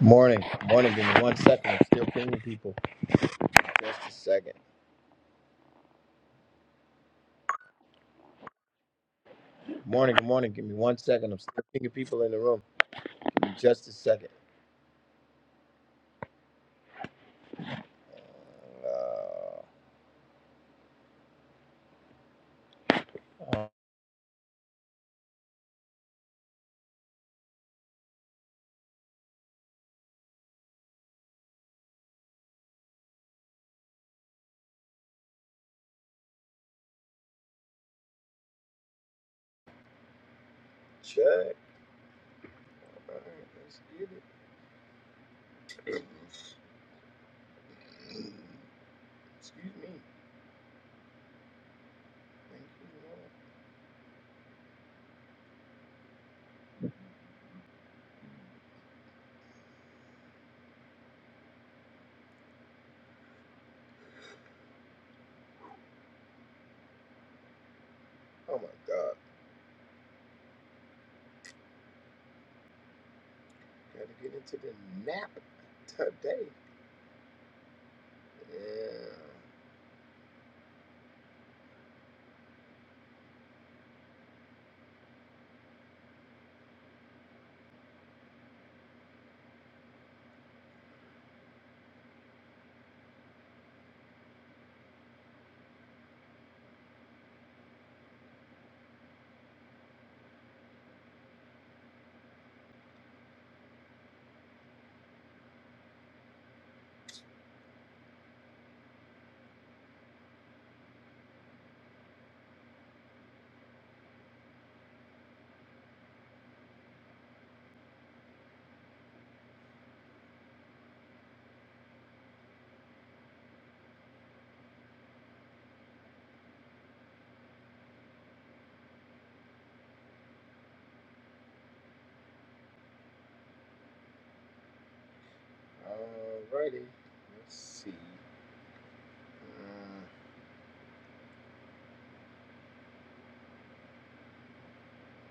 Morning, morning. Give me one second. I'm still pinging people. Just a second. Morning, good morning. Give me one second. I'm still pinging people in the room. Just a second. Uh, um, check. Alright, let's get it. Excuse me. Excuse me. Oh my God. Gotta get into the nap today. Yeah. Alrighty. Let's see. Uh, uh, uh, uh,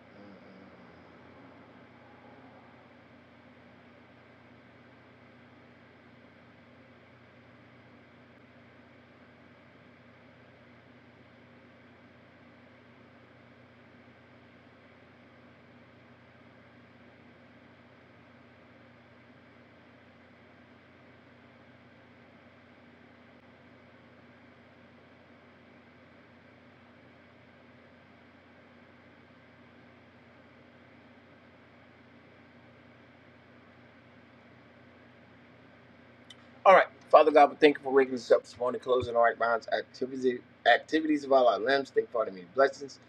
uh, uh. All right. Father God, we thank you for waking us up this morning, closing our right bonds, activities, activities of all our limbs. Thank you for all the many blessings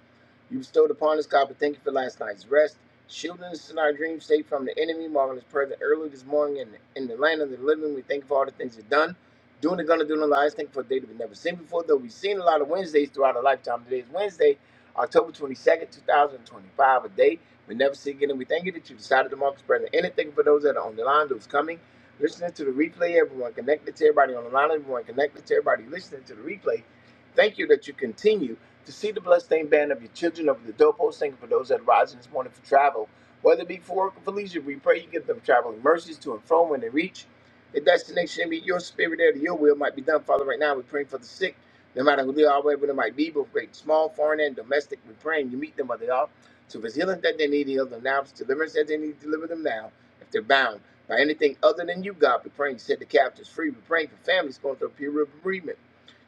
you bestowed upon us, God. We thank you for last night's rest, shielding us in our dream state from the enemy, marvelous present early this morning in, the, in the land of the living. We thank you for all the things you've done, doing the gonna do in our lives. Thank you for a day that we've never seen before, though we've seen a lot of Wednesdays throughout our lifetime. Today is Wednesday, October 22nd, 2025, a day we never see again. And we thank you that you decided to mark us present. And thank you for those that are on the line, those coming listening to the replay, everyone connected to everybody on the line, everyone connected to everybody listening to the replay. Thank you that you continue to see the bloodstained banner of your children over the doorpost. Thank you for those that are rising this morning for travel, whether it be for work or for leisure. We pray you give them traveling mercies to and from when they reach the destination. Be your spirit there, to your will might be done. Father, right now we're praying for the sick, no matter who they are, wherever they might be, both great, small, foreign, and domestic. We're praying you meet them where they are. So if it's healing that they need, heal them now. If it's deliverance that they need, deliver them now. If they're bound by anything other than you, God. We're praying to set the captives free. We're praying for families going through a period of bereavement.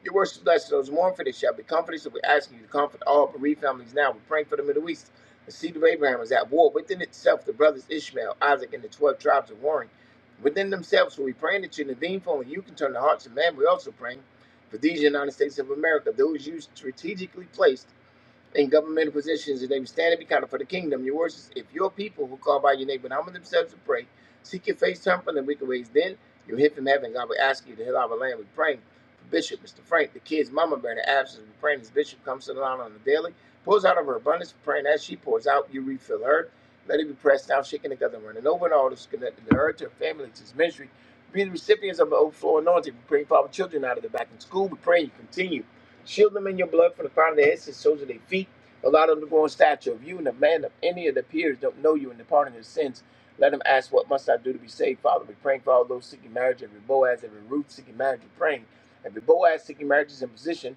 Your words to bless those who mourn for they shall be comforted. So we're asking you to comfort all bereaved families now. We're praying for the Middle East. The seed of Abraham is at war within itself. The brothers Ishmael, Isaac, and the 12 tribes are warring within themselves. So we're praying that you intervene for only you can turn the hearts of man. We're also praying for these United States of America, those you strategically placed in governmental positions, and they be standing be counted for the kingdom. Your words is, if your people who call by your name, but humble themselves and pray, seek your face, turn from the wicked ways, then you'll hear from heaven. God will ask you to heal our land. We're praying for Bishop, Mr. Frank, the kid's mama, bearing the absence. We're praying as Bishop comes to the line on the daily, pours out of her abundance, praying as she pours out, you refill her. Let it be pressed down, shaken together, and running over, and all that's connected to her, to her family, to his ministry. Be the recipients of the overflow anointing. we pray for our children out of the back in school. We're praying you continue. Shield them in your blood from the crown of their heads to the soles of their feet. Allow them to grow in stature of you and the man of any of their peers don't know you and the pardon of their sins. Let them ask, What must I do to be saved? Father, we praying for all those seeking marriage, every Boaz, every Ruth seeking marriage, we're praying. Every Boaz seeking marriage is in position.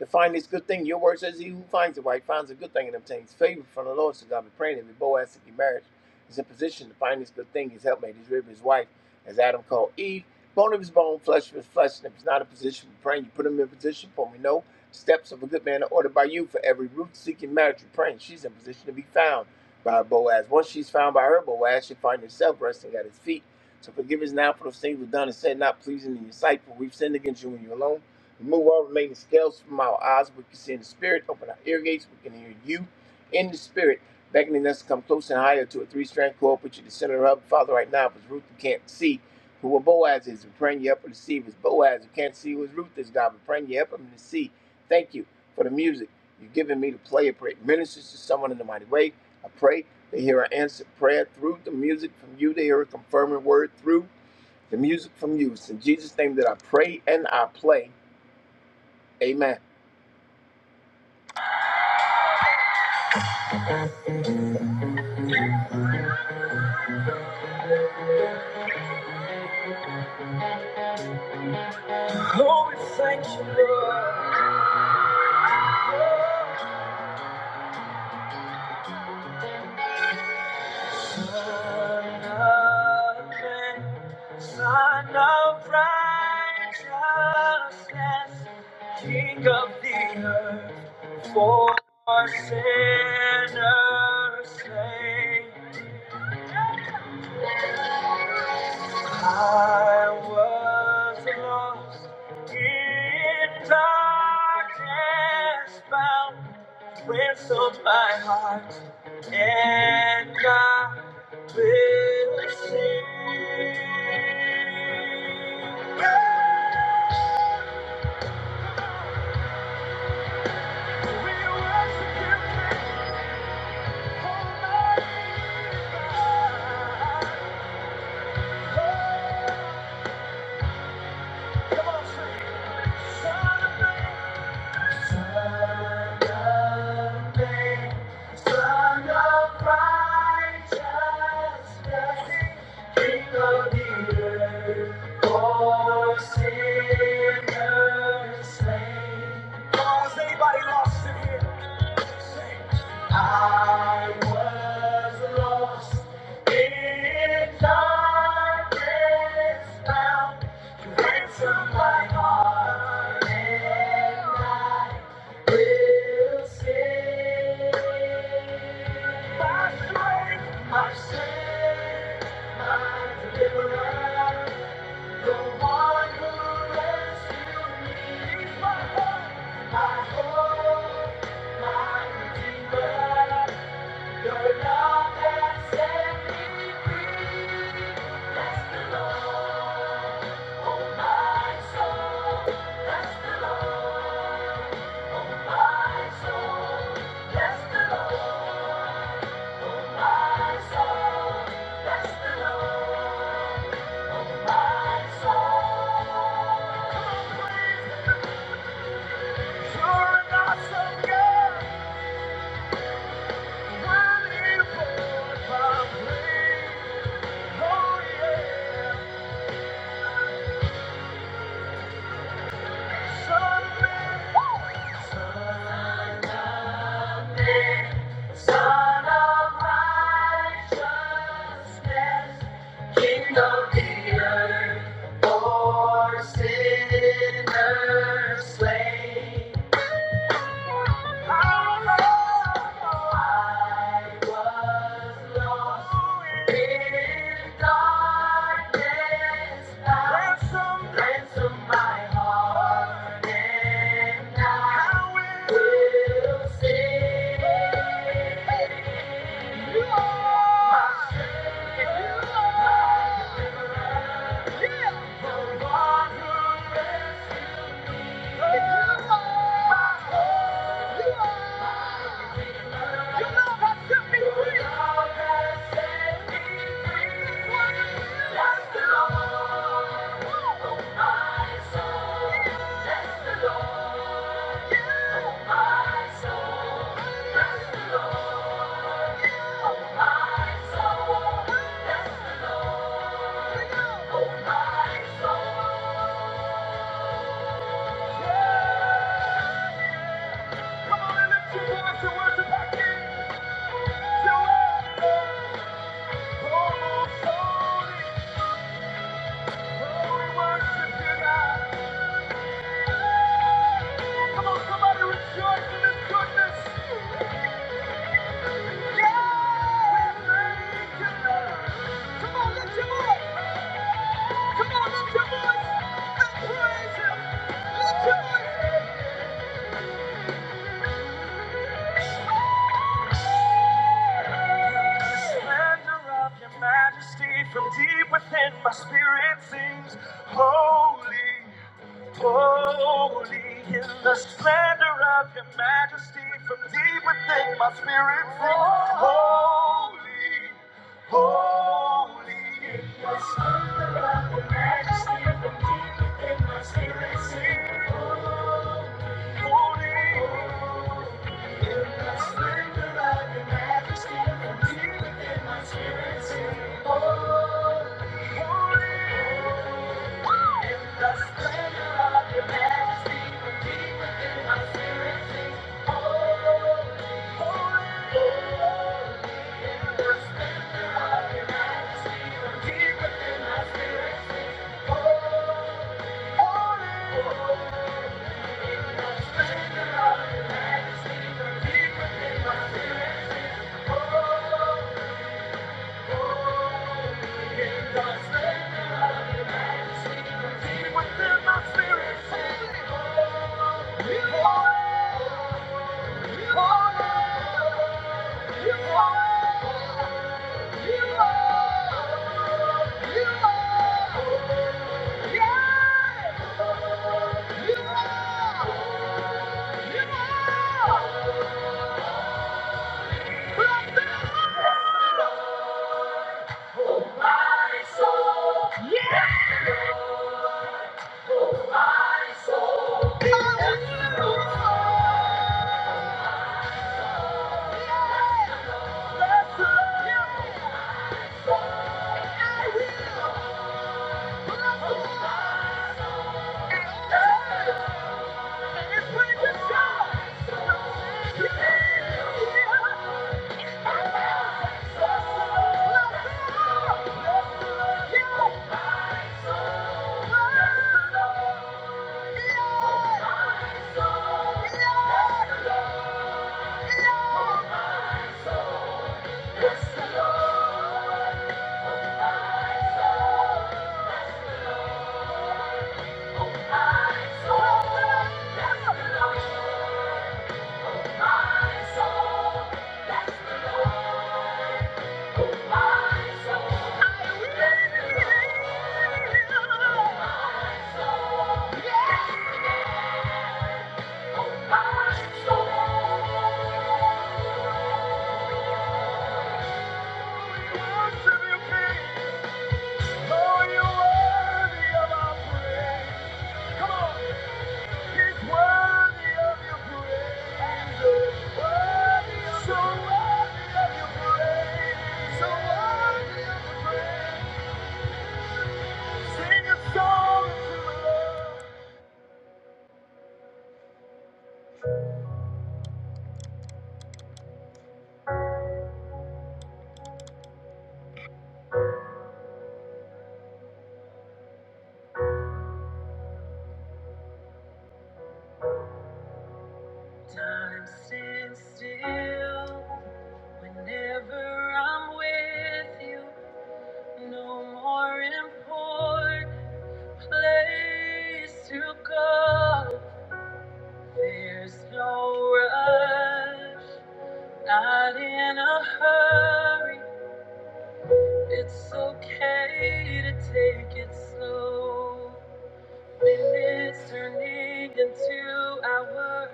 To find this good thing, your word says he who finds it right finds a good thing and obtains favor from the Lord. So God be praying every Boaz to get married is in position to find this good thing, his helpmate, his rib, his wife, as Adam called Eve. Bone of his bone, flesh of his flesh. And if he's not in position for praying, you put him in position for we know steps of a good man are ordered by you for every root seeking marriage you praying. She's in position to be found by Boaz. Once she's found by her Boaz, she finds herself resting at his feet. So forgive us now for those things we've done and said not pleasing in your sight, for we've sinned against you and you alone. Remove all remaining scales from our eyes. We can see in the spirit. Open our ear gates. We can hear you in the spirit. Beckoning us to come close and higher to a three strand cord. Put you the center of. Father, right now, if it's Ruth who can't see who a Boaz is, we're praying you up to see. If it's Boaz who can't see who his Ruth is, God, we're praying you up him to see. Thank you for the music you've given me to play. I pray it ministers to someone in the mighty way. I pray they hear an answered prayer through the music from you. They hear a confirming word through the music from you. It's in Jesus' name that I pray and I play. Amen. Oh, we thank you, Lord. Son of man, son of righteousness, King of the earth, for sinners slain. I was lost in darkness found. Prince of my heart and I will sing We worship you, King, Almighty Come on, sing. Son of Man. Anybody lost in here? I was lost in darkness found You ransomed my heart, and I will sing. My strength, my strength, my deliverer, the one who rescued me is my hope, my hope. You're not so good. of the earth for Sinners slain. Yeah! oh my soul. Yeah. Come on lift your voice and worship Oh, Come on, Yeah, lift your voice and praise Him. Lift your voice. The splendor of Your majesty from deep within my spirit sings, Holy. Holy in the splendor of your majesty, from deep within my spirit sings, Holy, holy in the splendor of your majesty, from deep within my spirit sings, Holy, holy. Holy, holy. Oh yeah! Yeah. Thank you. Oh, you're worthy of our praise. Come on. Time stands still whenever I'm with you. No more important place to go. There's no rush. Not in a hurry, it's okay to take it slow. When it's turning into hours,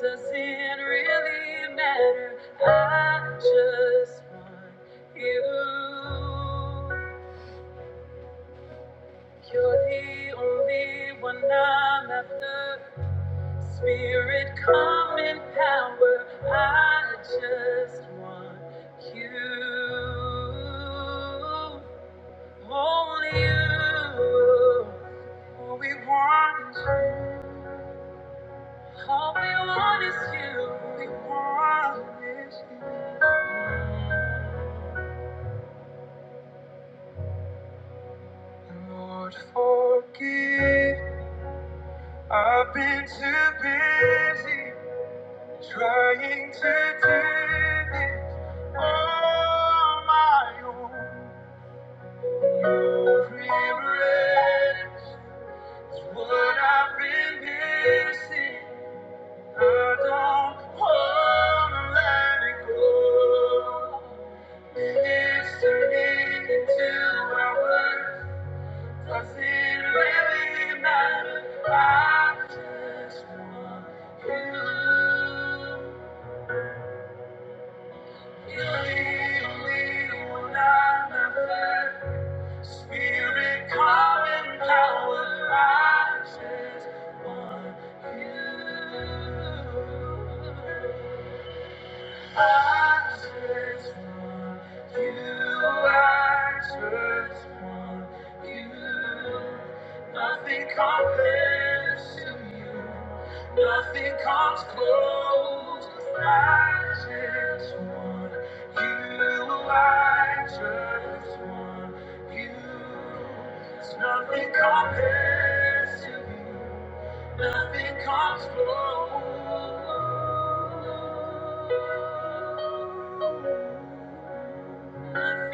does it really matter? I just want you. You're the only one I'm after. Spirit, come in power. I just want you. Only you. All we want is you. All we want is you. All We want is you. Lord, forgive. I've been too busy trying to do this on my own. What I've been missing, I don't wanna let it go. It's turning into hours. Does it really matter? I just want you. You leave me when I'm Spirit, come and power rises on you. Nothing compares to you. Nothing comes close. I just want you. I just want you. There's nothing compares to you. Nothing comes close. Get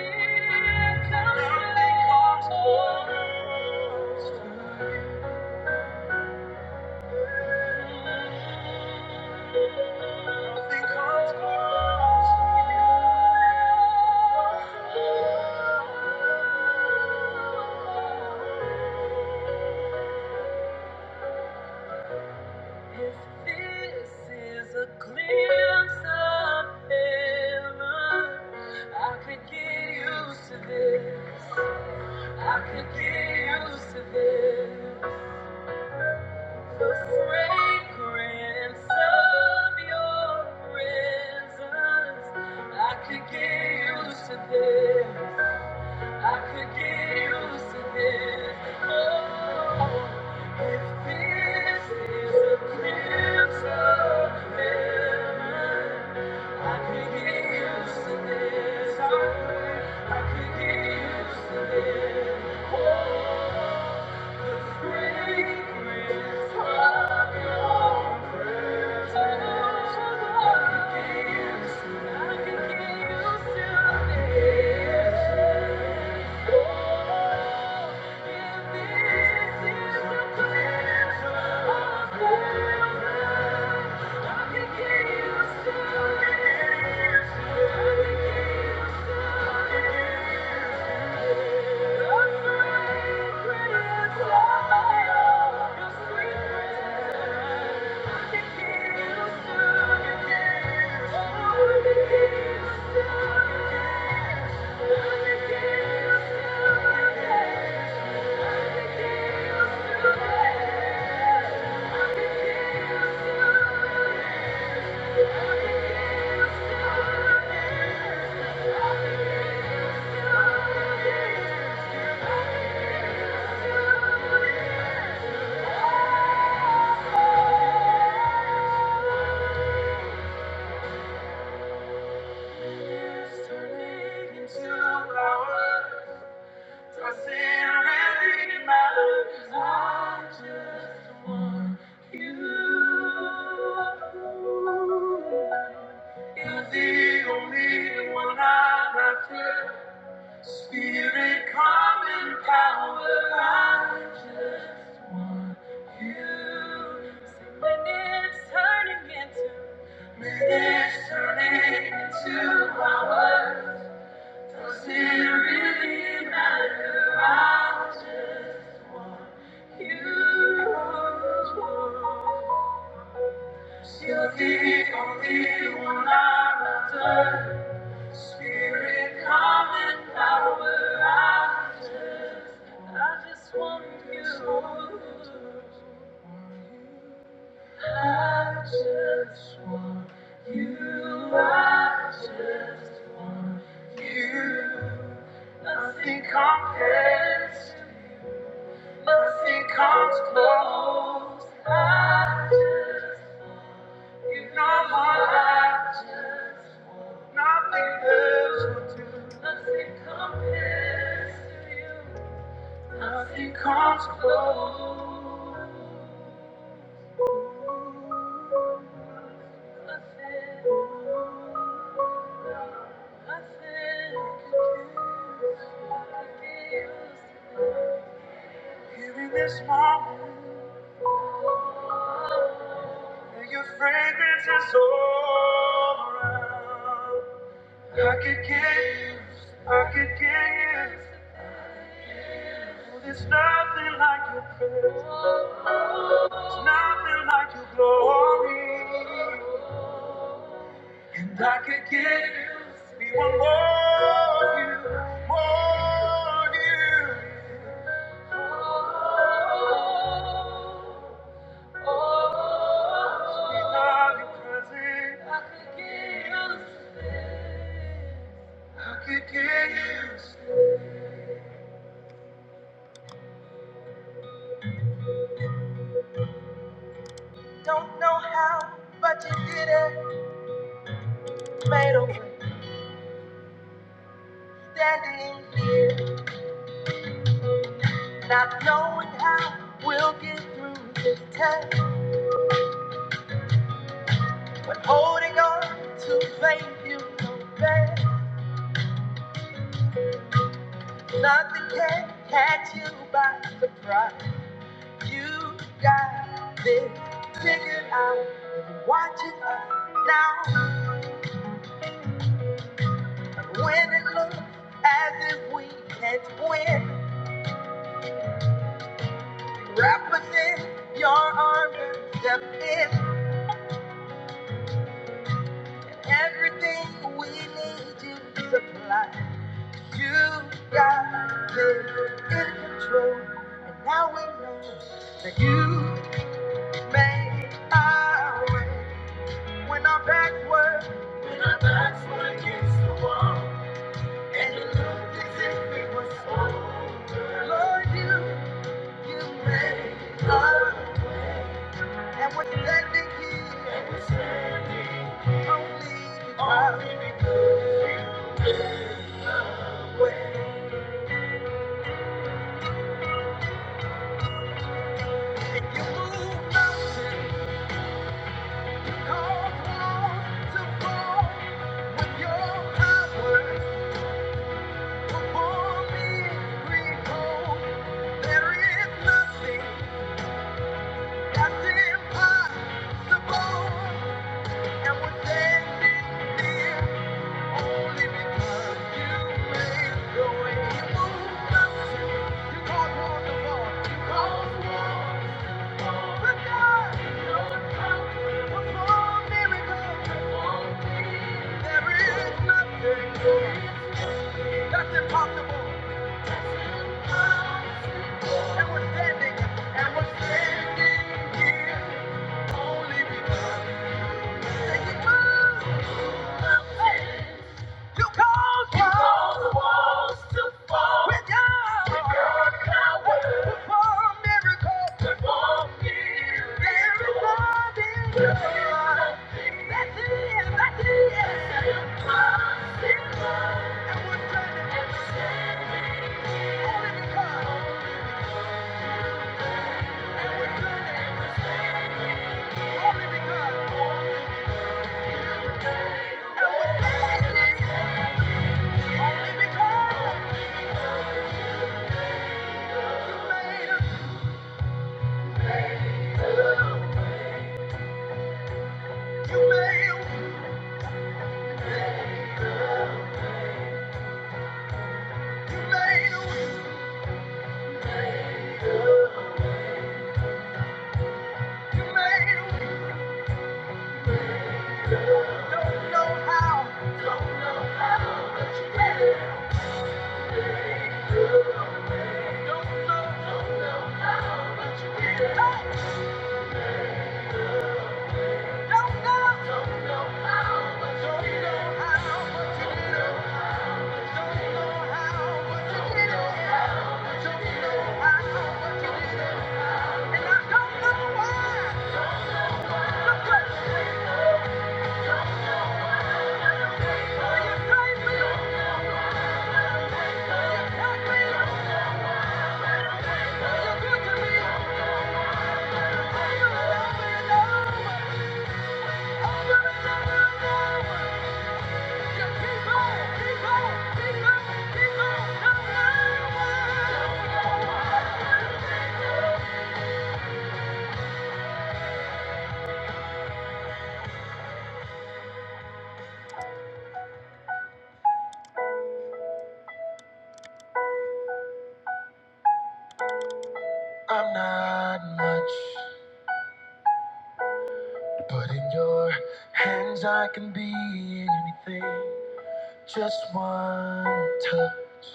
used to this. I could get used to this. The fragrance of your presence, I could get used to this. I could get used to this. Oh, if this is a glimpse of heaven, I could get used to this. I, I could get used to this. Oh, the fragrance. Thank you. Turning into our Spirit, come in power. I just want You. When it's turning into, when it's turning into power. You're the only one I adore. Spirit, come in power. I just, I just want you. I just want you. I just want you. Nothing compares, nothing comes close. I just, you know my life just, nothing else will do. Nothing compares to you. Nothing comes close. Nothing, nothing compares. nothing compares to you. Here in this moment. Your fragrance is all around. I could get used, I could get used. There's nothing like your presence, there's nothing like your glory. And I could get used, we want more of you, more of you. We love your presence, I could get used, I could get used. Don't know how, but you did it. made a Standing here, not knowing how we'll get through this test, but holding on to faith you know best. Nothing can catch you by surprise. You got this figured out. You're watching us now, and when it looks as if we can't win, represent your arm and step in. Everything we need you to supply. You got it in control, and now we know that you made our way when our backs were and it looked as if we were so. Lord, you you made us, and we're standing here only because you moved mountains, caused walls to fall with your power. That's impossible. And we're standing, and we're standing here. Only because you moved. You caused You caused the walls to fall. With your With your power. To perform miracles. we're standing. And we're standing. Only because. And we're standing. And we're standing. Only because. And we're standing. Only because. Thank you. I'm not much, but in your hands I can be anything. Just one touch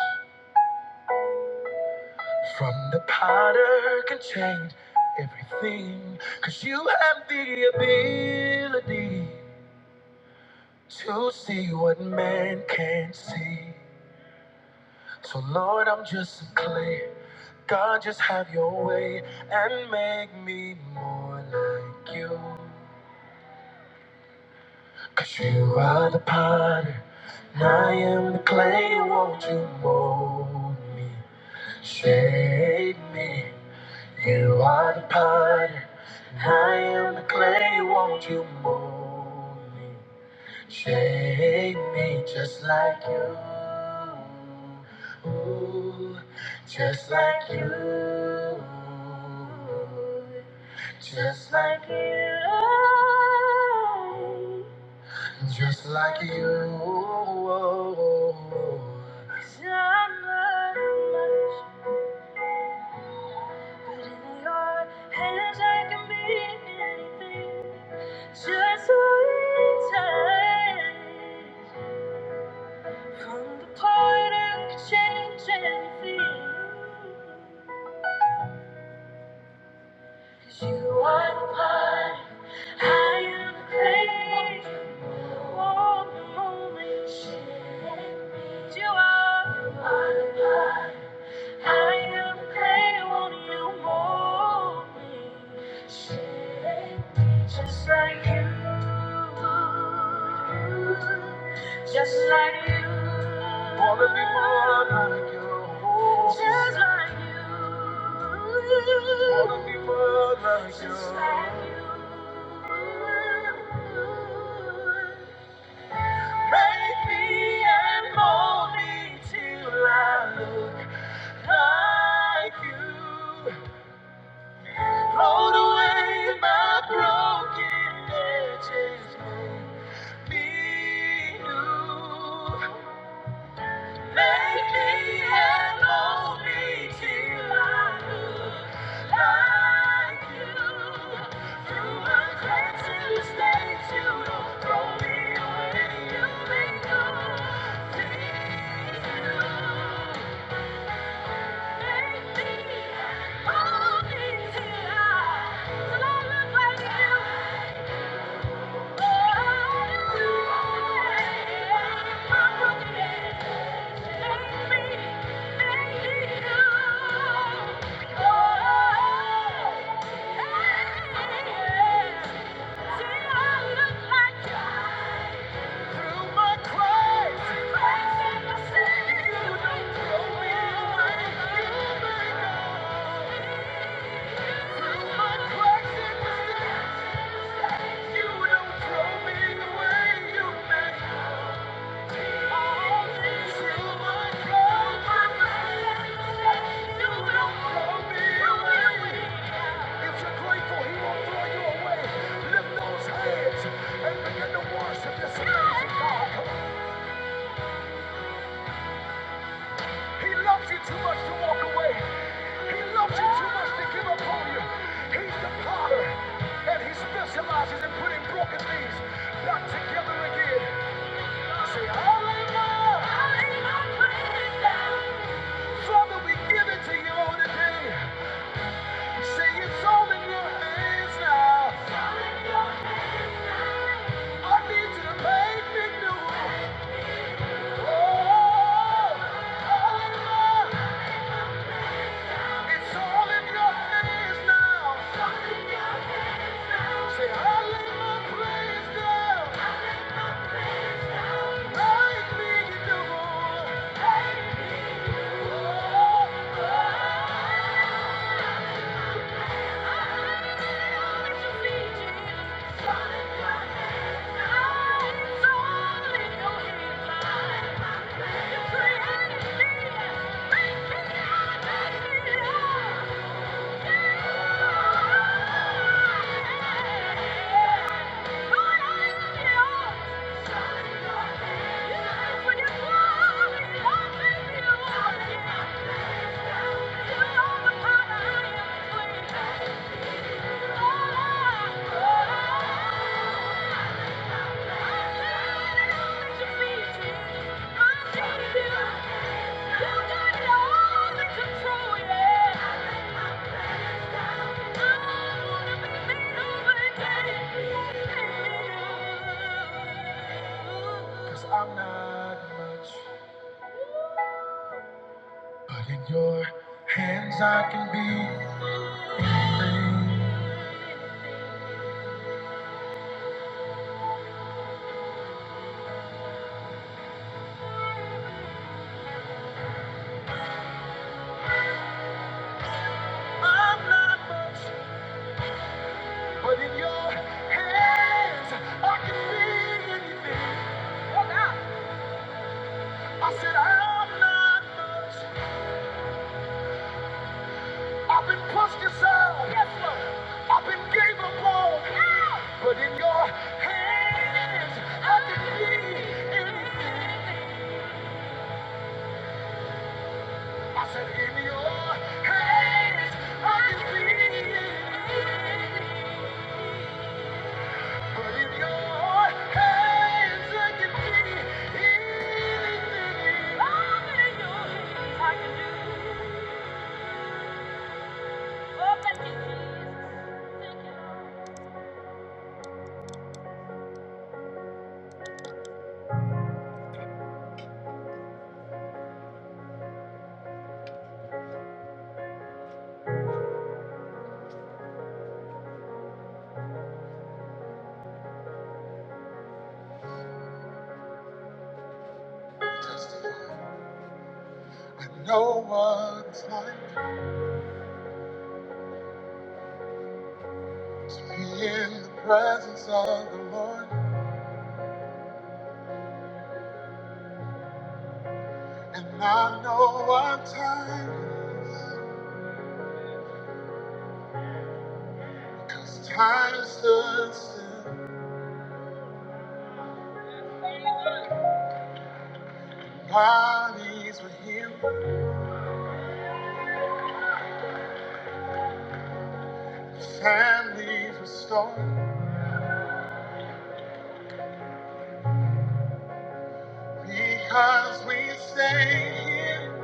from the potter can change everything. Cause you have the ability. to see what man can't see. So, Lord, I'm just a clay. God, just have your way and make me more like You. 'Cause you are the potter, and I am the clay. Won't you mold me, shape me? You are the potter, and I am the clay. Won't you mold me? Shake me just like you. Ooh, just like you. Just like you. Just like you. But in your hands I can be anything. Just one time. From the part I could change anything. 'Cause you are the potter, I am the clay. Mold me, mold me, shape me. 'Cause you are you are the potter. I am depending on you more. Shit, Just like you, just like you. Wanna be more like you. Just like you. Wanna be more like you. Just like you. Make me and mold me till I look like you. Float away my broken edges, make me new till I look like you. Thank you. Specializes in putting broken things back together again. Say hallelujah! Father, we give it to you today. Say it's all in your hands now. I need you to make me new. Oh, hallelujah. It's all in your hands now. Say, I lay my praise down. Make me new. Oh, oh, oh. Thank you. Cause I'm not much, but in your hands I can be. I'm not much. But in your hands, I can be anything. Oh, God. I said, I'm not much. I've been pushed aside. Yes, Lord. I've been gave up on. Yeah. But in your hands, I can be anything. I said, in your hands, I can be anything. When No one's like to be in the presence of the Lord, and I know what time it is, 'cause time stood still, bodies were healed, families restored. Because we stay here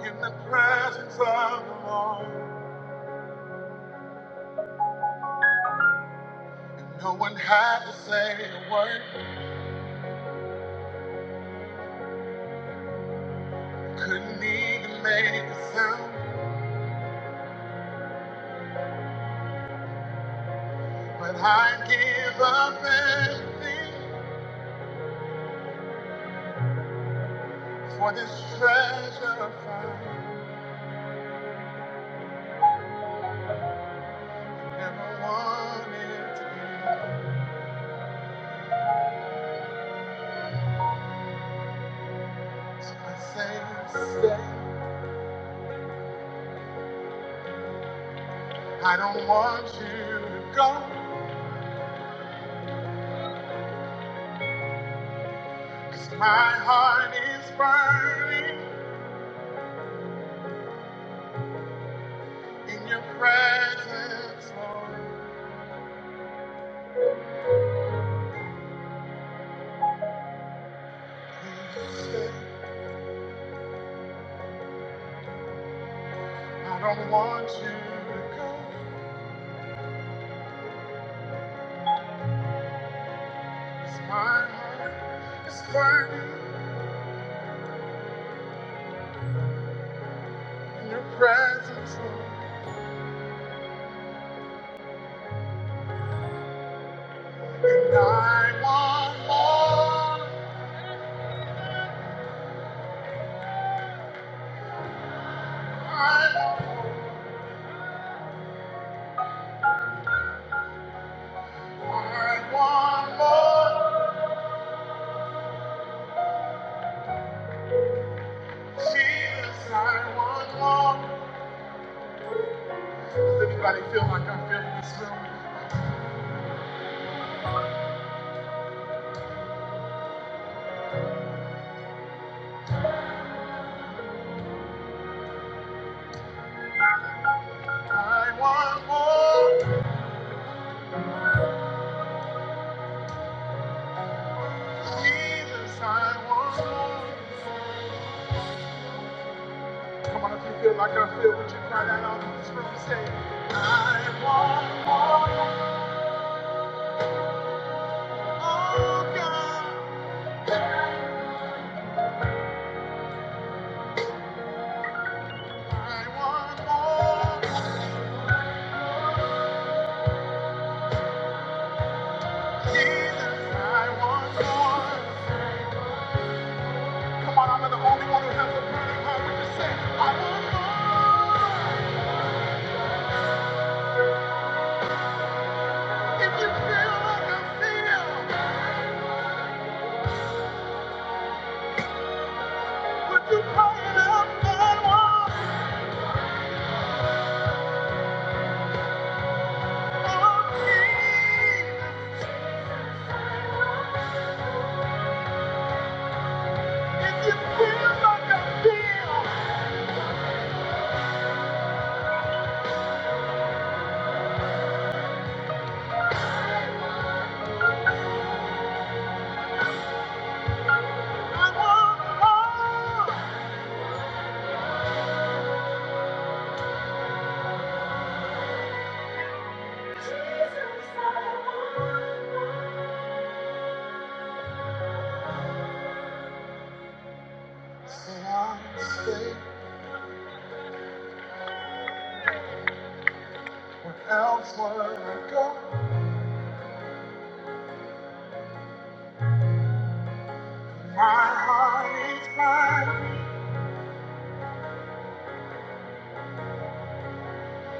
in the presence of the Lord. And no one had to say a word, couldn't even make a sound. But I give up everything for this treasure find. Never wanted to say I don't want you to go, cause my heart is burning in your presence, Lord. I don't want you to go. 'cause my heart is burning in your presence, Lord. And I want more. I, I want more. Jesus, I want more. Does anybody feel like I feel in this room? I want more. Jesus, I want more. Come on, if you feel it, would you cry that out in this room? Say, I want more, God. Elsewhere I go, my heart is mine.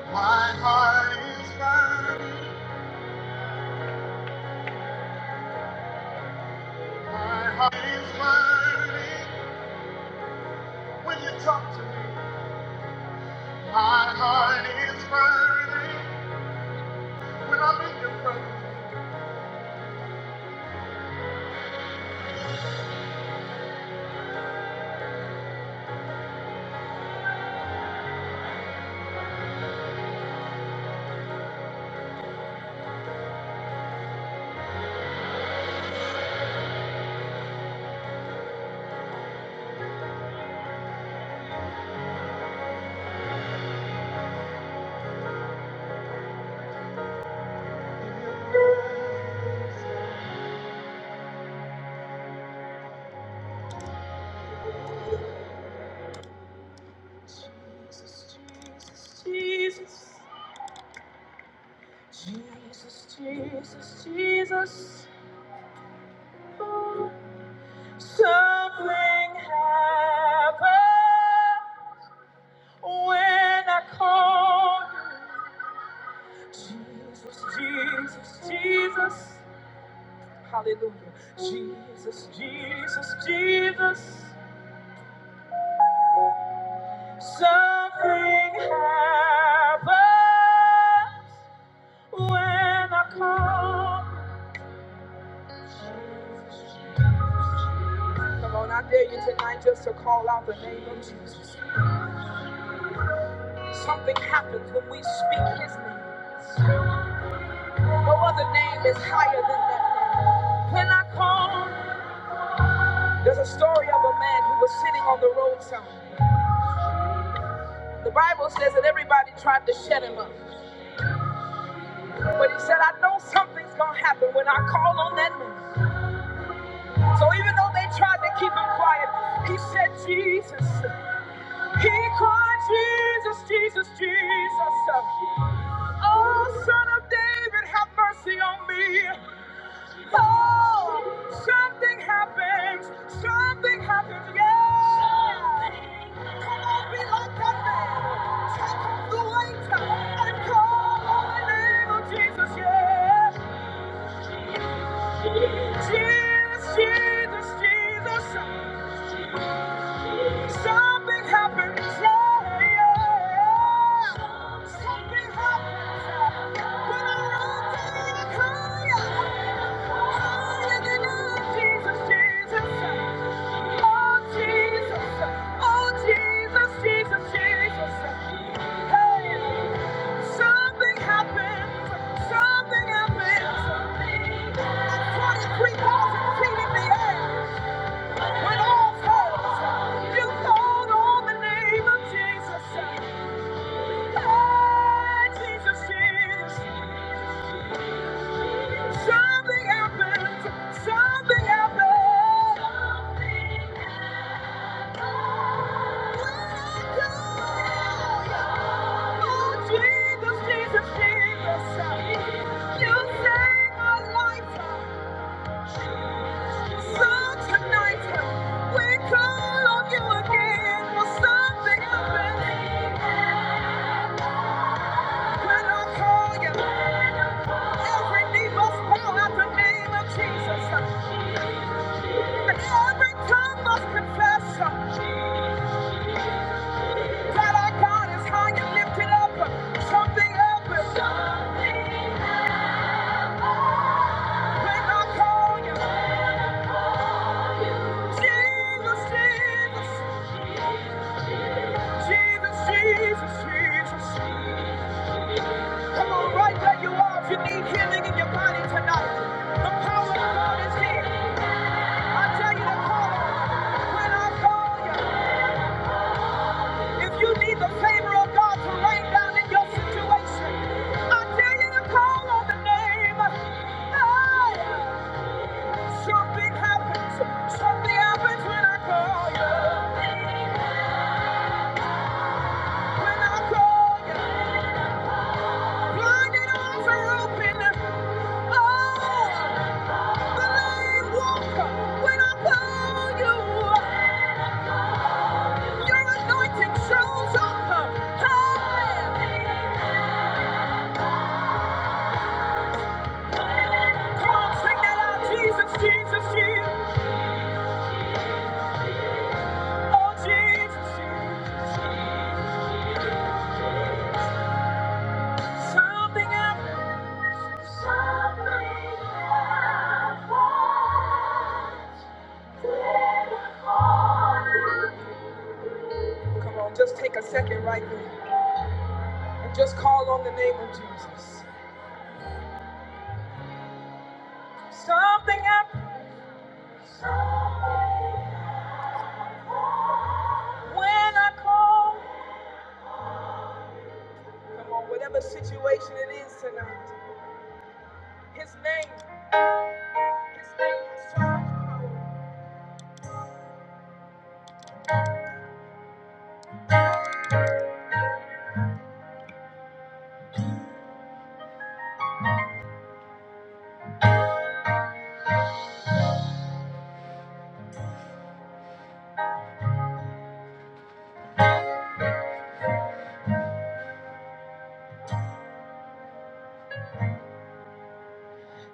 My heart is burning. My heart is burning when you talk to me. My heart is burning when I'm in your presence. Jesus, Jesus, Jesus, Jesus, Jesus, Jesus. Something happened when I called you. Jesus, Jesus, Jesus. Hallelujah. Jesus, Jesus, Jesus. Something happens when I call Jesus. Come on, I dare you tonight just to call out the name of Jesus. Something happens when we speak his name. No other name is higher than that. name. When I call, there's a story of a man who was sitting on the roadside. The Bible says that everybody tried to shut him up. But he said, I know something's going to happen when I call on that name. So even though they tried to keep him quiet, he said, Jesus. He cried, Jesus, Jesus, Jesus. Oh, son of David, have mercy on me. Oh, something happens. Something happens. Yeah. Come on, be like that man. Take the weight and call on the name of Jesus. Yeah. Jesus, Jesus, Jesus. Something happens. yeah, yeah. Something happens. When I run to you, higher, higher than I, Jesus, Jesus. Oh, Jesus. Oh, Jesus, Jesus, Jesus. Hey, something happens. Something happens. At 23,000 feet in the air. With all thoughts, you called on the name of Jesus. Oh, Jesus, Jesus. Something happened. Something happened. Oh, Jesus, Jesus, Jesus. You saved my life. So tonight, we call on you again. For something happened. When I call you, every knee bow at the name of Jesus. Every tongue must confess that our God is high and lifted up. Something happens when I call you. Jesus, Jesus, Jesus, Jesus, Jesus. Come on, right where you are if you need healing in your body tonight. The power of God is here. I tell you to call When I call you, if you need the favor of God to rain down in your situation, I tell you to call on the name. Hey. Something happens, something happens when I call you, when I call you. Blinded eyes are open. Oh, the lame walk when I call you. Your anointing shows up. Help me. Come on, sing that out. Jesus, Jesus, Jesus. Oh, Jesus, Jesus. Something happens. Come on, just take a second right there and just call on the name of Jesus. Something happens. When I call, come on, whatever situation it is tonight, his name, his name is so much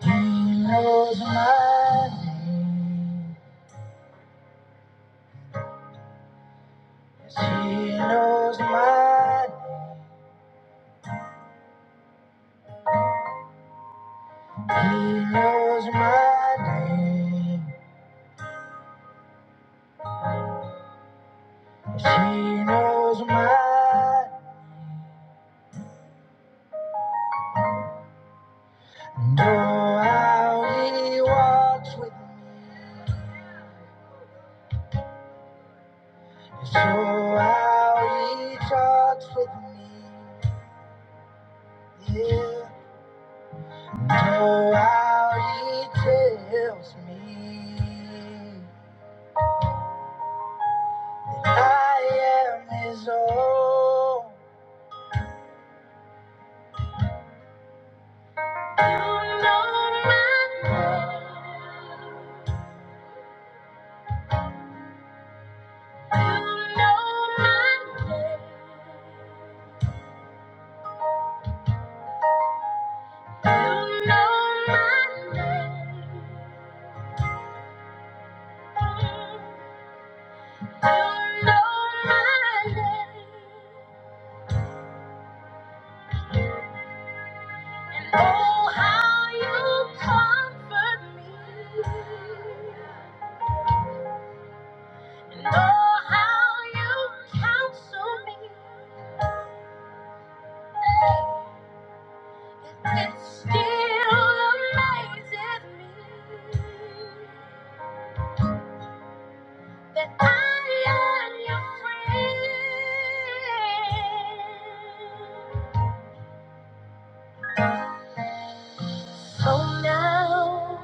power. He knows my name. Yes, he knows my name. He knows my name. Yes, he knows my name. Know how he walks with me. So how he talks with me. Yeah. Oh, how he tells me I am his own. You know my name. You know my name. You know my name. You know my name. And oh, how you comfort me. Know how you counsel me. It still amazes me that I am your friend. So now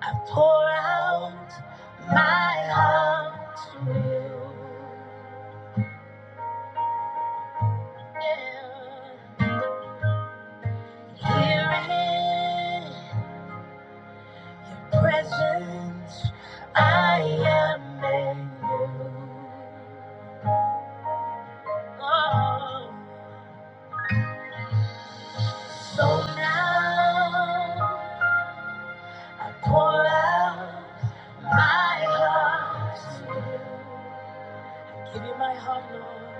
I pour out my heart to you. Yeah. Hear it. presence. I am in you. Oh. So now I pour out my heart. Give you my heart, Lord.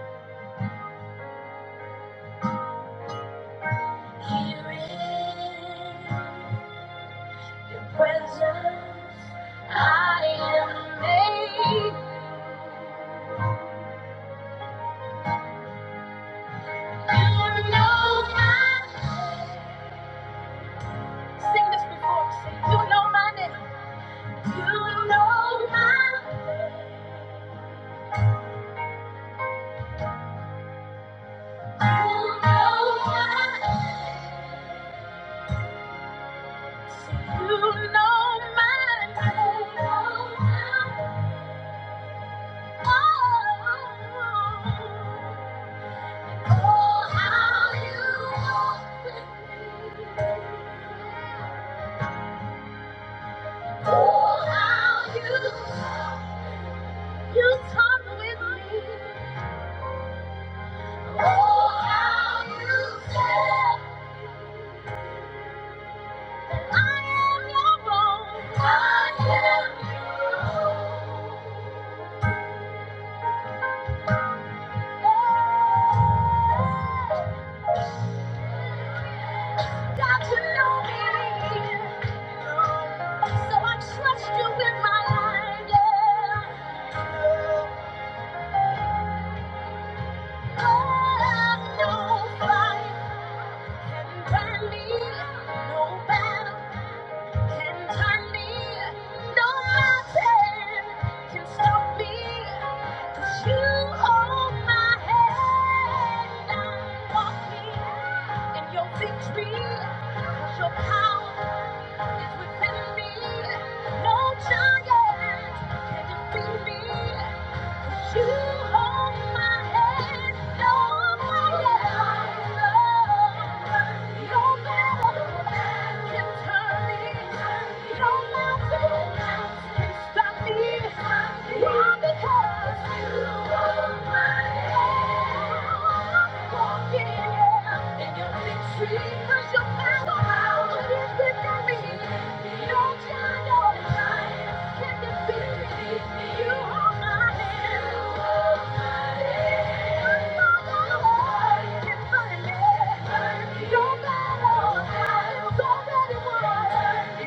Here in the presence I am made. You know my name. Sing this before me. Say, You know my name. You know my name. I am your own. Got to know me, so I trust you with my life. Yeah. Oh, no fight can bend me, no battle. can turn me. No mountain can stop me. 'Cause you hold my hand. I'm walking in your victory. 'Cause your power is within me. No giant can defeat me. You hold my hand, you're my light. No matter what can turn me, no mountain can stop me. Why? Because you hold my hand. I'm walking. yeah and your victory. 'Cause your power is within me. No giant or giant can defeat me. You hold my hand. You hold my hand. No matter what can burn me. No matter what, I've already won.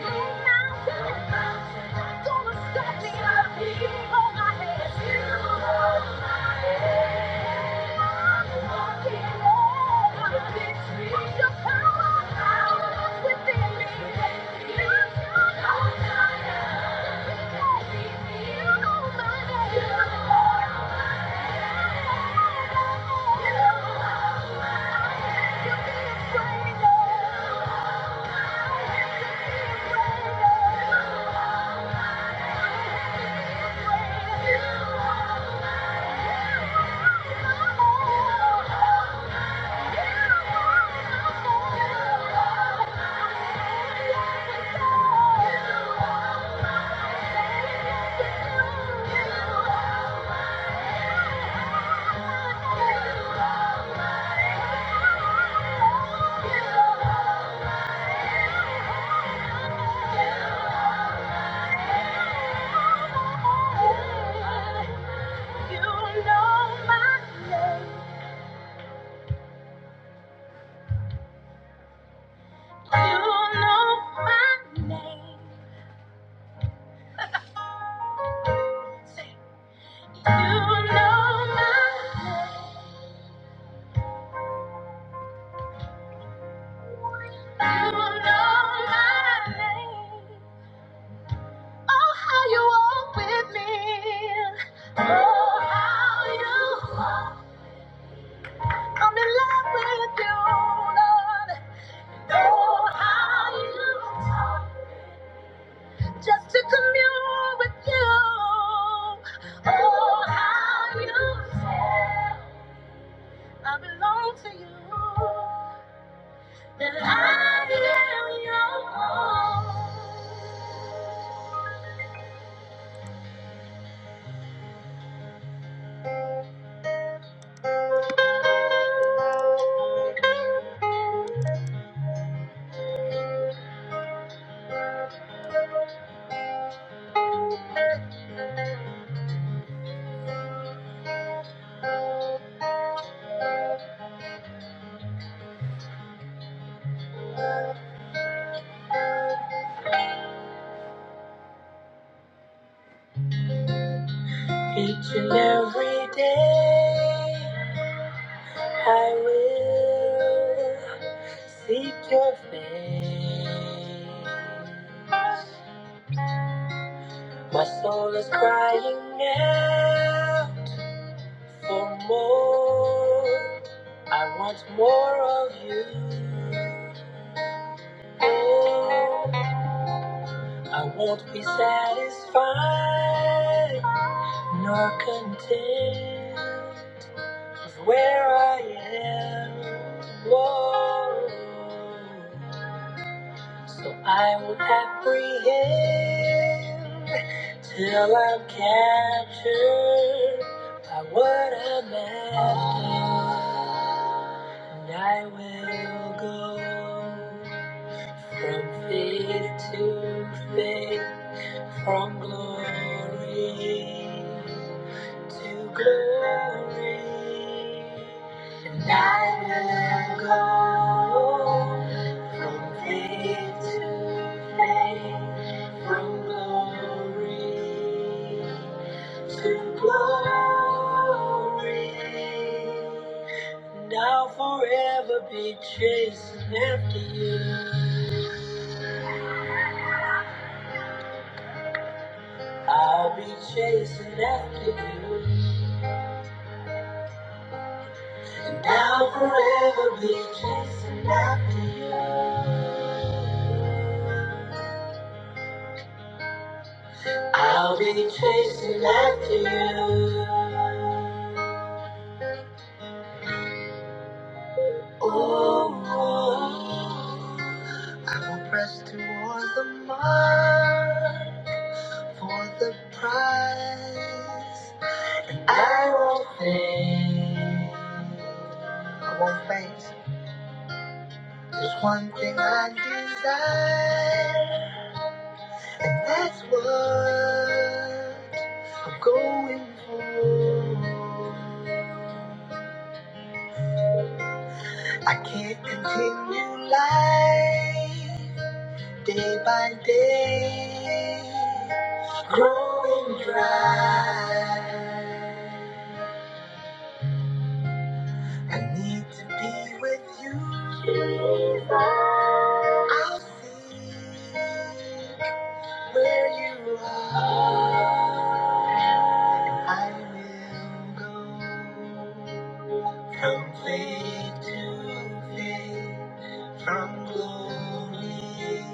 No mountain, not gonna stop me. I'll be home. Thank you. Thank you. You know my name. You know my name. you know my name. You know my name. Oh, how you walk with me. Oh, how you walk. I'm in love with you, Lord. Oh, how you talk. just to commune with you. Oh, how you feel. I belong to you. That I am yours. Each and every day, I will seek your face. My soul is crying out. For more, I want more of you. Oh, I won't be satisfied nor content with where I am. Whoa. So I will apprehend till I'm captured by what I'm after. And I will go from faith to faith, from glory to glory, and I will go from faith to faith, from glory to glory. And I'll forever be chasing after you. I'll be chasing after you. Now forever be chasing after you. I'll be chasing after you. Oh, I will press towards the mark for the prize. I won't faint. I won't faint. There's one thing I desire. That's what I'm going for. I can't continue life day by day, growing dry. I need to be with you. I'll seek where you are. I will go. Complete to faith from glory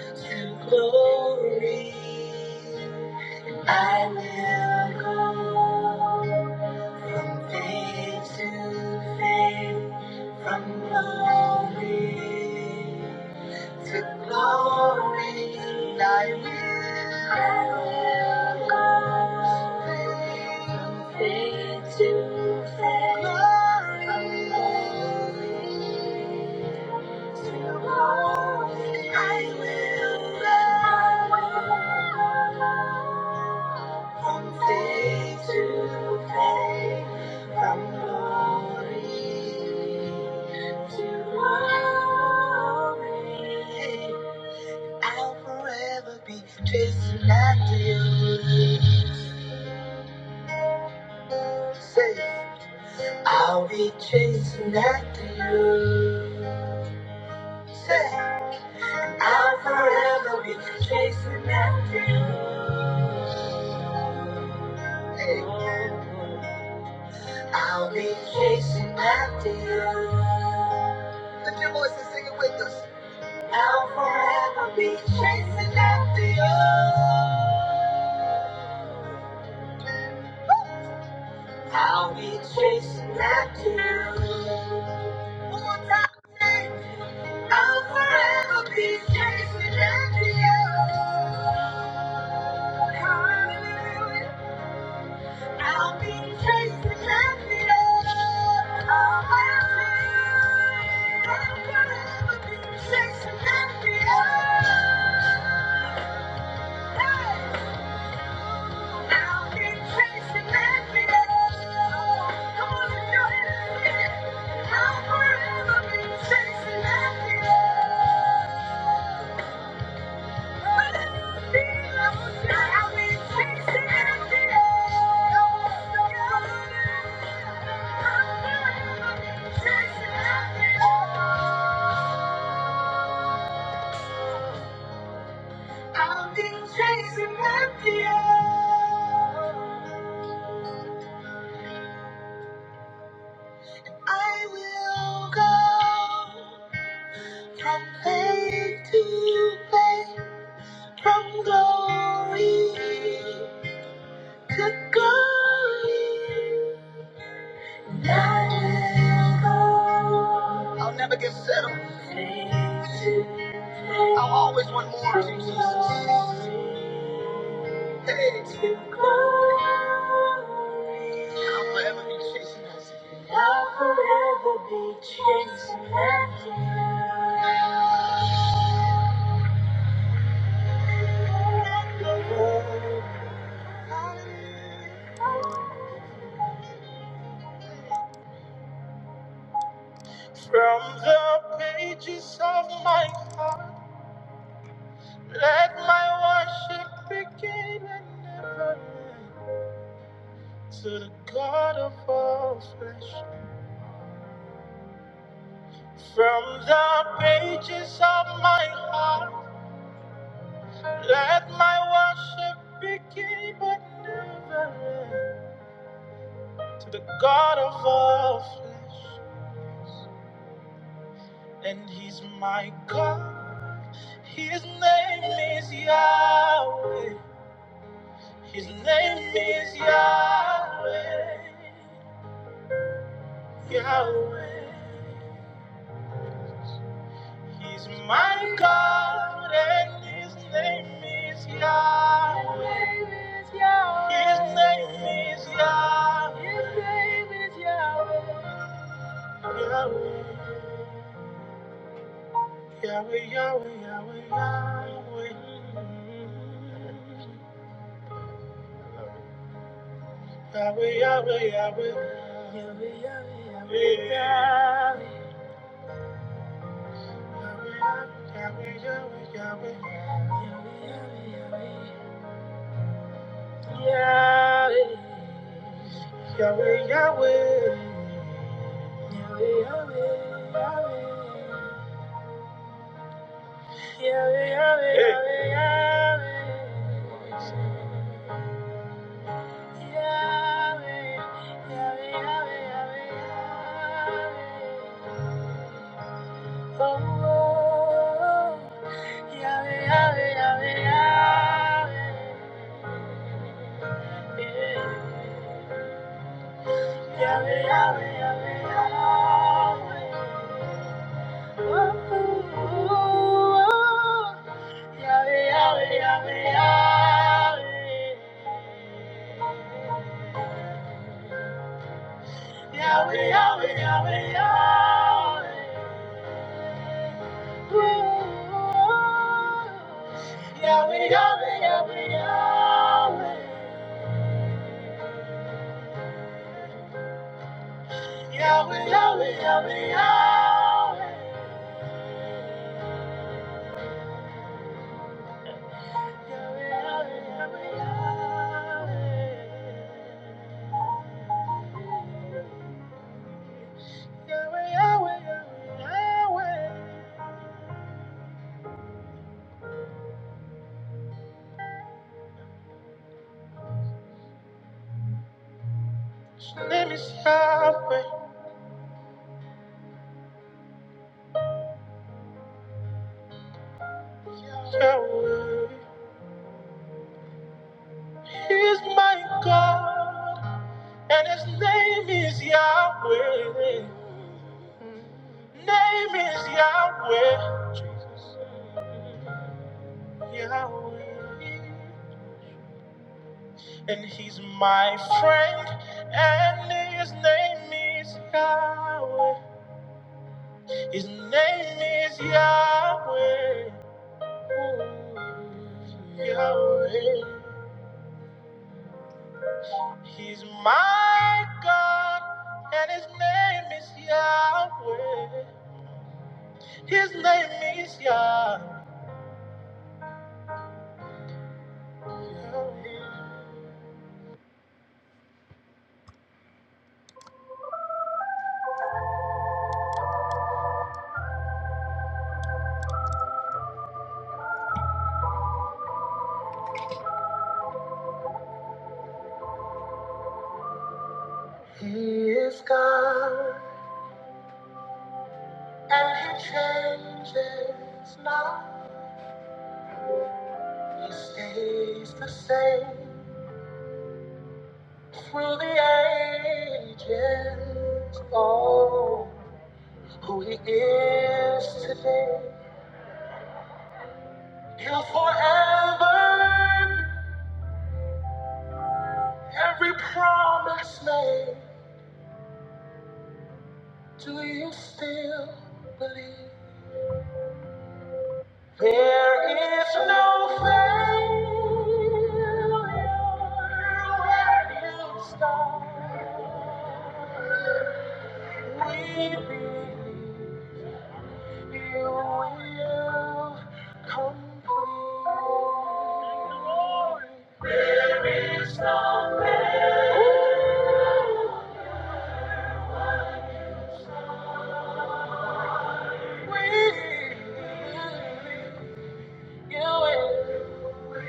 to glory. I will go from faith to faith, from glory. To glory, I will go from faith to faith. Glory to glory, I will go from faith to faith, from glory to glory. I'll forever be chasing after you. Say, I'll be chasing after you. Say, I'll forever be chasing after you. Hey, I'll be chasing after you. Lift your fingers. I'll forever be chasing after you. I'll be chasing after you. One more time. say. I'll forever be chasing after you. Hallelujah. I'll be chasing after you. I'll forever I'll forever be chasing after you. Hey. I'll be chasing after you. Come on, lift your hands and sing it. I'll forever be chasing after you. I've been chasing after you. I will go from faith to faith, from glory to glory. I will go. I'll never. I'll always want more of you, Jesus. Hey. I'll forever be chasing us. I'll forever be chasing us. From the pages of my heart, let my worship begin and never end to the God of all flesh. From the pages of my heart. Let my worship begin but never end to the God of all flesh. And he's my God. His name is Yahweh. His name is Yahweh. Yahweh. He's my God and his name is Yahweh. His name is Yahweh. Yahweh. Yahweh, Yahweh, Yahweh, Yahweh. Yahweh, Yahweh, Yahweh. Yahweh, Yahweh, Yahweh, Yahweh. Yahweh, Yahweh, Yahweh, Yahweh. Yahweh, Yahweh, Yahweh. Yahweh, Yahweh, Yahweh. Yahweh, Yahweh, Yahweh, Yahweh. Yahweh, Yahweh, Yahweh. Yahweh, Yahweh, Yahweh, Yahweh. Ooh. Yahweh, Yahweh, Yahweh, Yahweh. Yahweh, Yahweh, Yahweh, Yahweh. Yahweh, Yahweh, Yahweh, Yahweh. Yahweh, Yahweh, Yahweh, Yahweh. His name is Yahweh, Yahweh. He is my God. And his name is Yahweh. Name is Yahweh. Jesus. Yahweh. And he's my friend. And his name is Yahweh. His name is Yahweh. Ooh, Yahweh. He's my God. And his name is Yahweh. His name is Yahweh. He is God, and He changes not. He stays the same through the ages. Oh, who He is today, He'll forever. be. Every promise made, do you still believe? There is no failure where you start. We believe you will complete. There is no failure. We believe. You will.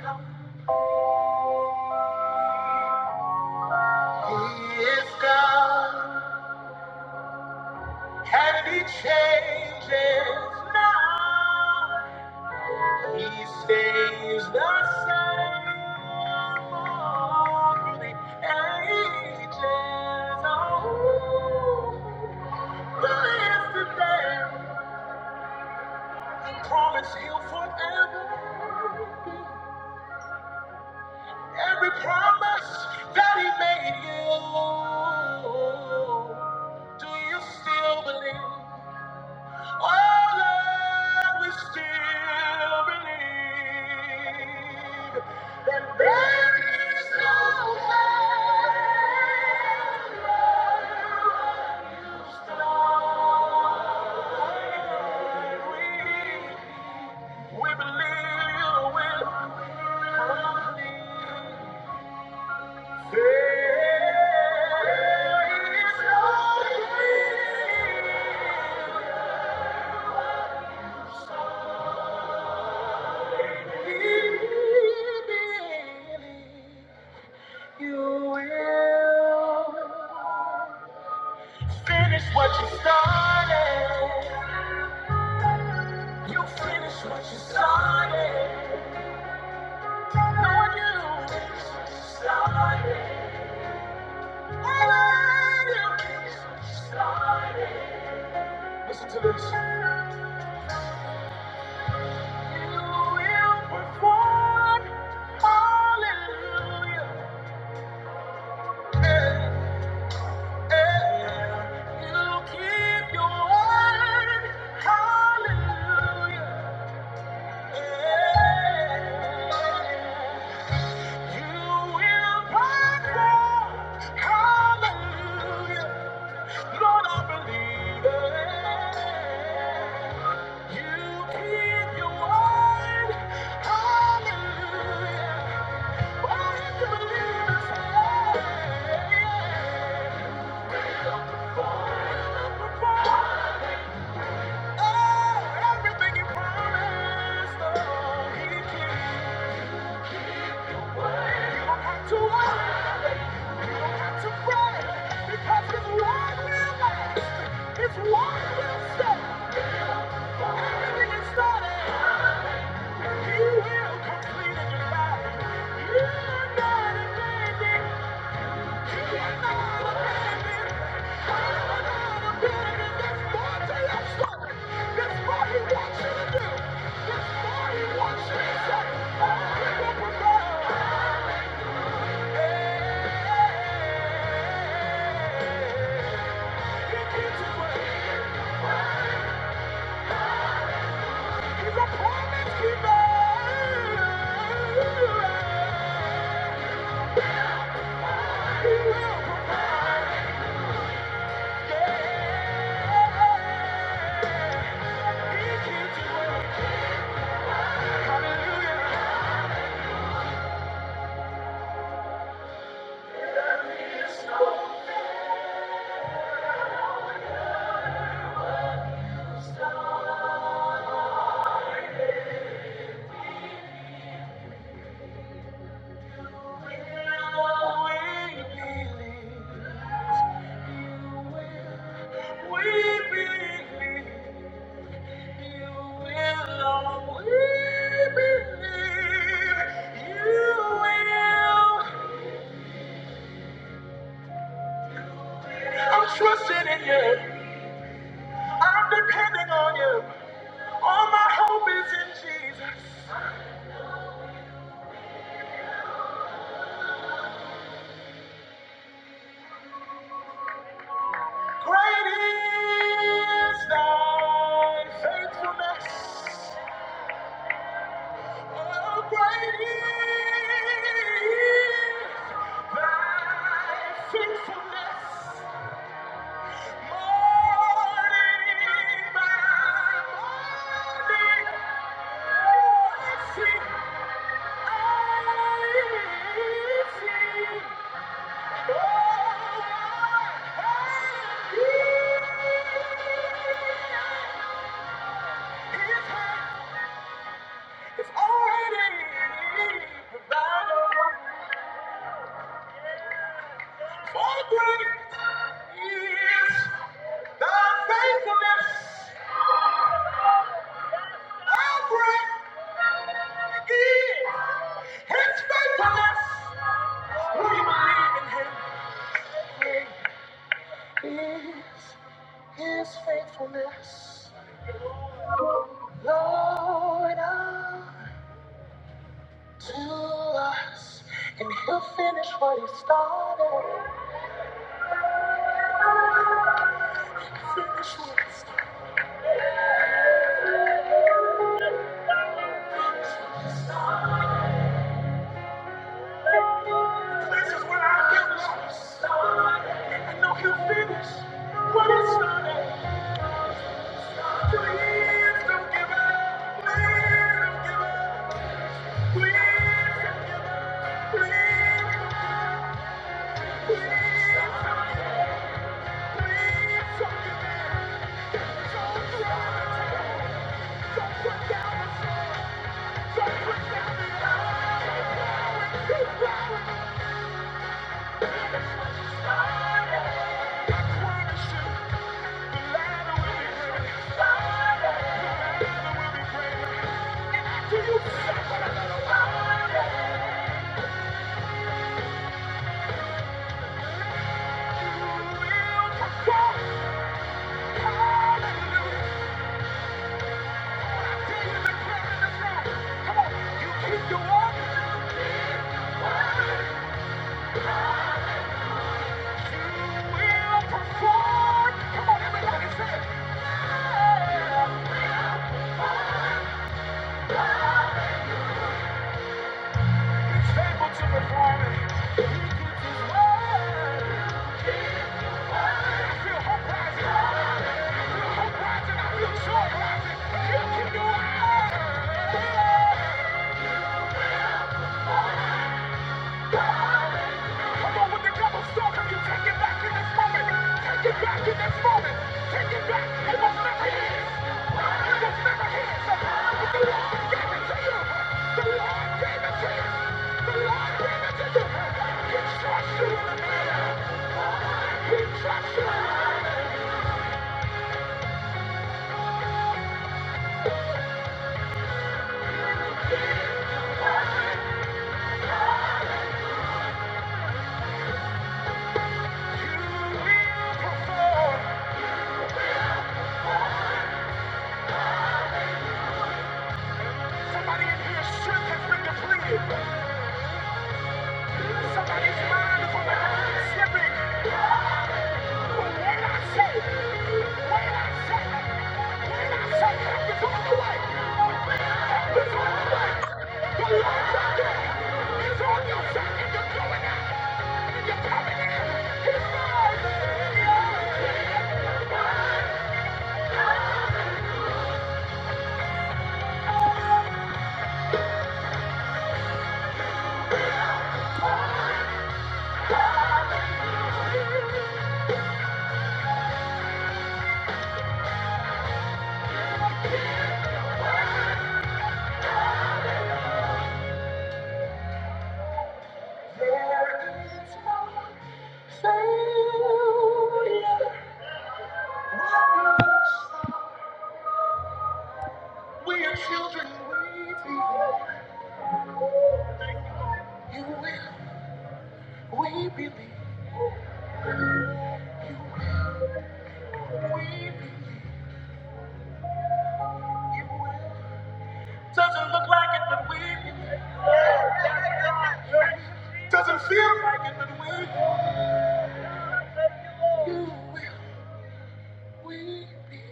come. He is God, and He changes now. He stays the same for the ages. Oh, who is today? He promised He'll forever. Every promise that he made you, do you still believe? Oh Lord, we still believe that there is no hell. We, we believe you will complete. Finish what you started. You finish what you started. Lord, you finish what you started. I love you. Finish what you started. You keep your word, Hallelujah. Thank you don't You're not a landing. He will provide. I'm trusting in you. I'm depending on you. All my hope is in Jesus. Great is thy faithfulness. How great is thy faithfulness, morning by morning, mercy I see. Oh, my God, His hand already provided. For great is thy faithfulness. How great is his faithfulness. We believe in him. Great is his faithfulness. Lord, unto us. And he'll finish what he started. Finish what he started. Places where I feel lost. I know he'll finish what he started. Do you suffer? Will perform? Hallelujah. you I I feel feel hope rising. rising, joy Yeah. Come on, the devil's talking, you take it back in this moment. Take it back in this moment. Take it back. It was never his. It was never his. But the Lord gave it to you. The Lord gave it to you. The Lord gave it to you. He trusts you. He trusts you. Somebody in here, strength has been depleted. Somebody's mind is on the line, slipping. We are children, we You will, we believe. Doesn't look like it, but we believe. Doesn't feel like it, but we believe. You will, we believe.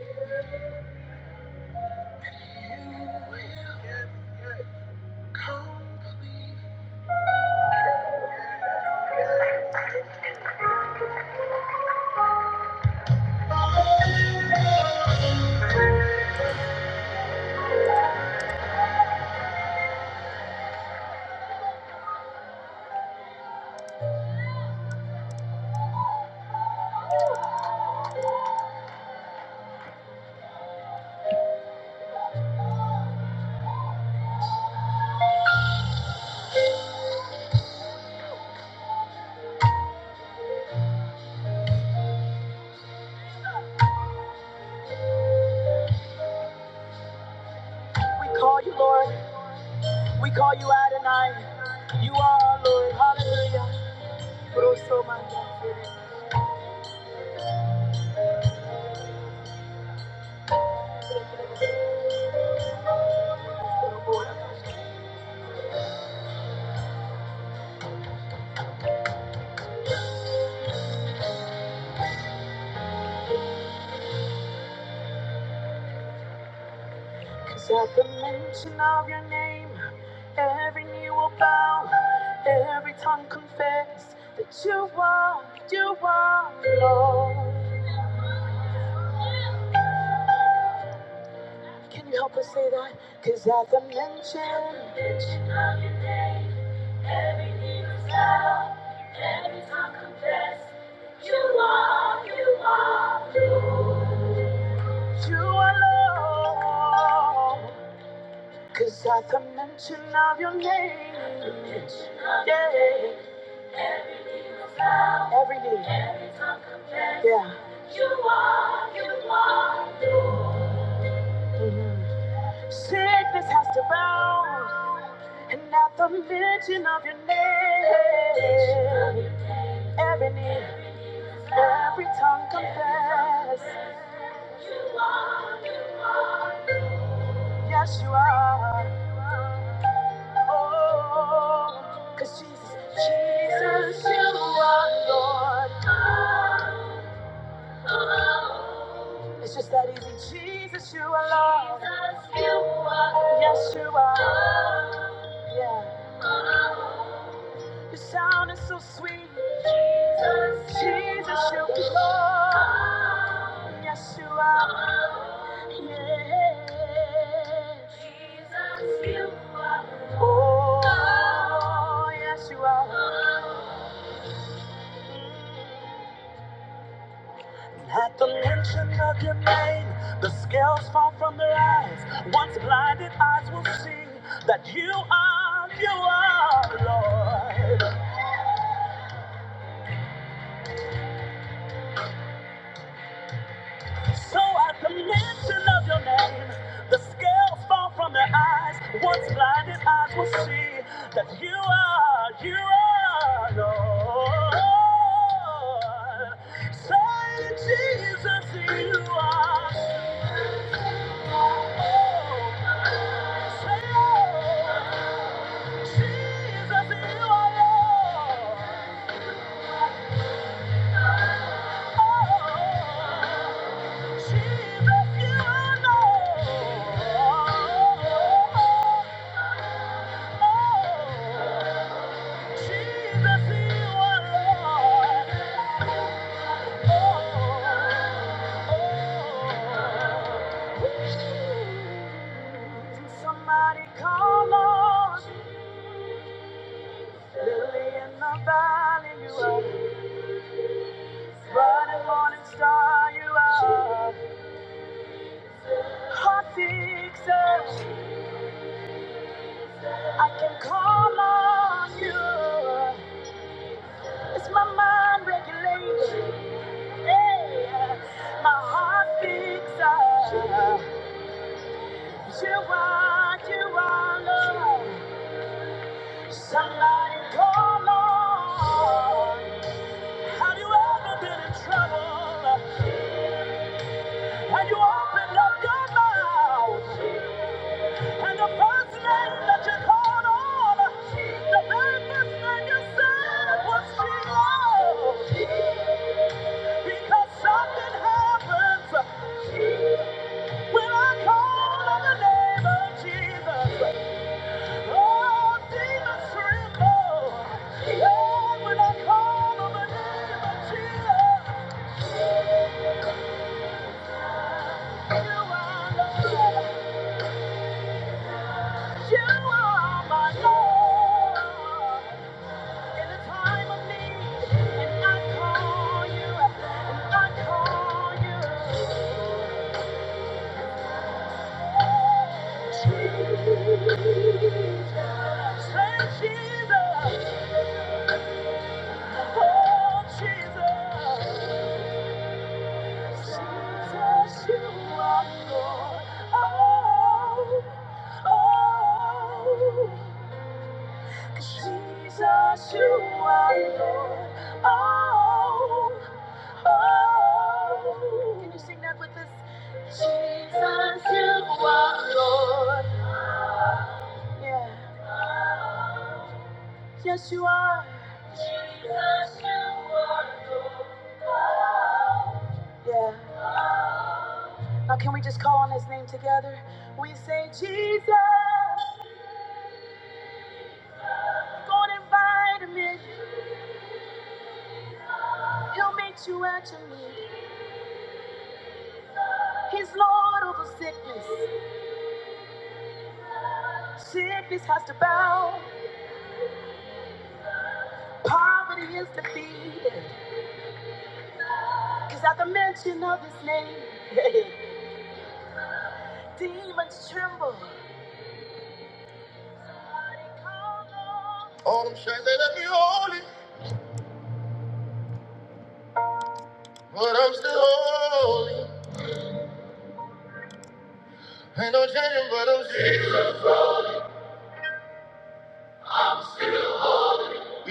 You will come believe. We call you Lord. We call you Adonai. You are Lord, hallelujah. But also my God. Cause at the mention of your name, every knee will bow, every tongue confess that you are, you are Lord. Can you help us say that? Cause at the mention, at the mention of your name, every knee will bow, every tongue confess that you are, you are, Lord. you are Lord. Cause at the mention of your name, yeah, every knee, yeah. Mhm. Sickness has to bow, and at the mention of your name, every knee, every tongue confess, yes you are. Oh, cause Jesus, Jesus, you are Lord. It's just that easy. Jesus, you are Lord. Yes, you are. Yeah. Your sound is so sweet. Jesus, you are Lord. Yes, you are. Yeah. Jesus, you are. Oh, yes, you are. At the mention of your name, the scales fall from their eyes. Once blinded eyes will see that you are, you are Lord. So at the mention of your name, the scales fall from their eyes. Once blinded eyes will see that you are, you are Lord. So Jesus, you are. Oh Somebody call on Lily in the valley, you are bright morning star, you are hot fixer. I can call on you. It's my mind regulation, yeah. my heart fixer. You are, you are love. Somebody call on. Have you ever been in trouble? And you opened up your mouth, and the first name that you called on, the very first name you said was Jesus, because something happens when I call on the name of Jesus. Jesus, oh Jesus. Jesus, you are Lord. Oh, oh. Jesus, you are Lord. Oh, oh. Can you sing that with us? Jesus, you are Lord. Yeah. Yes, you are. Jesus, you are Lord. Yeah. Now, can we just call on his name together? We say, Jesus, go and invite him in. He'll make you actually. He's Lord over sickness. Sickness has to bow. Poverty is defeated. Cause at the mention of his name, demons tremble. All them shades they let me holy, but I'm still holy. Ain't no changing, but I'm still.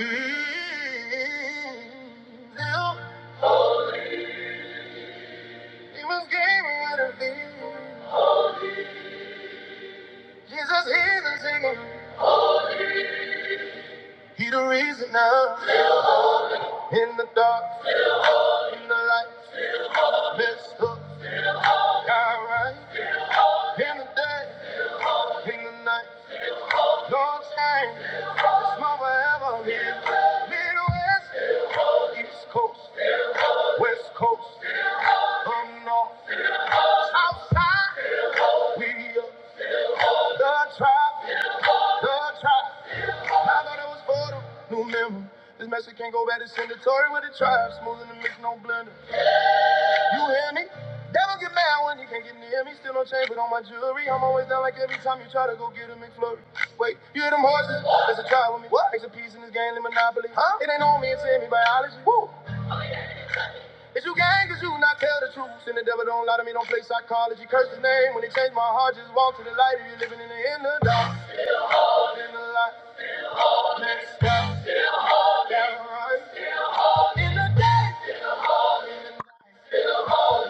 Mm, Still, he was gaming with a Jesus, he's a singer. He the reason now in the dark. in the light, messed up, got right, in the day, in the night, no change, it's my forever here, Midwest, East Coast, West Coast, from North, South Side, we up, the tribe, the tribe, I thought it was for the new member, this message can't go back to send it, Tory with the tribe, smoother the mix, no blender, You hear me? Devil get mad when he can't get near me. Still no chain, but on my jewelry. I'm always down like every time you try to go get a McFlurry. Wait, you hear them horses? There's a try with me. What? Makes a piece in this game, the monopoly. Huh? It ain't on me, it's in me, biology. Woo! It's you gang, cause you not tell the truth. And the devil don't lie to me, don't play psychology. Curse his name when he changed my heart. Just walk to the light if you're living in the inner dark. In the light, next stop. Down right. In the day.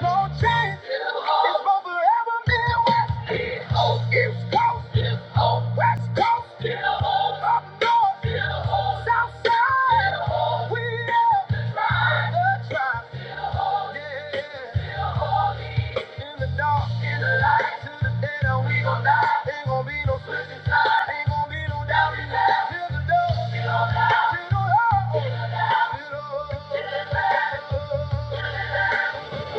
No change. It's for forever Midwest. East Coast. West Coast. Up North. South Side. We the tribe. Yeah. In the dark. In the light. To the day that we gon' die. Ain't gon' be no switching sides. Ain't gon' be no doubting. now. Till the door. Till the door. Till the door. till the door.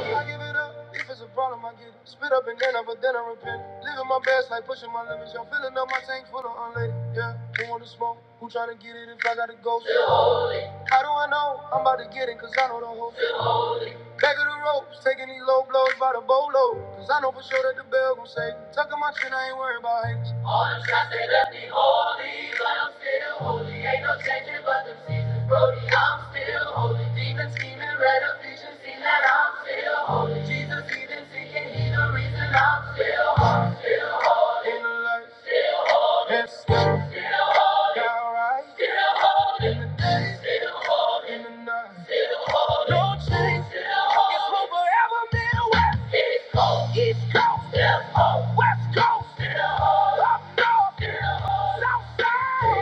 I give it up. If it's a problem, I get it. Spit up and then up, but then I repent. Living my best, like pushing my limits. Yo, filling up my tank full of unleaded. Yeah, who want to smoke? Who tryna get it if I got to go? How do I know? I'm about to get it, cause I know the whole. thing. Back of the ropes, taking these low blows by the bolo. Cause I know for sure that the bell gon' say, Tucking my chin, I ain't worried about haters. All them shots they left me holy, but I'm still holy. Ain't no changing but them seasons, Brody. I'm still holy. Demons scheming, red of vision, seen that I'm still holy. Jesus even seeking, he the reason I'm still holy. In the light, and still, got right. In the night, no change. It's East Coast, West Coast, up north, south side,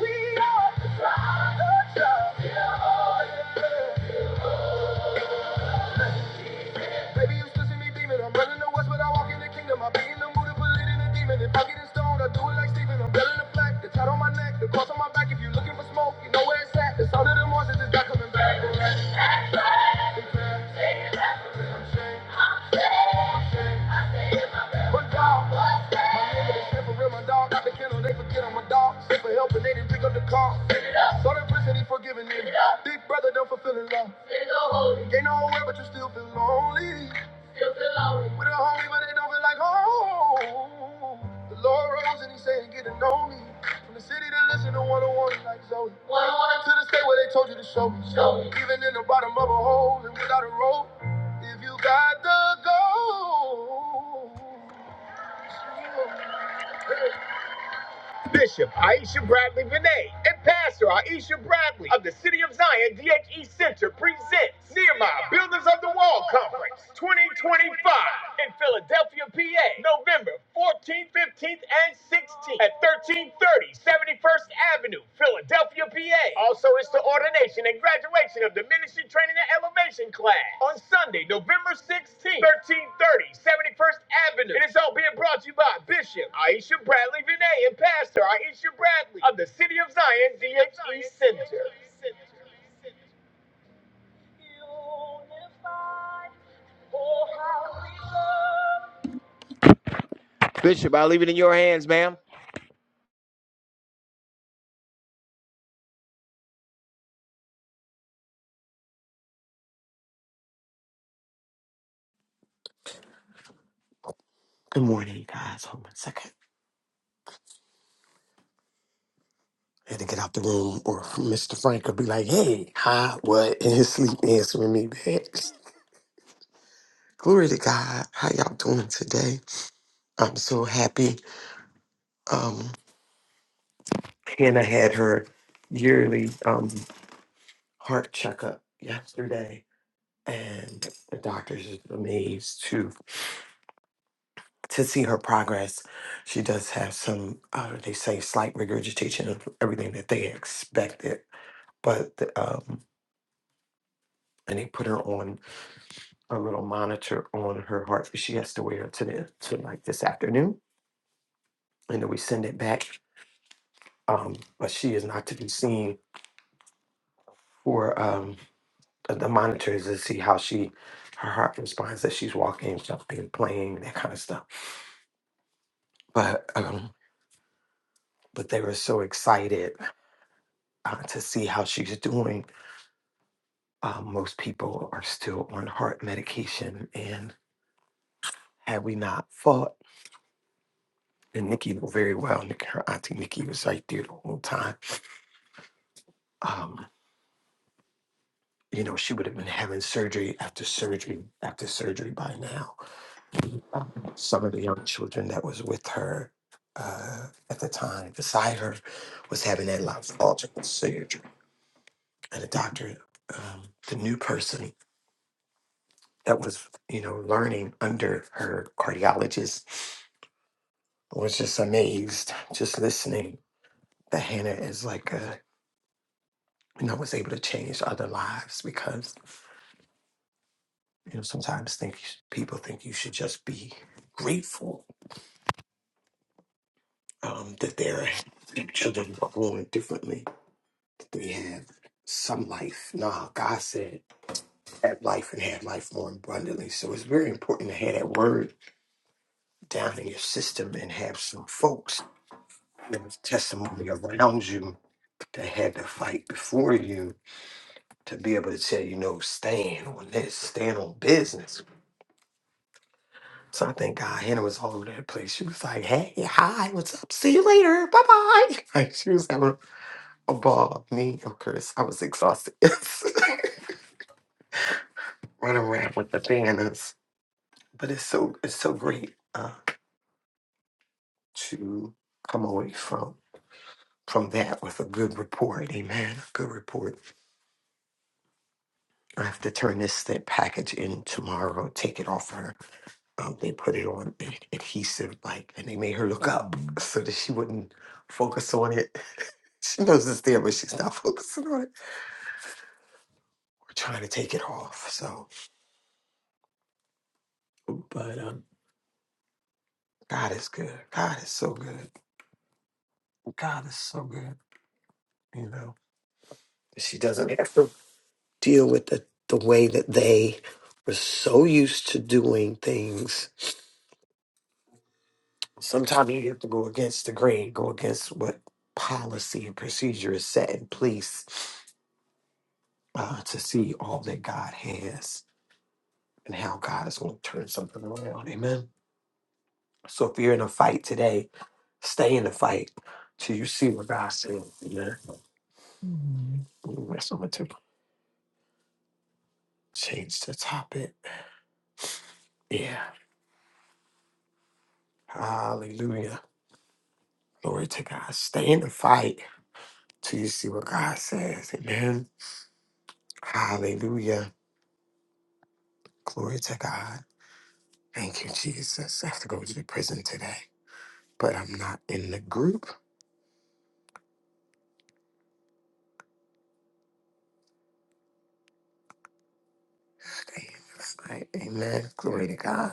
we are. the tribe. Baby, you still see me beaming. I'm running the west, but I walk in the kingdom. I be in the mood to believe in a demon. If I get in stone, I do it like Stephen, I'm belling the black, the tat on my neck, the cross on my back. If you are looking for smoke, you know where it's at. The sound of the monsters is not coming back. One dog. My nigga, they step around my dog. Got the kennel, they forget I'm a dog. Sick for help and they didn't pick up the call. So they prison, he forgiving me. Big brother, don't fulfill the law. Ain't nowhere, but you still feel lonely. With a homie, but they don't feel like home. The Lord rose and he said, get to know me. From the city to listen to one on one like Zoe. To the state where they told you to Show me. Even in the bottom of a hole and without a rope. If you got the gold. Bishop Aisha Bradley Vinay and Pastor Aisha Bradley of the City of Zion DHE Center presents Nehemiah Builders of the Wall Conference 2025 in Philadelphia, PA, November 14th, 15th, and 16th at 1330 71st Avenue. Philadelphia, PA. Also, it's the ordination and graduation of the Ministry Training and Elevation class on Sunday, November 16th, 1330, 71st Avenue. And it's all being brought to you by Bishop Aisha Bradley Vinay and Pastor Aisha Bradley of the City of Zion DHE Center. Bishop, I leave it in your hands, ma'am. Good morning, guys. Hold on a second. I had to get out the room, or Mr. Frank would be like, "Hey, hi, what?" In his sleep, answering me back. Glory to God. How y'all doing today? I'm so happy. Um, Hannah had her yearly um heart checkup yesterday, and the doctors are amazed to to see her progress. She does have some, uh, they say, slight regurgitation of everything that they expected, but the, um, and they put her on. a little monitor on her heart. She has to wear it to the to like this afternoon, and then we send it back. Um, but she is not to be seen for um, the the monitors to see how she her heart responds as she's walking, jumping, playing, that kind of stuff. But um, but they were so excited uh, to see how she's doing. Uh, most people are still on heart medication, and had we not fought, and Nikki knew very well. Nikki, Her auntie Nikki was right there the whole time Um, you know, she would have been having surgery after surgery after surgery by now. Some of the young children that was with her uh, at the time, beside her, was having that lifestyle surgery. And the doctor, um, the new person that was, you know, learning under her cardiologist was just amazed, just listening that Hannah is like a, you know, was able to change other lives because, you know, sometimes think people think you should just be grateful um, that their children are born differently. that They have some life. Nah, God said, have life and have life more abundantly. So it's very important to have that word down in your system and have some folks with testimony around you that had to fight before you to be able to tell you, no, stand on this, stand on business. So I think God, Hannah was all over that place. She was like, hey, hi, what's up? See you later. Bye bye. Like she was having above me. Of course, I was exhausted. Running around with the banners, but it's so it's so great uh, to come away from from that with a good report. Amen. A good report. I have to turn this that package in tomorrow. Take it off her. Um, they put it on ad- adhesive like, and they made her look up so that she wouldn't focus on it. She knows it's there, but she's not focusing on it. We're trying to take it off. So, but um, God is good. God is so good. God is so good, you know. She doesn't have to deal with the, the way that they were so used to doing things. Sometimes you have to go against the grain, go against what policy and procedure is set in place uh, to see all that God has and how God is going to turn something around. Amen. So if you're in a fight today, stay in the fight till you see what God says. Amen. Mhm. Ooh, That's what I'm going to change the topic. Yeah. Hallelujah. Glory to God. Stay in the fight till you see what God says. Amen. Hallelujah. Glory to God. Thank you, Jesus. I have to go to the prison today, but I'm not in the group. Right. Amen. Glory to God.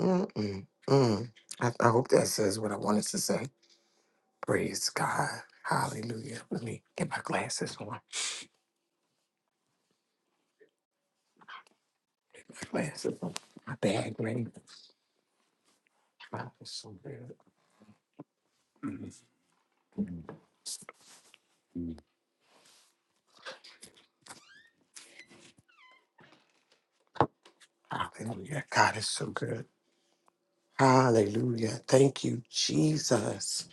Mm-mm, mm. I, I hope that says what I wanted to say. Praise God. Hallelujah. Let me get my glasses on. My glasses on. My bag ready. God is so good. Hallelujah. God is so good. Hallelujah. Thank you, Jesus.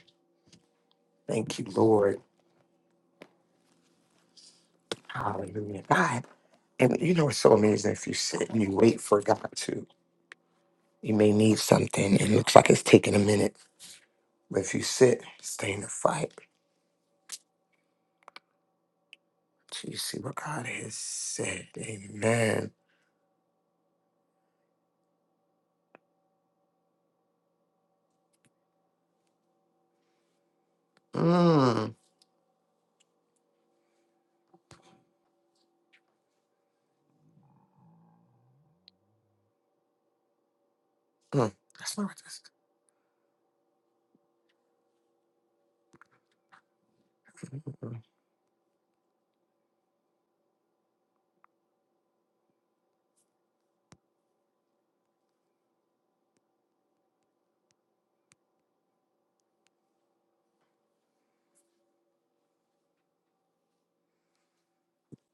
Thank you, Lord. Hallelujah. God. And you know, it's so amazing if you sit and you wait for God to, you may need something and it looks like it's taking a minute. But if you sit, stay in the fight till you see what God has said. Amen. Mm. Mm. That's not what this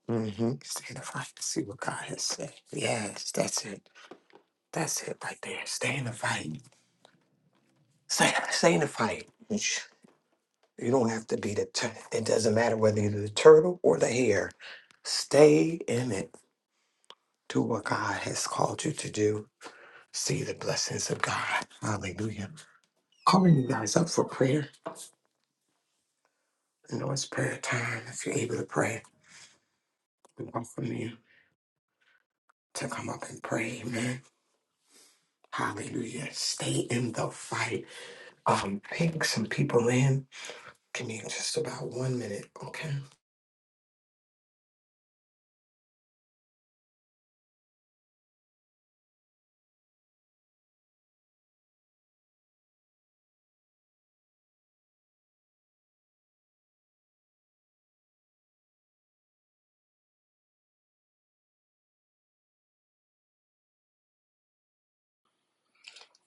Mm-hmm. Stay in the fight to see what God has said. Yes, that's it. That's it right there. Stay in the fight. Stay, stay in the fight. You don't have to be the, tur- it doesn't matter whether you're the turtle or the hare. Stay in it. Do what God has called you to do. See the blessings of God. Hallelujah. Calling you guys up for prayer. I know it's prayer time. If you're able to pray, we welcome you to come up and pray. Amen. Hallelujah. Stay in the fight. Um, ping some people in. Give me just about one minute, okay?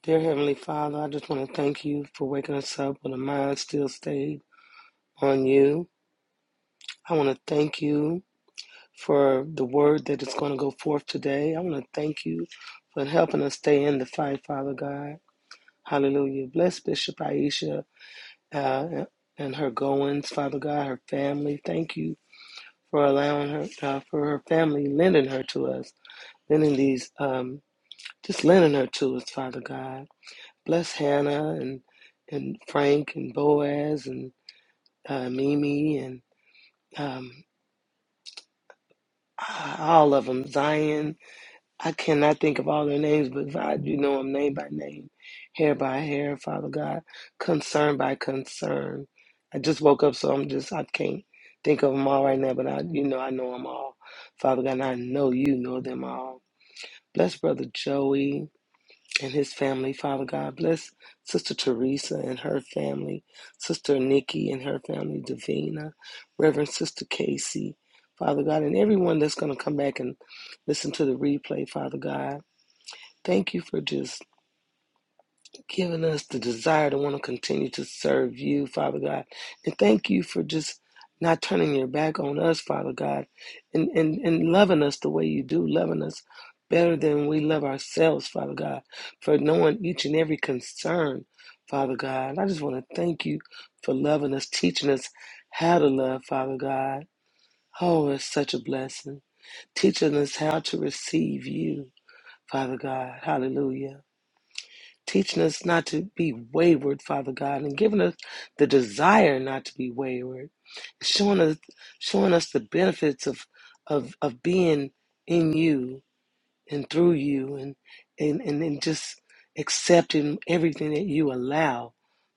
Dear Heavenly Father, I just want to thank you for waking us up when the mind still stayed on you. I want to thank you for the word that is going to go forth today. I want to thank you for helping us stay in the fight, Father God. Hallelujah. Bless Bishop Aisha uh, and her goings, Father God, her family. Thank you for allowing her, uh, for her family, lending her to us, lending these, um, just lending her to us, Father God. Bless Hannah and and Frank and Boaz and uh, Mimi and um, uh, all of them. Zion. I cannot think of all their names, but God, you know them name by name, hair by hair. Father God, concern by concern. I just woke up, so I'm just I can't think of them all right now. But I, you know, I know them all. Father God, and I know you know them all. Bless Brother Joey. and his family, Father God. Bless Sister Teresa and her family, Sister Nikki and her family, Davina, Reverend Sister Casey, Father God, and everyone that's going to come back and listen to the replay, Father God. Thank you for just giving us the desire to want to continue to serve you, Father God. And thank you for just not turning your back on us, Father God, and, and, and loving us the way you do, loving us better than we love ourselves, Father God, for knowing each and every concern, Father God. And I just want to thank you for loving us, teaching us how to love, Father God. Oh, it's such a blessing. Teaching us how to receive you, Father God. Hallelujah teaching us not to be wayward, Father God, and giving us the desire not to be wayward, showing us showing us the benefits of of of being in you and through you and and and, and just accepting everything that you allow,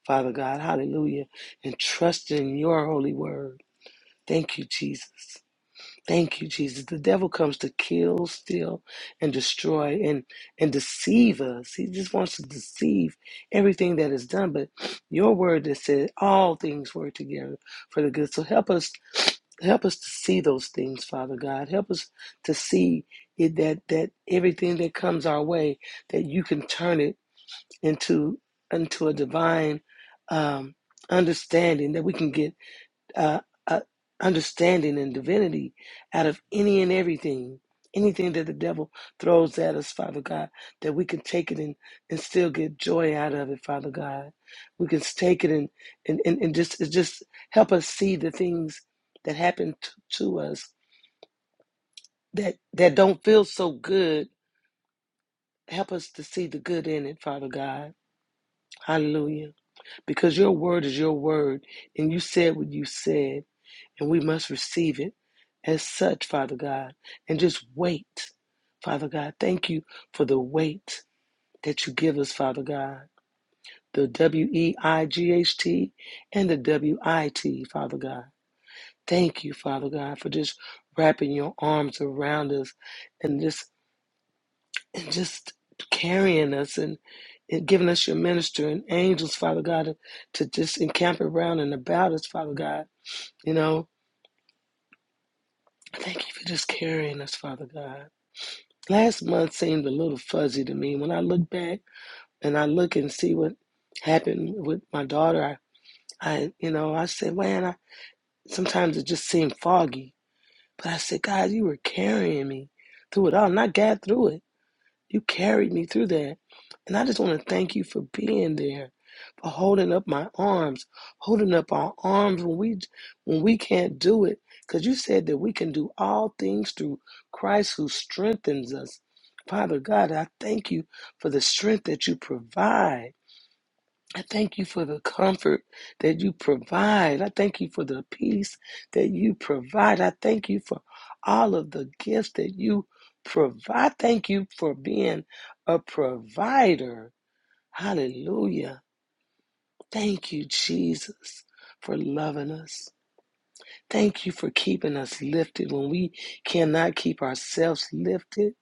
Father God, hallelujah, and trusting your holy word. Thank you, Jesus. Thank you, Jesus. The devil comes to kill, steal, and destroy and and deceive us. He just wants to deceive everything that is done. But your word that said all things work together for the good. So help us help us to see those things, Father God. Help us to see it that that everything that comes our way, that you can turn it into into a divine um understanding that we can get uh, uh, understanding and divinity out of any and everything, anything that the devil throws at us, Father God, that we can take it and, and still get joy out of it, Father God. We can take it and, and, and, and just it just help us see the things that happen to, to us that, that don't feel so good. Help us to see the good in it, Father God. Hallelujah. Because your word is your word, and you said what you said. And we must receive it as such, Father God, and just wait. Father God, thank you for the wait that you give us, Father God. The W E I G H T and the W I T, Father God. Thank you, Father God, for just wrapping your arms around us and just and just carrying us and, and giving us your minister and angels, Father God, to, to just encamp around and about us, Father God. You know, thank you for just carrying us, Father God. Last month seemed a little fuzzy to me. When I look back and I look and see what happened with my daughter, I, I you know, I said, man, I, sometimes it just seemed foggy. But I said, God, you were carrying me through it all, and I got through it. You carried me through that. And I just want to thank you for being there, for holding up my arms, holding up our arms when we when we can't do it. Because you said that we can do all things through Christ who strengthens us. Father God, I thank you for the strength that you provide. I thank you for the comfort that you provide. I thank you for the peace that you provide. I thank you for all of the gifts that you provide. I thank you for being a provider. Hallelujah. Thank you, Jesus, for loving us. Thank you for keeping us lifted when we cannot keep ourselves lifted.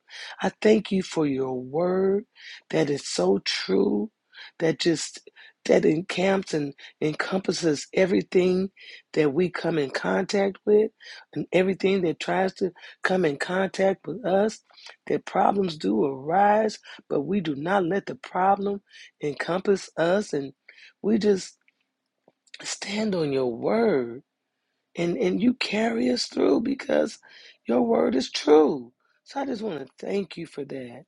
I thank you for your word that is so true, that just that encamps and encompasses everything that we come in contact with and everything that tries to come in contact with us. That problems do arise, but we do not let the problem encompass us and we just stand on your word and and you carry us through because your word is true. So I just want to thank you for that,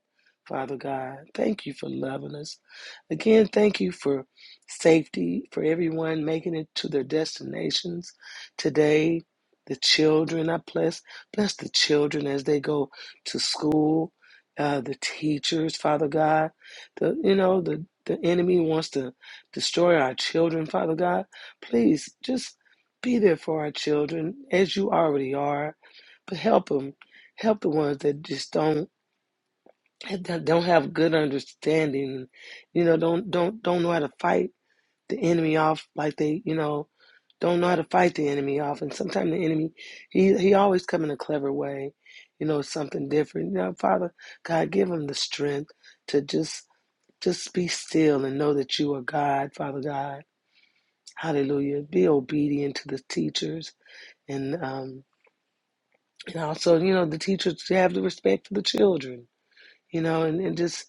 Father God. Thank you for loving us. Again, thank you for safety for everyone making it to their destinations today. The children, I bless bless the children as they go to school. Uh, the teachers, Father God, the you know the the enemy wants to destroy our children, Father God. Please just be there for our children as you already are, but help them. Help the ones that just don't that don't have good understanding. You know, don't don't don't know how to fight the enemy off like they you know don't know how to fight the enemy off. And sometimes the enemy he he always come in a clever way. You know, something different. You know, Father God, give them the strength to just just be still and know that you are God, Father God. Hallelujah. Be obedient to the teachers and um and also you know the teachers to have the respect for the children you know and, and just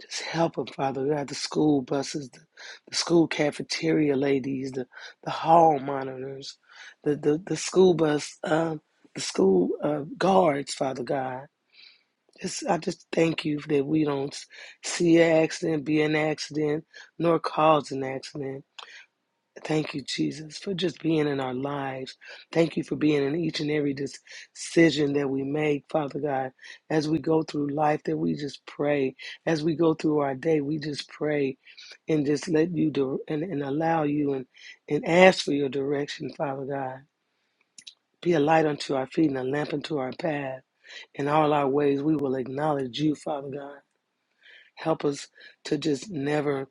just help them father god the school buses the, the school cafeteria ladies the the hall monitors the the, the school bus um the school uh, guards father god just i just thank you that we don't see an accident be an accident nor cause an accident Thank you, Jesus, for just being in our lives. Thank you for being in each and every decision that we make, Father God. As we go through life, that we just pray. As we go through our day, we just pray and just let you do and, and allow you and, and ask for your direction, Father God. Be a light unto our feet and a lamp unto our path. In all our ways, we will acknowledge you, Father God. Help us to just never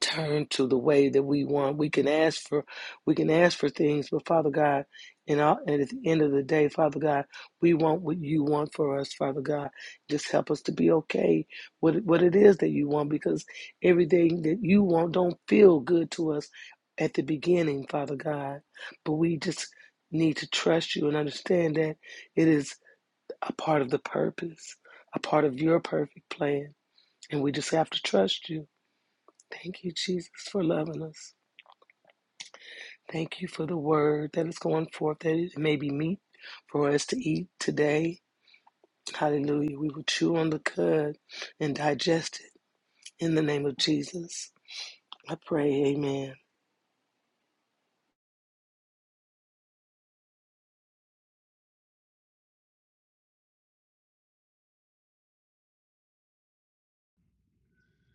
turn to the way that we want. We can ask for we can ask for things, but Father God, and, at the end of the day, Father God, we want what you want for us, Father God. Just help us to be okay with what it is that you want, because everything that you want don't feel good to us at the beginning, Father God. But we just need to trust you and understand that it is a part of the purpose, a part of your perfect plan, and we just have to trust you. Thank you, Jesus, for loving us. Thank you for the word that is going forth, that it may be meat for us to eat today. Hallelujah. We will chew on the cud and digest it in the name of Jesus. I pray, amen.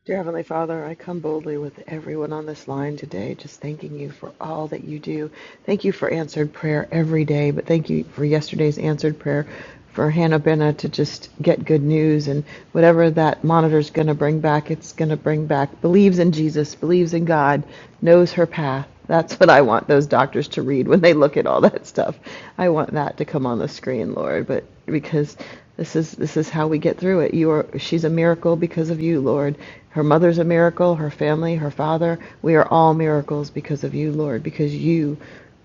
Dear Heavenly Father, I come boldly with everyone on this line today, just thanking you for all that you do. Thank you for answered prayer every day, but thank you for yesterday's answered prayer for Hannah Benna to just get good news and whatever that monitor's going to bring back, it's going to bring back. Believes in Jesus, believes in God, knows her path. That's what I want those doctors to read when they look at all that stuff. I want that to come on the screen, Lord, but because this is this is how we get through it. You are she's a miracle because of you, Lord. Her mother's a miracle, her family, her father. We are all miracles because of you, Lord, because you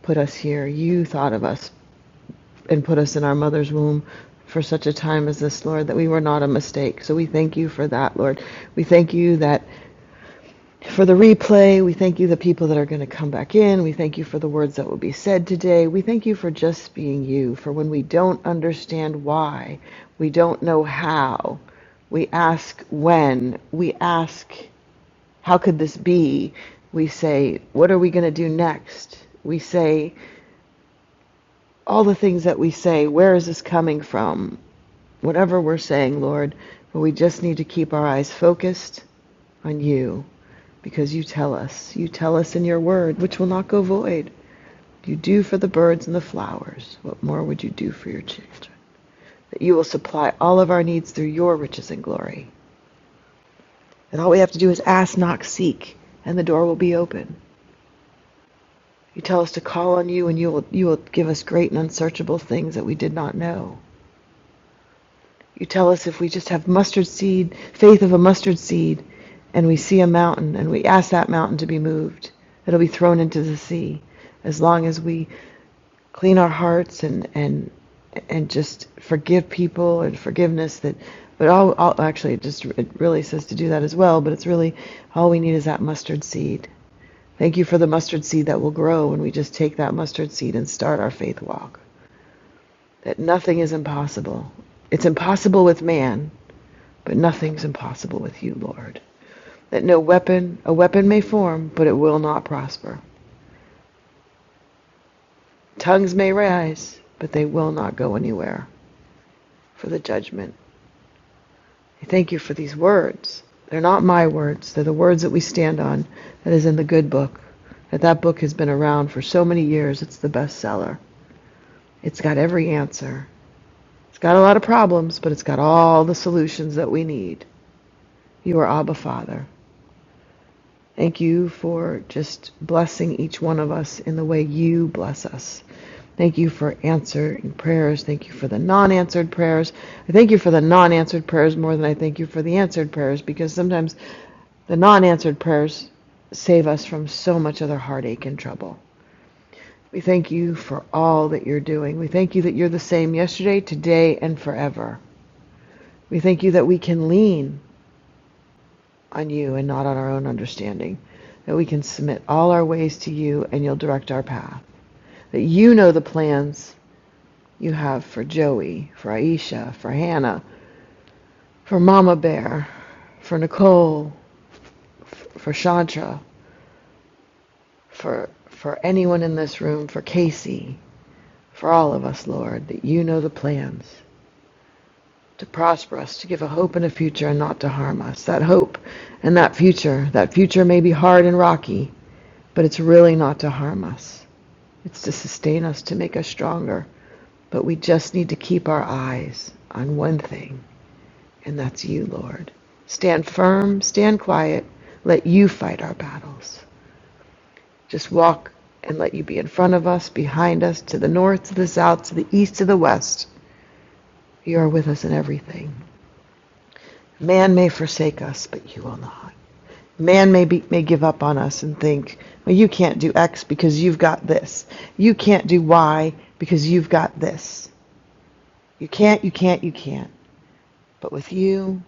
put us here. You thought of us and put us in our mother's womb for such a time as this, Lord, that we were not a mistake. So we thank you for that, Lord. We thank you that for the replay. We thank you, the people that are going to come back in. We thank you for the words that will be said today. We thank you for just being you, for when we don't understand why, we don't know how, we ask when, we ask, how could this be? We say, what are we going to do next? We say, all the things that we say, where is this coming from? whatever we're saying, Lord, but we just need to keep our eyes focused on you because you tell us. You tell us in your word, which will not go void. You do for the birds and the flowers. What more would you do for your children? That you will supply all of our needs through your riches and glory. And all we have to do is ask, knock, seek, and the door will be open. You tell us to call on you, and you will, you will give us great and unsearchable things that we did not know. You tell us if we just have mustard seed, faith of a mustard seed, and we see a mountain, and we ask that mountain to be moved, it'll be thrown into the sea. As long as we clean our hearts and and and just forgive people and forgiveness that, but all, all actually it just it really says to do that as well. But it's really all we need is that mustard seed. Thank you for the mustard seed that will grow when we just take that mustard seed and start our faith walk. That nothing is impossible. It's impossible with man, but nothing's impossible with you, Lord. That no weapon, a weapon may form, but it will not prosper. Tongues may rise, but they will not go anywhere. For the judgment. I thank you for these words. They're not my words, they're the words that we stand on, that is in the good book. That that book has been around for so many years, it's the bestseller. It's got every answer. It's got a lot of problems, but it's got all the solutions that we need. You are Abba Father. Thank you for just blessing each one of us in the way you bless us. Thank you for answering prayers. Thank you for the non answered prayers. I thank you for the non answered prayers more than I thank you for the answered prayers because sometimes the non answered prayers save us from so much other heartache and trouble. We thank you for all that you're doing. We thank you that you're the same yesterday, today, and forever. We thank you that we can lean. on you and not on our own understanding. That we can submit all our ways to you and you'll direct our path. That you know the plans you have for Joey, for Aisha, for Hannah, for Mama Bear, for Nicole, for Chantra, for for anyone in this room, for Casey, for all of us, Lord, that you know the plans to prosper us, to give a hope and a future and not to harm us. That hope and that future, that future may be hard and rocky, but it's really not to harm us. It's to sustain us, to make us stronger. But we just need to keep our eyes on one thing, and that's you, Lord. Stand firm, stand quiet, let you fight our battles. Just walk and let you be in front of us, behind us, to the north, to the south, to the east, to the west. You are with us in everything. Man may forsake us, but you will not. Man may, be, may give up on us and think, well, you can't do X because you've got this. You can't do Y because you've got this. You can't, you can't, you can't. But with you,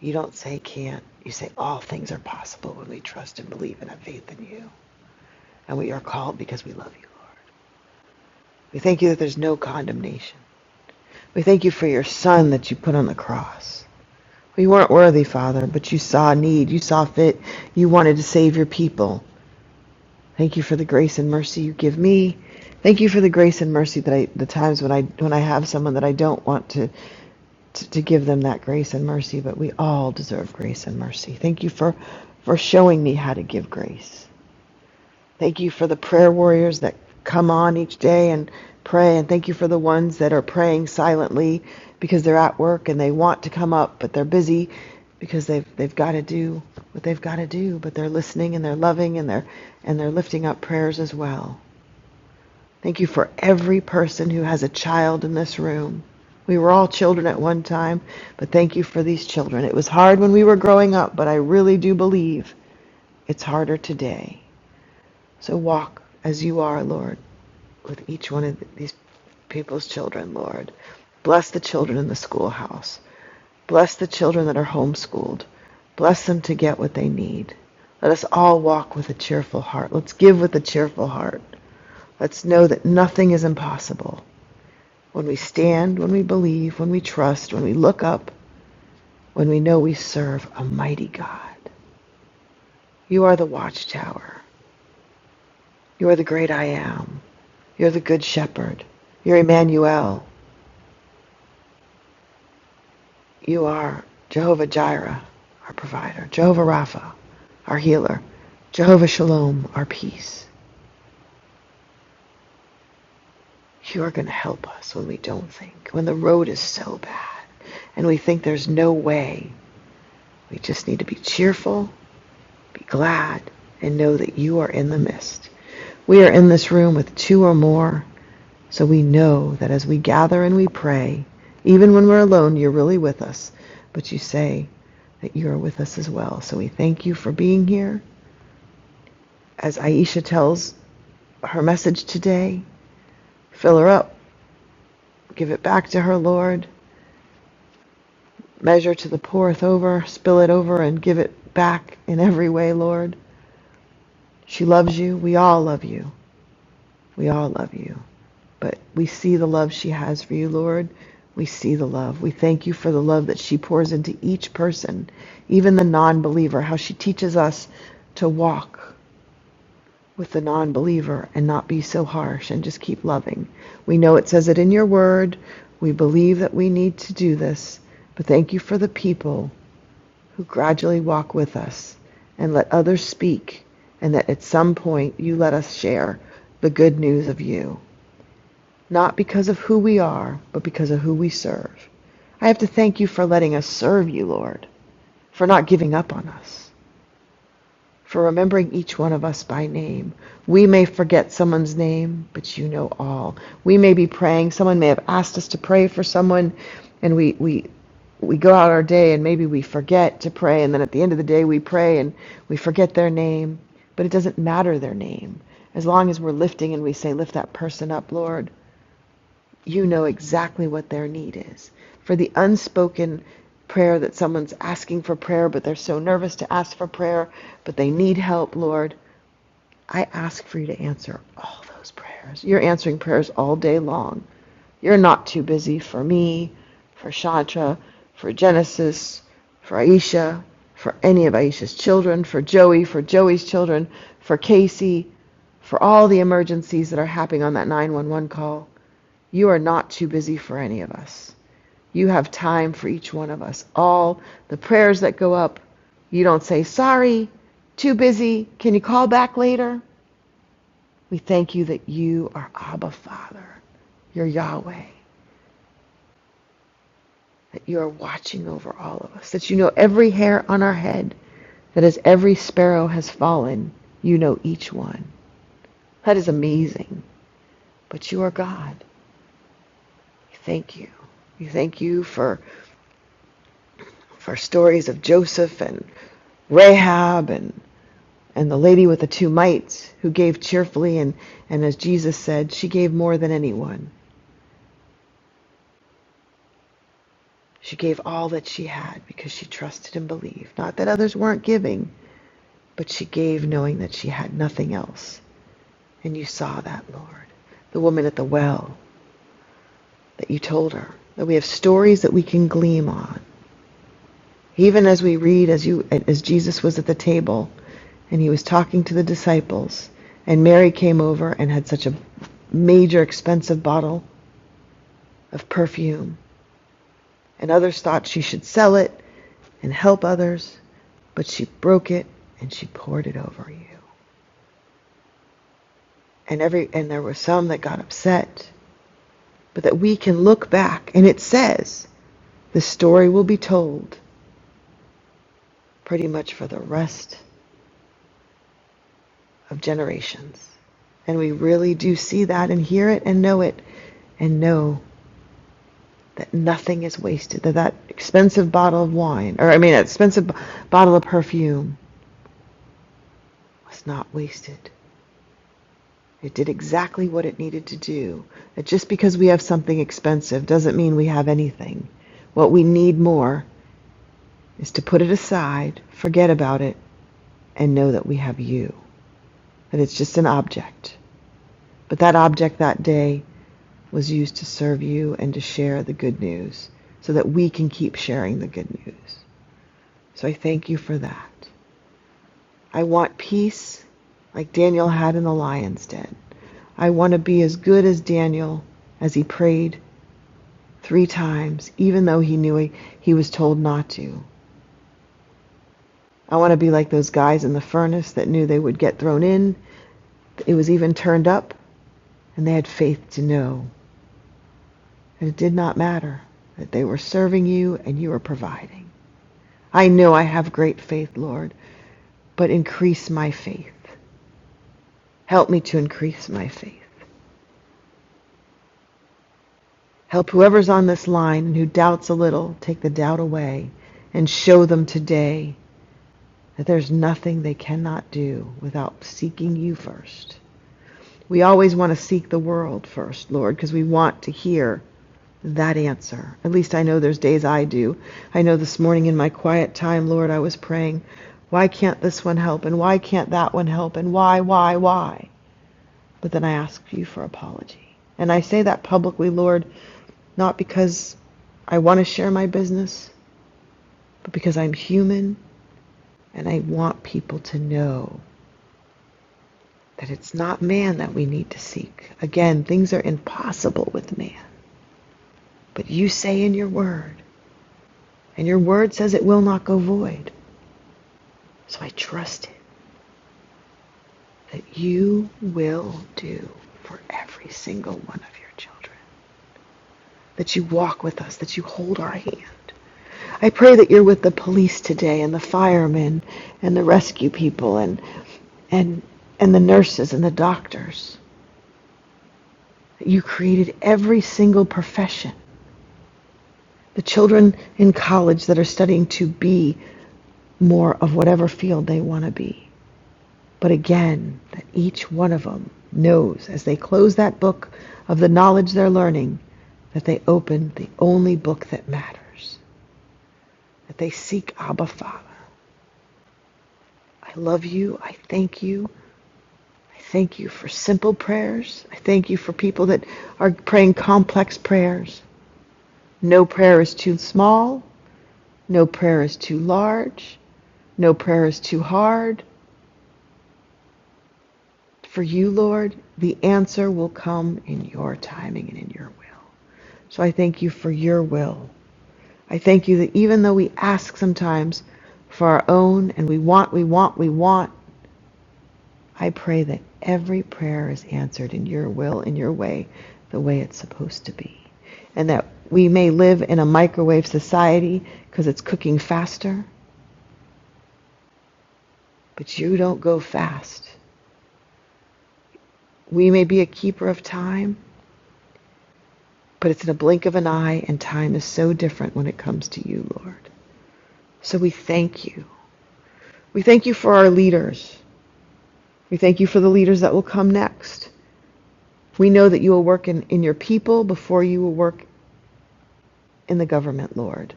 you don't say can't. You say all things are possible when we trust and believe and have faith in you. And we are called because we love you, Lord. We thank you that there's no condemnation. We thank you for your son that you put on the cross. We weren't worthy, Father, but you saw need. You saw fit. You wanted to save your people. Thank you for the grace and mercy you give me. Thank you for the grace and mercy that I, the times when I, when I have someone that I don't want to to, to give them that grace and mercy, but we all deserve grace and mercy. Thank you for, for showing me how to give grace. Thank you for the prayer warriors that come on each day and pray, and thank you for the ones that are praying silently because they're at work and they want to come up, but they're busy because they've they've got to do what they've got to do, but they're listening and they're loving and they're and they're lifting up prayers as well. Thank you for every person who has a child in this room. We were all children at one time, but thank you for these children. It was hard when we were growing up, but I really do believe it's harder today. So walk as you are, Lord, with each one of these people's children, Lord. Bless the children in the schoolhouse. Bless the children that are homeschooled. Bless them to get what they need. Let us all walk with a cheerful heart. Let's give with a cheerful heart. Let's know that nothing is impossible. When we stand, when we believe, when we trust, when we look up, when we know we serve a mighty God. You are the watchtower. You are the great I am. You're the good shepherd. You're Emmanuel. You are Jehovah Jireh, our provider. Jehovah Rapha, our healer. Jehovah Shalom, our peace. You are going to help us when we don't think, when the road is so bad and we think there's no way. We just need to be cheerful, be glad, and know that you are in the midst. We are in this room with two or more, so we know that as we gather and we pray, even when we're alone, you're really with us, but you say that you are with us as well. So we thank you for being here. As Aisha tells her message today, fill her up, give it back to her, Lord. Measure to the poureth over, spill it over, and give it back in every way, Lord. She loves you. We all love you. We all love you. But we see the love she has for you, Lord. We see the love. We thank you for the love that she pours into each person, even the non believer, how she teaches us to walk with the non believer and not be so harsh and just keep loving. We know it says it in your word. We believe that we need to do this. But thank you for the people who gradually walk with us and let others speak, and that at some point you let us share the good news of you not because of who we are, but because of who we serve. I have to thank you for letting us serve you, Lord, for not giving up on us, for remembering each one of us by name. We may forget someone's name, but you know all. We may be praying, someone may have asked us to pray for someone, and we, we, we go out our day and maybe we forget to pray, and then at the end of the day we pray and we forget their name, but it doesn't matter their name. As long as we're lifting and we say, Lift that person up, Lord, you know exactly what their need is. For the unspoken prayer that someone's asking for prayer, but they're so nervous to ask for prayer, but they need help, Lord, I ask for you to answer all those prayers. You're answering prayers all day long. You're not too busy for me, for Shantra, for Genesis, for Aisha, for any of Aisha's children, for Joey, for Joey's children, for Casey, for all the emergencies that are happening on that 911 call. You are not too busy for any of us. You have time for each one of us. All the prayers that go up, you don't say, sorry, too busy, can you call back later? We thank you that you are Abba Father, you're Yahweh, that you are watching over all of us, that you know every hair on our head, that as every sparrow has fallen, you know each one. That is amazing. But you are God. We thank you. We thank you for for stories of Joseph and Rahab and, and the lady with the two mites who gave cheerfully. And, and as Jesus said, she gave more than anyone. She gave all that she had because she trusted and believed. Not that others weren't giving, but she gave knowing that she had nothing else. And you saw that, Lord. The woman at the well that you told her, that we have stories that we can gleam on. Even as we read, as you, as Jesus was at the table and he was talking to the disciples, and Mary came over and had such a major expensive bottle of perfume. And others thought she should sell it and help others, but she broke it and she poured it over you. And every and there were some that got upset, but that we can look back and it says the story will be told pretty much for the rest of generations. And we really do see that and hear it and know it and know that nothing is wasted, that that expensive bottle of wine, or I mean, that expensive b- bottle of perfume was not wasted. It did exactly what it needed to do. That just because we have something expensive doesn't mean we have anything. What we need more is to put it aside, forget about it, and know that we have you. That it's just an object. But that object that day was used to serve you and to share the good news so that we can keep sharing the good news. So I thank you for that. I want peace like Daniel had in the lion's den. I want to be as good as Daniel as he prayed three times, even though he knew he, he was told not to. I want to be like those guys in the furnace that knew they would get thrown in. It was even turned up, and they had faith to know that it did not matter, that they were serving you and you were providing. I know I have great faith, Lord, but increase my faith. Help me to increase my faith. Help whoever's on this line and who doubts a little, take the doubt away and show them today that there's nothing they cannot do without seeking you first. We always want to seek the world first, Lord, because we want to hear that answer. At least I know there's days I do. I know this morning in my quiet time, Lord, I was praying, why can't this one help? And why can't that one help? And why, why, why? But then I ask you for apology. And I say that publicly, Lord, not because I want to share my business, but because I'm human and I want people to know that it's not man that we need to seek. Again, things are impossible with man. But you say in your word, and your word says it will not go void. So I trust it that you will do for every single one of your children. That you walk with us, that you hold our hand, I pray that you're with the police today and the firemen and the rescue people and and and the nurses and the doctors. You created every single profession. The children in college that are studying to be more of whatever field they want to be. But again, that each one of them knows as they close that book of the knowledge they're learning that they open the only book that matters, that they seek Abba Father. I love you. I thank you. I thank you for simple prayers. I thank you for people that are praying complex prayers. No prayer is too small. No prayer is too large. No prayer is too hard. For you, Lord, the answer will come in your timing and in your will. So I thank you for your will. I thank you that even though we ask sometimes for our own and we want, we want, we want, I pray that every prayer is answered in your will, in your way, the way it's supposed to be. And that we may live in a microwave society because it's cooking faster, but you don't go fast. We may be a keeper of time, but it's in a blink of an eye, and time is so different when it comes to you, Lord. So we thank you. We thank you for our leaders. We thank you for the leaders that will come next. We know that you will work in, in your people before you will work in the government, Lord.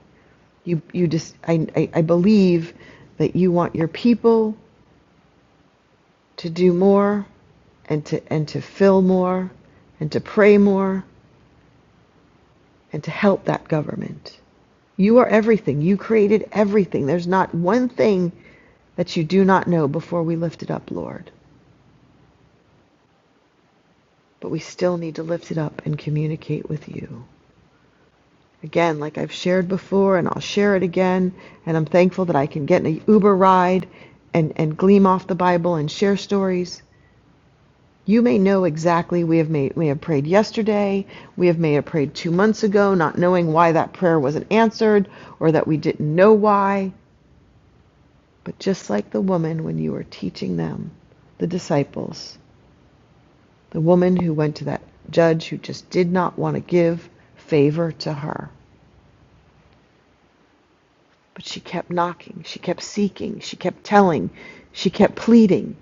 You, you just, I, I, I believe that you want your people to do more and to, and to fill more and to pray more and to help that government. You are everything. You created everything. There's not one thing that you do not know before we lift it up, Lord. But we still need to lift it up and communicate with you. Again, like I've shared before, and I'll share it again, and I'm thankful that I can get an Uber ride and, and gleam off the Bible and share stories. You may know exactly we have made we have prayed yesterday, we have made a prayer two months ago, not knowing why that prayer wasn't answered, or that we didn't know why. But just like the woman when you were teaching them, the disciples, the woman who went to that judge who just did not want to give favor to her. But she kept knocking, she kept seeking, she kept telling, she kept pleading.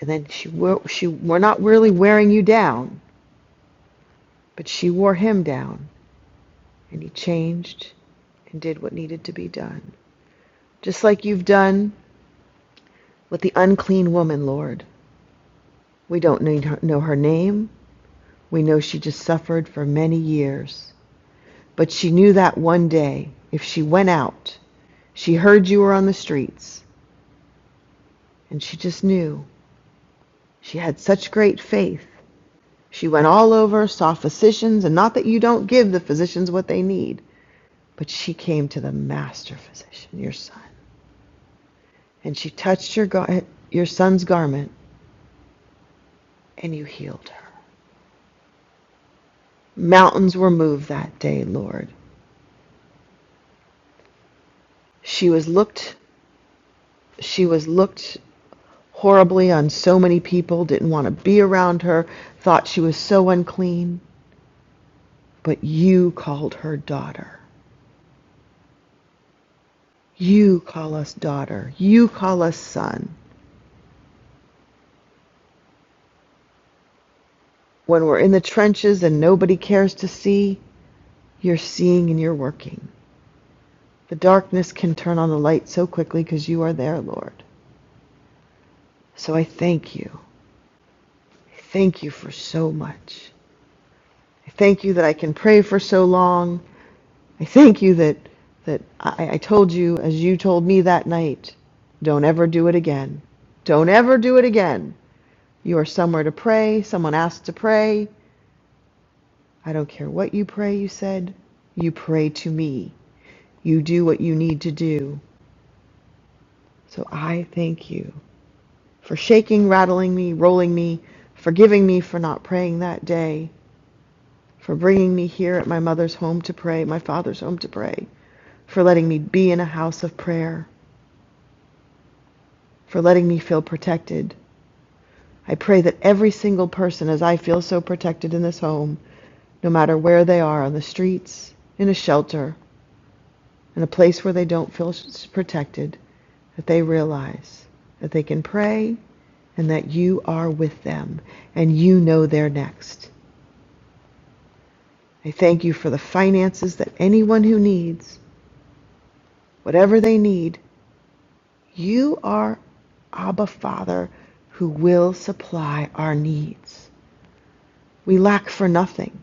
And then she wore, she were not really wearing you down, but she wore him down, and he changed and did what needed to be done. Just like you've done with the unclean woman, Lord. We don't need her, know her name. We know she just suffered for many years. But she knew that one day, if she went out, she heard you were on the streets, and she just knew. She had such great faith. She went all over, saw physicians, and not that you don't give the physicians what they need, but she came to the master physician, your son, and she touched your gar- your son's garment, and you healed her. Mountains were moved that day, Lord. She was looked she was looked horribly on so many people didn't want to be around her, thought she was so unclean, but you called her daughter. You call us daughter. You call us son. When we're in the trenches and nobody cares to see, you're seeing and you're working. The darkness can turn on the light so quickly because you are there, Lord. So I thank you. I Thank you for so much. I thank you that I can pray for so long. I thank you that that I, I told you as you told me that night, don't ever do it again. Don't ever do it again. You are somewhere to pray. Someone asked to pray. I don't care what you pray, you said. You pray to me. You do what you need to do. So I thank you for shaking, rattling me, rolling me, forgiving me for not praying that day, for bringing me here at my mother's home to pray, my father's home to pray, for letting me be in a house of prayer, for letting me feel protected. I pray that every single person, as I feel so protected in this home, no matter where they are on the streets, in a shelter, in a place where they don't feel protected, that they realize that they can pray and that you are with them and you know they're next. I thank you for the finances that anyone who needs, whatever they need, You are Abba Father who will supply our needs. We lack for nothing.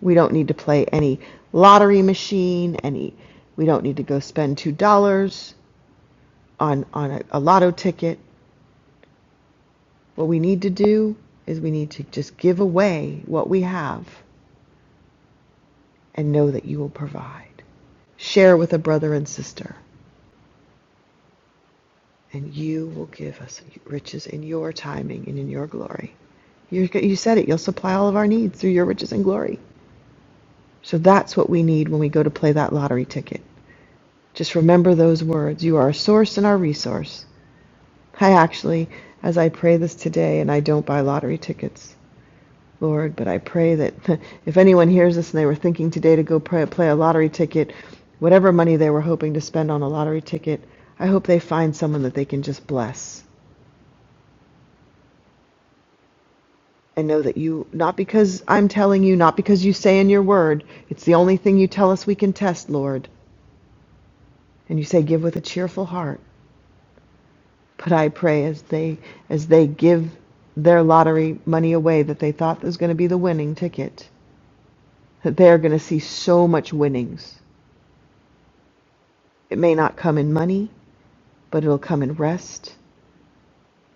We don't need to play any lottery machine, any we don't need to go spend two dollars on, on a, a lotto ticket. What we need to do is we need to just give away what we have and know that you will provide. Share with a brother and sister, and you will give us riches in your timing and in your glory. You're, you said it. You'll supply all of our needs through your riches and glory. So that's what we need when we go to play that lottery ticket. Just remember those words. You are our source and our resource. I actually, as I pray this today, and I don't buy lottery tickets, Lord, but I pray that if anyone hears this and they were thinking today to go pray, play a lottery ticket, whatever money they were hoping to spend on a lottery ticket, I hope they find someone that they can just bless I know that you, not because I'm telling you, not because you say in your word, it's the only thing you tell us we can test, Lord. And you say give with a cheerful heart. But I pray as they as they give their lottery money away that they thought was going to be the winning ticket, that they are going to see so much winnings. It may not come in money, but it'll come in rest.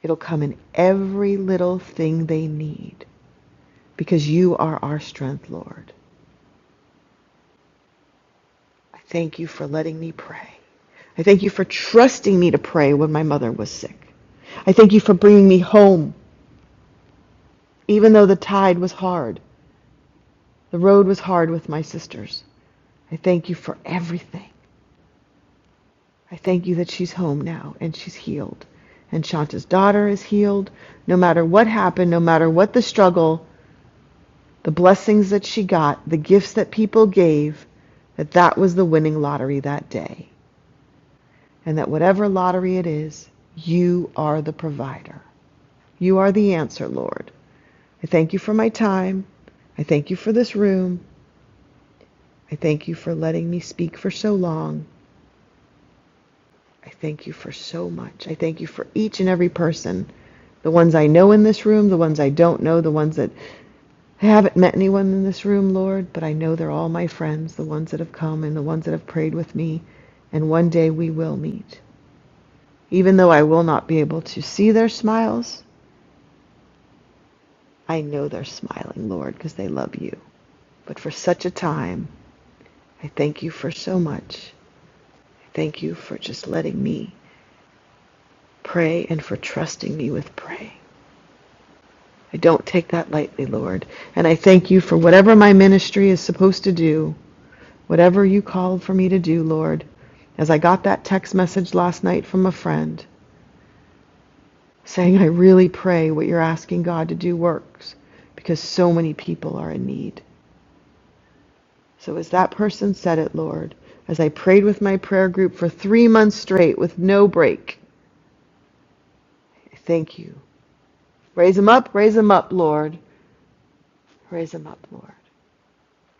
It'll come in every little thing they need because you are our strength, Lord. I thank you for letting me pray. I thank you for trusting me to pray when my mother was sick. I thank you for bringing me home, even though the tide was hard. The road was hard with my sisters. I thank you for everything. I thank you that she's home now and she's healed. And Shanta's daughter is healed. No matter what happened, no matter what the struggle, the blessings that she got, the gifts that people gave, that that was the winning lottery that day. and that whatever lottery it is, you are the provider. You are the answer, Lord. I thank you for my time. I thank you for this room. I thank you for letting me speak for so long. I thank you for so much. I thank you for each and every person the ones I know in this room, the ones I don't know, the ones that I haven't met anyone in this room, Lord, but I know they're all my friends, the ones that have come and the ones that have prayed with me. And one day we will meet. Even though I will not be able to see their smiles, I know they're smiling, Lord, because they love you. But for such a time, I thank you for so much. I thank you for just letting me pray and for trusting me with praying. I don't take that lightly, Lord. And I thank you for whatever my ministry is supposed to do, whatever you called for me to do, Lord. As I got that text message last night from a friend saying, I really pray what you're asking God to do works because so many people are in need. So, as that person said it, Lord, as I prayed with my prayer group for three months straight with no break, thank you. Raise them up, raise them up, Lord. Raise them up, Lord.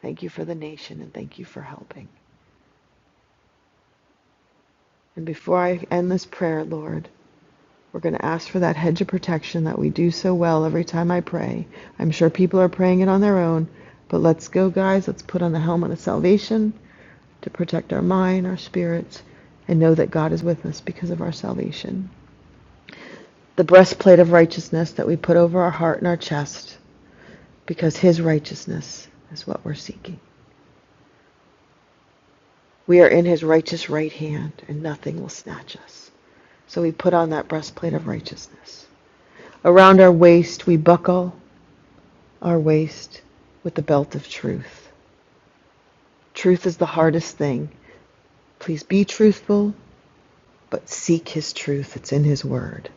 Thank you for the nation and thank you for helping. And before I end this prayer, Lord, we're going to ask for that hedge of protection that we do so well every time I pray. I'm sure people are praying it on their own, but let's go, guys. Let's put on the helmet of salvation to protect our mind, our spirits, and know that God is with us because of our salvation. the breastplate of righteousness that we put over our heart and our chest, because His righteousness is what we're seeking. We are in His righteous right hand, and nothing will snatch us. So we put on that breastplate of righteousness. Around our waist, we buckle our waist with the belt of truth. Truth is the hardest thing. Please be truthful, but seek His truth. It's in His Word.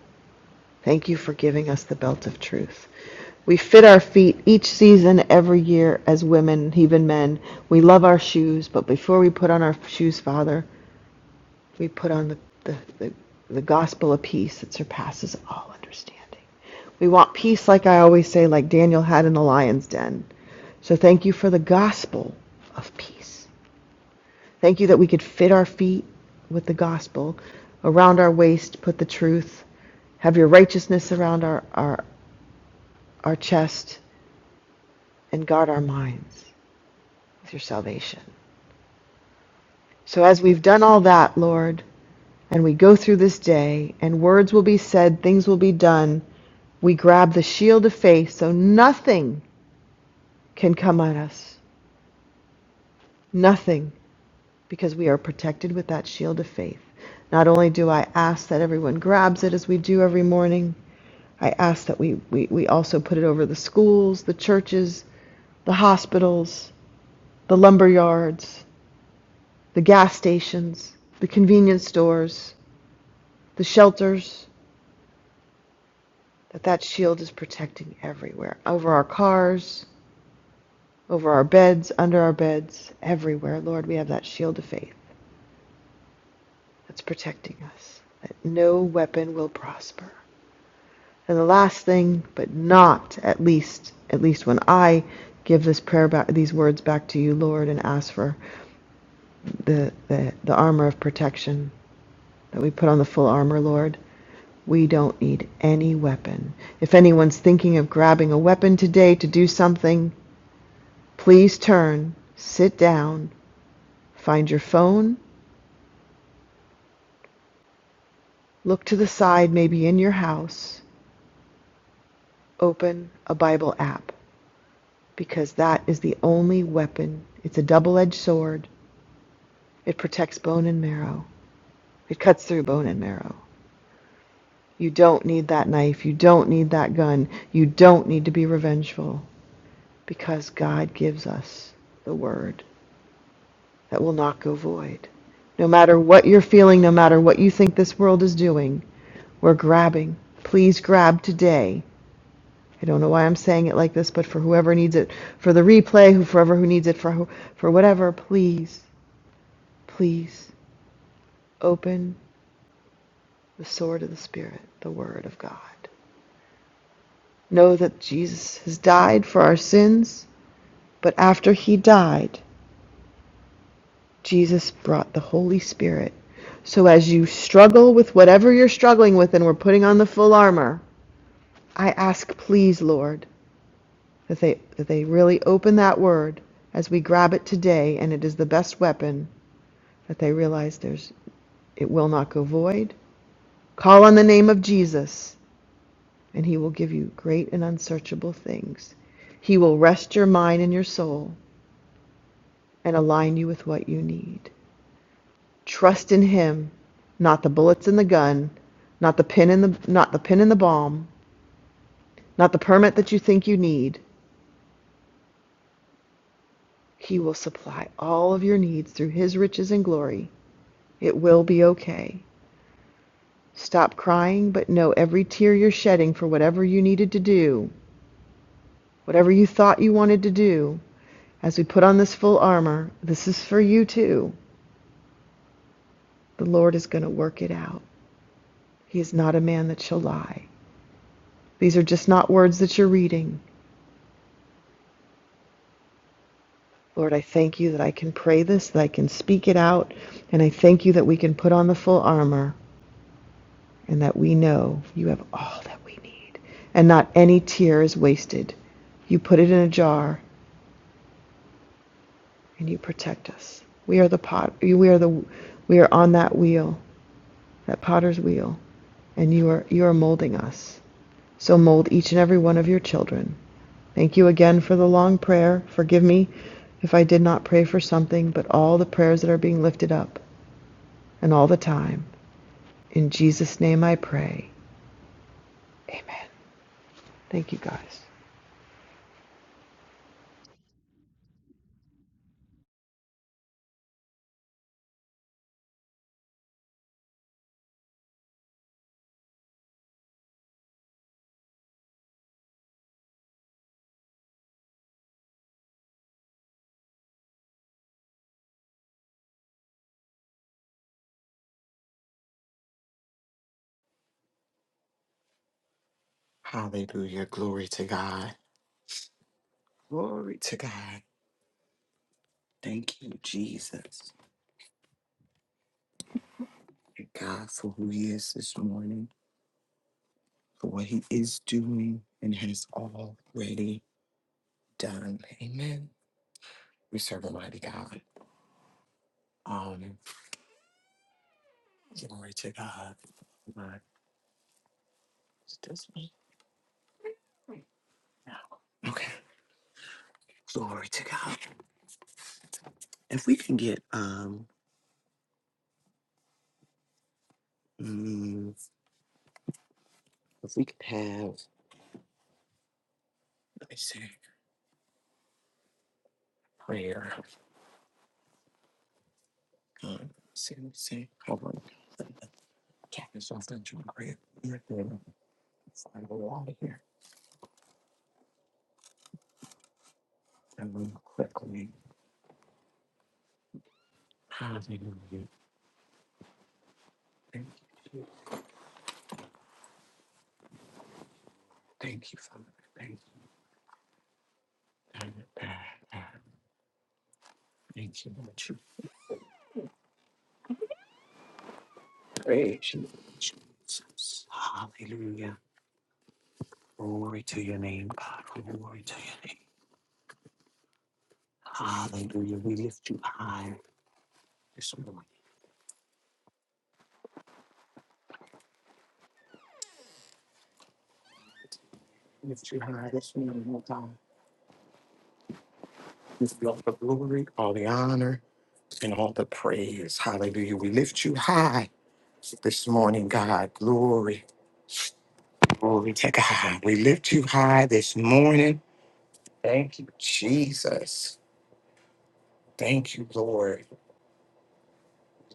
Thank you for giving us the belt of truth. We fit our feet each season, every year, as women, even men. We love our shoes, but before we put on our shoes, Father, we put on the, the, the, the gospel of peace that surpasses all understanding. We want peace, like I always say, like Daniel had in the lion's den. So thank you for the gospel of peace. Thank you that we could fit our feet with the gospel, around our waist, put the truth, have your righteousness around our, our our chest and guard our minds with your salvation. So, as we've done all that, Lord, and we go through this day, and words will be said, things will be done, we grab the shield of faith so nothing can come at us. Nothing, because we are protected with that shield of faith. Not only do I ask that everyone grabs it as we do every morning, I ask that we, we, we also put it over the schools, the churches, the hospitals, the lumber yards, the gas stations, the convenience stores, the shelters, that that shield is protecting everywhere, over our cars, over our beds, under our beds, everywhere. Lord, we have that shield of faith that's protecting us, that no weapon will prosper. And the last thing, but not at least, at least when I give this prayer back, these words back to you, Lord, and ask for the, the, the armor of protection that we put on the full armor, Lord, We don't need any weapon. If anyone's thinking of grabbing a weapon today to do something, please turn, sit down, find your phone, look to the side, maybe in your house, open a Bible app, because that is the only weapon. It's a double edged sword. It protects bone and marrow, it cuts through bone and marrow. You don't need that knife. You don't need that gun. You don't need to be revengeful because God gives us the word. that will not go void. No matter what you're feeling, no matter what you think this world is doing, we're grabbing. Please grab today. I don't know why I'm saying it like this, but for whoever needs it, for the replay, who forever who needs it for for whatever, please, please open the sword of the spirit, the word of God. Know that Jesus has died for our sins, but after he died, Jesus brought the Holy Spirit. So as you struggle with whatever you're struggling with and we're putting on the full armor, I ask, please, Lord, that they, that they really open that word as we grab it today, and it is the best weapon that they realize there's it will not go void. Call on the name of Jesus, and he will give you great and unsearchable things. He will rest your mind and your soul and align you with what you need. Trust in him, not the bullets in the gun, not the pin in the not the pin in the bomb, not the permit that you think you need, He will supply all of your needs through His riches and glory. It will be okay. Stop crying, but know every tear you're shedding for whatever you needed to do, whatever you thought you wanted to do, as we put on this full armor, this is for you too. The Lord is going to work it out. He is not a man that shall lie. These are just not words that you're reading. Lord, I thank you that I can pray this, that I can speak it out, and I thank you that we can put on the full armor and that we know you have all that we need, and not any tear is wasted. You put it in a jar, and you protect us. We are the pot. We are the. We are on that wheel, that potter's wheel, and you are you are molding us. So mold each and every one of your children. Thank you again for the long prayer. Forgive me if I did not pray for something, but all the prayers that are being lifted up and all the time. In Jesus' name I pray. Amen. Thank you guys. Hallelujah. Glory to God. Glory to God. Thank you, Jesus, and God, for who He is this morning, for what He is doing and has already done. Amen. We serve a mighty God. Um, glory to God. My- Is it this one? No. Okay. Glory to God. If we can get um, mm, if we could have, let me see, prayer. Um, see, let me see. Hold on. Check this off into prayer. let Find a lot here. And then quickly, hallelujah. Thank you. Jesus. Thank you, Father. Thank you. Father. Father, Thank you, Lord. You Praise you, Jesus. Hallelujah. Glory to your name, God. Glory to your name. Hallelujah. We lift you high this morning. We Lift you high this morning, oh God. We give you all the glory, all the honor, and all the praise. Hallelujah. We lift you high this morning, God. Glory. Glory to God. We lift you high this morning. Thank you, Jesus. Thank you, Lord.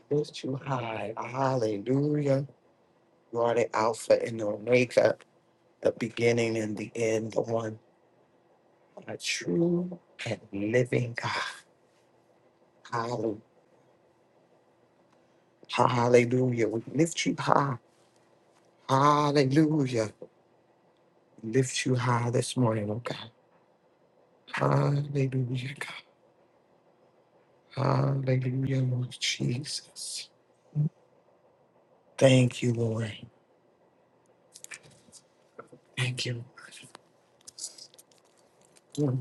We Lift you high. Hallelujah. You are the Alpha and the Omega, the beginning and the end, the one, a true and living God. Hallelujah. Hallelujah. We lift you high. Hallelujah. We Lift you high this morning, oh God. Hallelujah, God. Hallelujah, Lord Jesus. Thank you, Lord. Thank you. Hmm,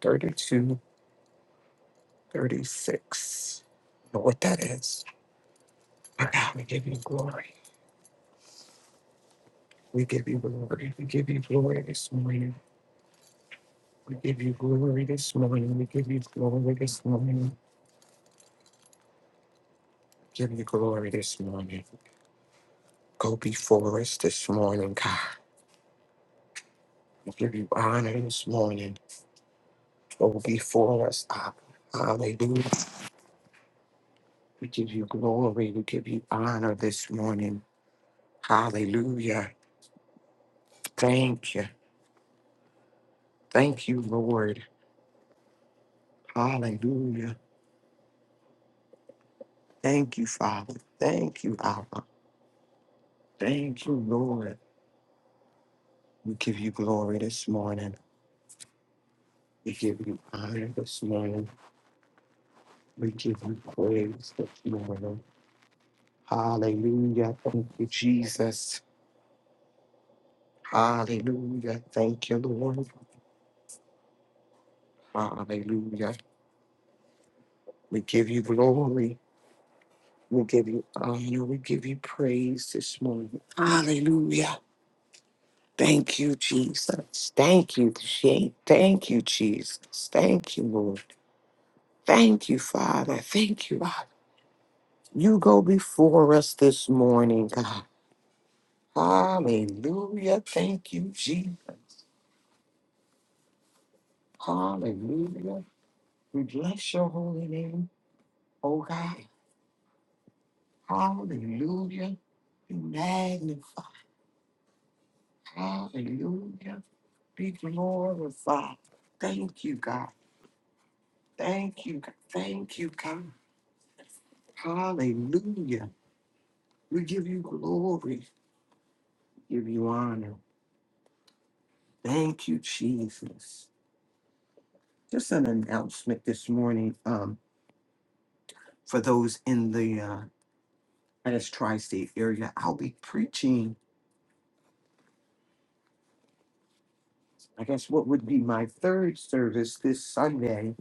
32, thirty-six. Know what that is. Our God, we give you glory. We give you glory. We give you glory this morning. We give you glory this morning. We give you glory this morning. Give you glory this morning. Go before us this morning, God. We give you honor this morning. Go before us, Abba. Hallelujah. We give you glory. We give you honor this morning. Hallelujah. Thank you. Thank you, Lord. Hallelujah. Thank you, Father. Thank you, Abba. Thank you, Lord. We give you glory this morning. We give you honor this morning. We give you praise this morning. Hallelujah. Thank you, Jesus. Hallelujah. Thank you, Lord. Hallelujah. We give you glory. We give you honor. We give you praise this morning. Hallelujah. Thank you, Jesus. Thank you, Je- thank you, Jesus. Thank you, Lord. Thank you, Father. Thank you, Father. You go before us this morning, God. Hallelujah. Thank you, Jesus. Hallelujah. We bless your holy name, oh God. Hallelujah. Be magnified. Hallelujah. Be glorified. Thank you, God. Thank you. God. Thank you, God. Hallelujah. We give you glory, We give you honor. Thank you, Jesus. Just an announcement this morning um, for those in the uh, I guess tri-state area. I'll be preaching. I guess what would be my third service this Sunday.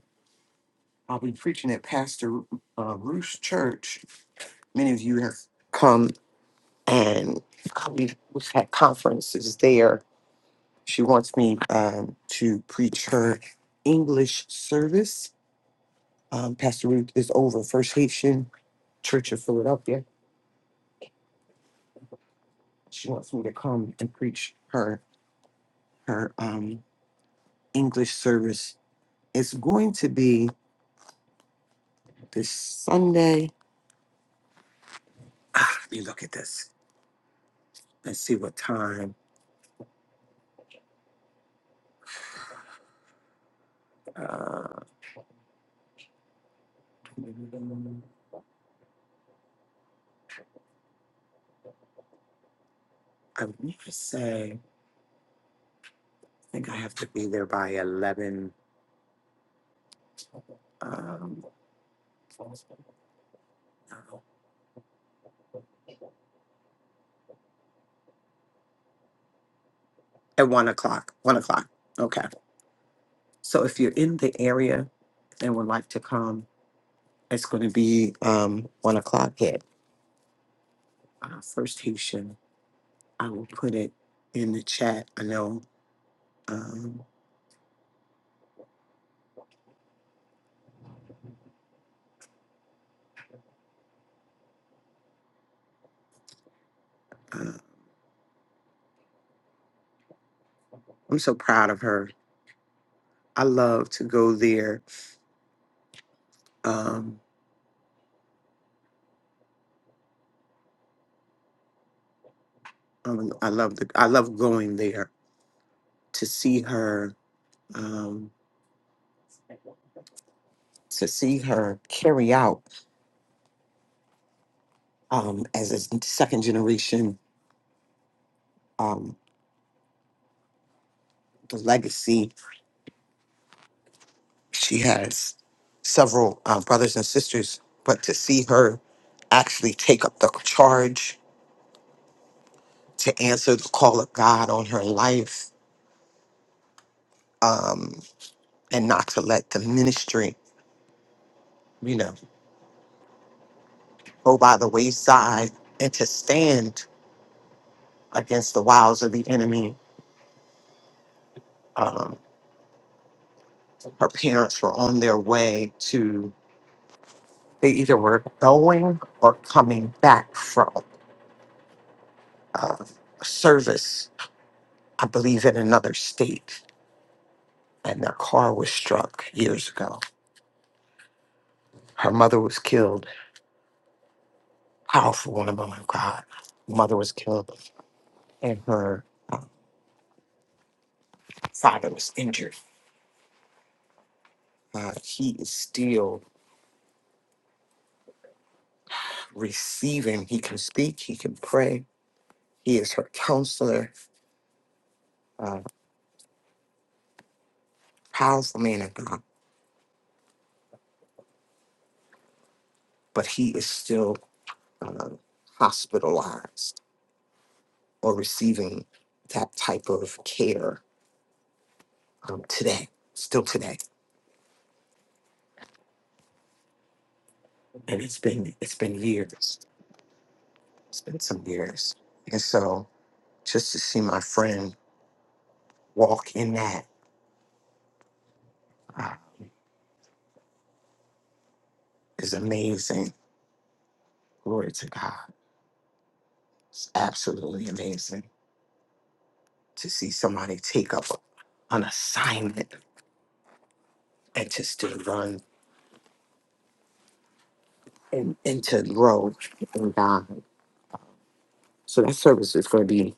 I'll be preaching at Pastor uh, Bruce Church. Many of you have come and we- we've had conferences there. She wants me um, to preach her English service um, Pastor Ruth is over First Haitian Church of Philadelphia. She wants me to come and preach her her um, English service. It's going to be this Sunday. Ah, let me look at this and see what time. Uh, I want to say I think I have to be there by eleven. Um, at one o'clock. One o'clock. Okay. So if you're in the area and would like to come, It's going to be um, one o'clock at uh, First Haitian. I will put it in the chat. I know um, uh, I'm so proud of her. I love to go there. Um, um, I love the, I love going there to see her um, to see her carry out um, as a second generation um, the legacy she has several uh, brothers and sisters but to see her actually take up the charge to answer the call of God on her life um, and not to let the ministry, you know, go by the wayside and to stand against the wiles of the enemy. Um, her parents were on their way to, they either were going or coming back from uh, a service, I believe, in another state, and their car was struck years ago. Her mother was killed. Powerful woman of God. Mother was killed, and her uh, Father was injured. Uh, he is still receiving. He can speak. He can pray. He is her counselor, uh, powerful man of God, but he is still uh, hospitalized or receiving that type of care um, today, still today. And it's been it's been years. It's been some years. And so just to see my friend walk in that uh, is amazing. Glory to God. It's absolutely amazing. to see somebody take up an assignment and to still run and, and to grow and God. So that service is going to be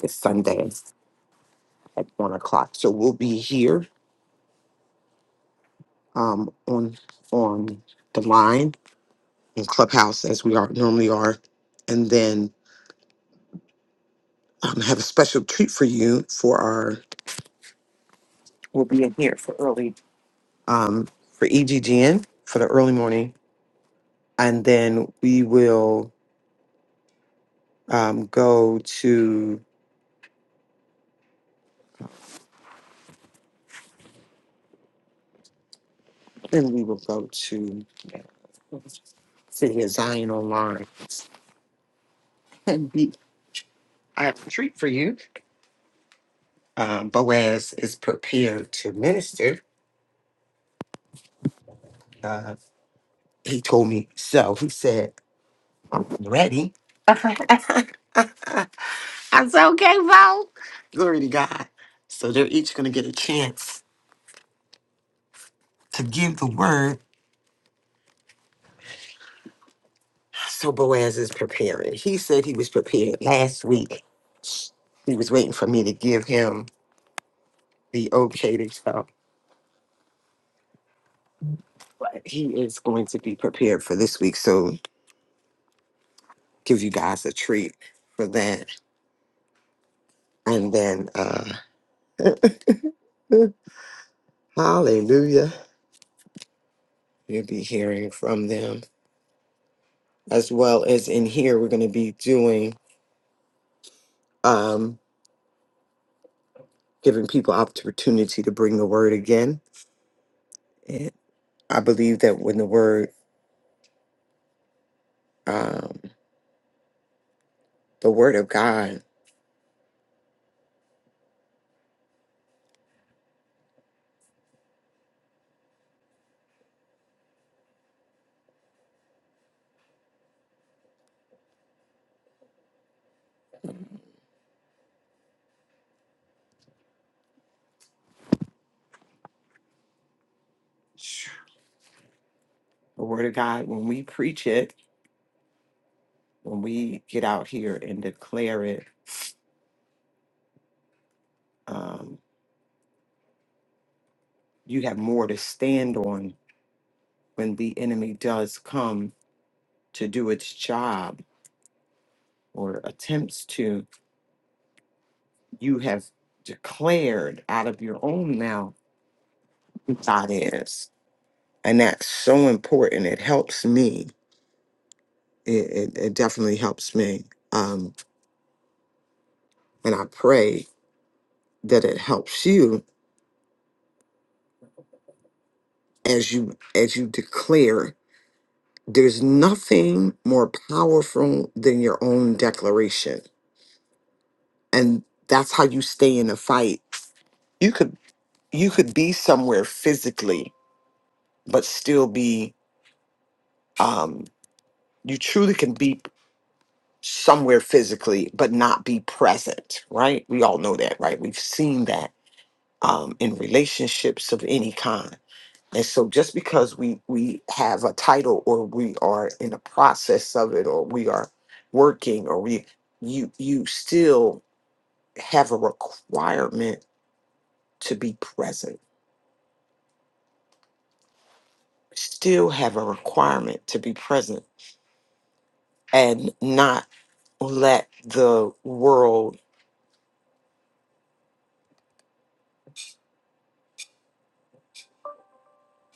this Sunday at one o'clock. So we'll be here um, on on the line in Clubhouse as we are normally are, and then um, have a special treat for you for our. We'll be in here for early um, for EGGN for the early morning, and then we will um, go to Then we will go to uh, City of Zion Online. And we, I have a treat for you. Um, Boaz is prepared to minister. Uh, he told me so. He said, ready? i That's okay, Bo. Glory to God. So they're each going to get a chance to give the word. So Boaz is preparing. He said he was prepared last week. He was waiting for me to give him the okay to go. But he is going to be prepared for this week, so give you guys a treat for that. And then, uh, hallelujah, you'll be hearing from them as well as in here. We're going to be doing, um, giving people opportunity to bring the word again. And I believe that when the word, um, the word of God, the word of God, when we preach it, when we get out here and declare it, um, you have more to stand on when the enemy does come to do its job or attempts to, you have declared out of your own mouth who God is. And that's so important. It helps me. It, it, it definitely helps me. Um, and I pray that it helps you as you as you declare. There's nothing more powerful than your own declaration. And that's how you stay in the fight. You could you could be somewhere physically but still be um you truly can be somewhere physically but not be present right we all know that right we've seen that um in relationships of any kind and so just because we we have a title or we are in the process of it or we are working or we you you still have a requirement to be present still have a requirement to be present and not let the world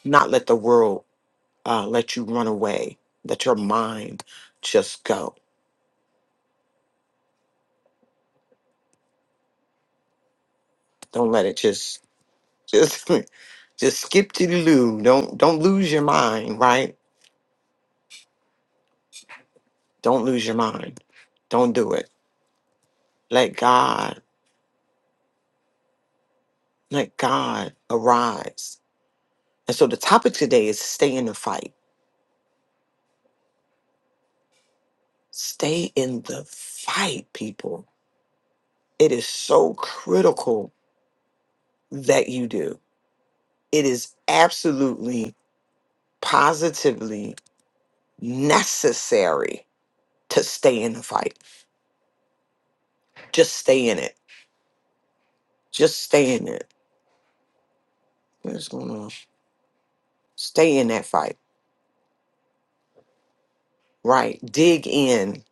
not let the world uh, let you run away let your mind just go don't let it just just just skip to the loo don't don't lose your mind right don't lose your mind don't do it let god let god arise and so the topic today is stay in the fight stay in the fight people it is so critical that you do it is absolutely positively necessary to stay in the fight. Just stay in it. Just stay in it. What's going on? Stay in that fight. Right. Dig in.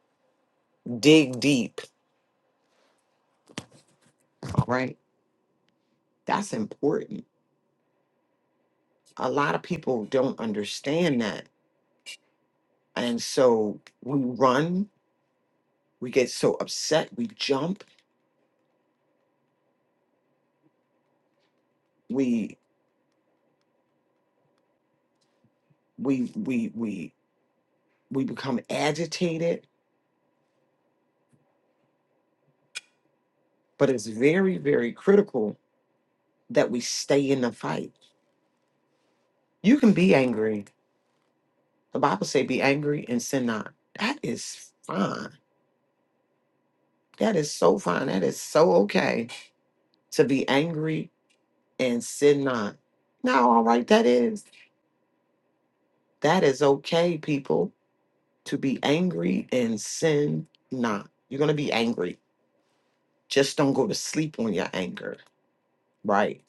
Dig deep. All right. That's important. A lot of people don't understand that. And so we run, we get so upset, we jump, we we we we we become agitated. But it's very, very critical that we stay in the fight. You can be angry The Bible say, "Be angry and sin not." That is fine. That is so fine. That is so okay to be angry and sin not. Now, all right, that is that is okay, people, to be angry and sin not. You're gonna be angry. Just don't go to sleep on your anger. Right?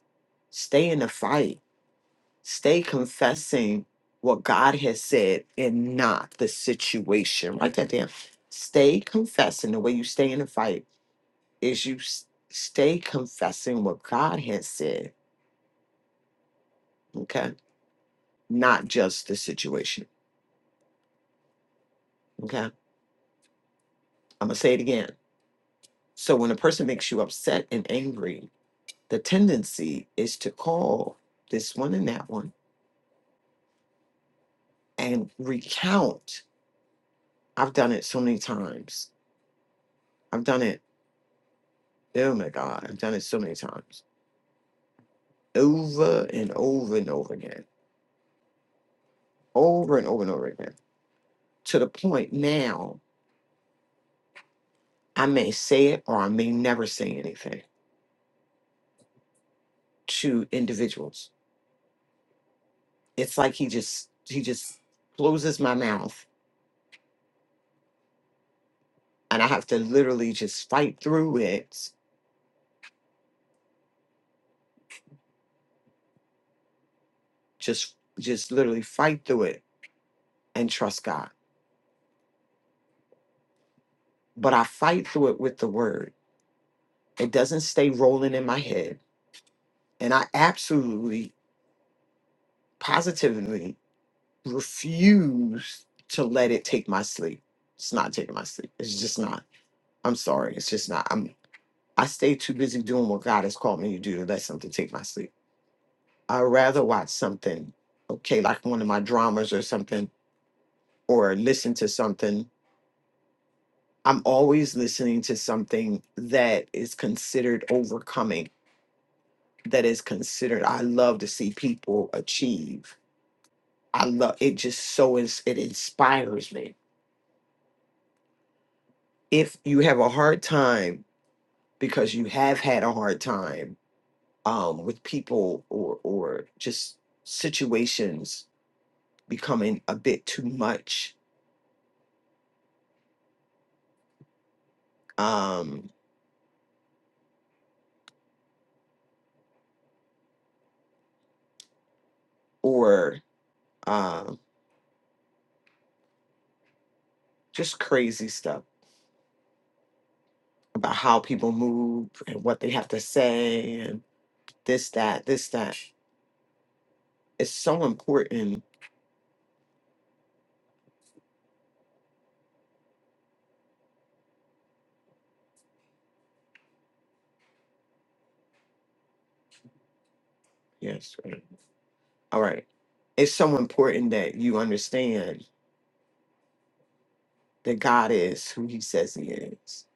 Stay in the fight. Stay confessing what God has said and not the situation. Write that down. Stay confessing the way you stay in the fight is you s- stay confessing what God has said, okay? Not just the situation, okay? I'm gonna say it again. So when a person makes you upset and angry, the tendency is to call this one and that one and recount. I've done it so many times. I've done it, oh my God, I've done it so many times over and over and over again, over and over and over again, to the point now I may say it or I may never say anything to individuals. It's like he just he just closes my mouth and I have to literally just fight through it. Just just literally fight through it and trust God. But I fight through it with the word. It doesn't stay rolling in my head. And I absolutely positively refuse to let it take my sleep. It's not taking my sleep. It's just not. I'm sorry. It's just not. I'm I stay too busy doing what God has called me to do to let something take my sleep. I'd rather watch something, okay, like one of my dramas or something, or listen to something. I'm always listening to something that is considered overcoming, that is considered, I love to see people achieve. I love it, just so is, it inspires me. If you have a hard time because you have had a hard time um, with people or, or just situations becoming a bit too much, um, or um, just crazy stuff about how people move and what they have to say and this, that, this, that. It's so important. Yes. right. All right. It's so important that you understand that God is who he says he is.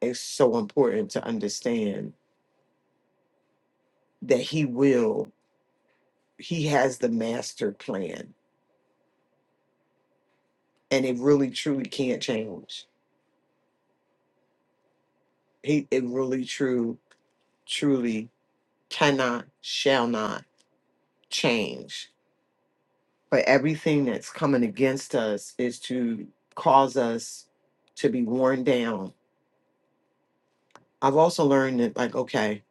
It's so important to understand that he will, he has the master plan and it really truly can't change. He, it really true, truly cannot, shall not change But everything that's coming against us is to cause us to be worn down. I've also learned that, like, okay,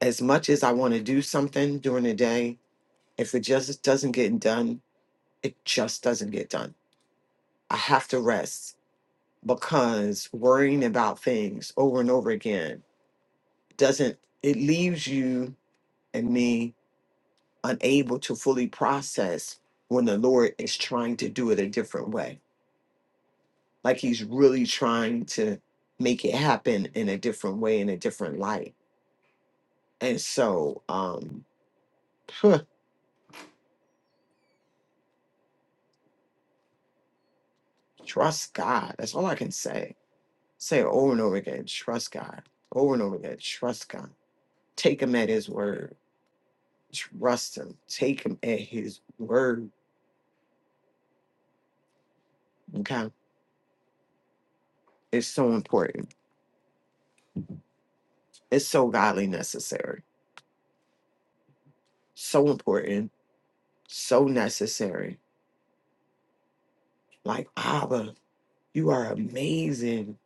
as much as I want to do something during the day, if it just doesn't get done, it just doesn't get done. I have to rest because worrying about things over and over again doesn't, it leaves you and me unable to fully process when the Lord is trying to do it a different way Like he's really trying to make it happen in a different way, in a different light. And so, um, trust God. That's all I can say. Say it over and over again. Trust God. Over and over again. Trust God. Take him at his word. Trust him. Take him at his word. Okay. It's so important. It's so godly necessary. So important. So necessary. Like, Abba, you are amazing.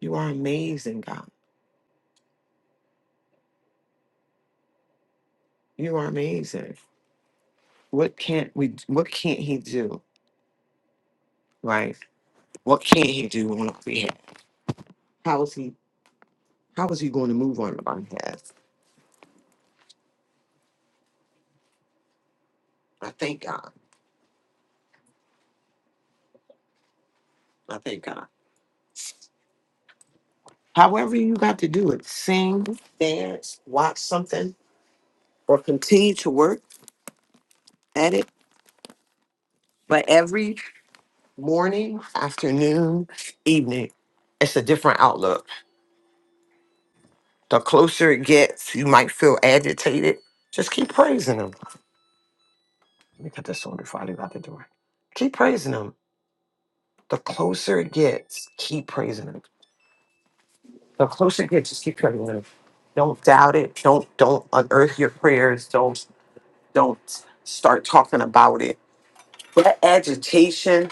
You are amazing, God. You are amazing. what can't we what can't he do right what can't he do on our behalf how is he how is he going to move on our behalf i thank god i thank god however you got to do it sing dance watch something or continue to work at it but every morning afternoon evening it's a different outlook the closer it gets you might feel agitated just keep praising him let me put this on before i leave out the door keep praising him the closer it gets, keep praising him. The closer it gets, just keep praising him. Don't doubt it. Don't don't unearth your prayers. Don't don't start talking about it. That agitation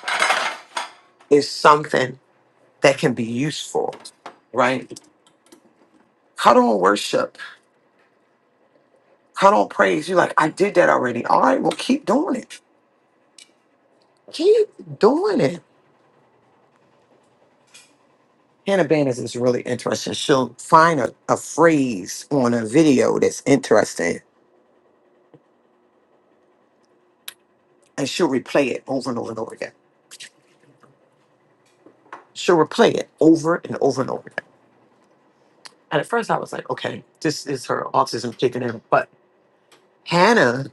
is something that can be useful, right? Cut on worship. Cut on praise. You're like, I did that already. All right, well, keep doing it. Keep doing it. Hannah Banners is really interesting. She'll find a, a phrase on a video that's interesting and she'll replay it over and over and over again she'll replay it over and over and over again. And at first I was like, okay, this is her autism kicking in. But Hannah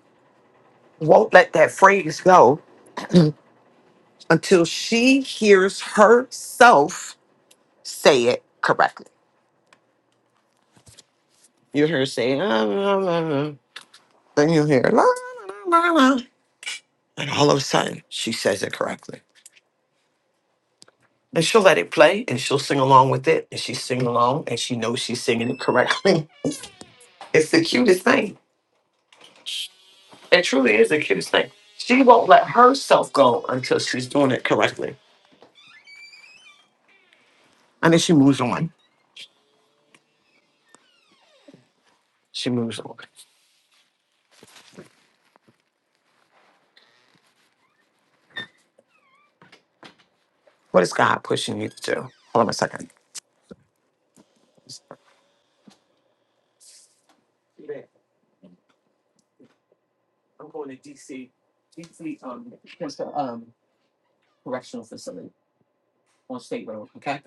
won't let that phrase go until she hears herself say it correctly. You hear her say, "Ah, la, la, la." then you hear, la, la, la, la, la. and all of a sudden she says it correctly. And she'll let it play and she'll sing along with it. And she's singing along and she knows she's singing it correctly. It's the cutest thing. It truly is the cutest thing. She won't let herself go until she's doing it correctly. And then she moves on. She moves on. What is God pushing you to do? Hold on a second. Yeah, I'm going to DC. DC um, what's the, um correctional facility on State Road. Okay.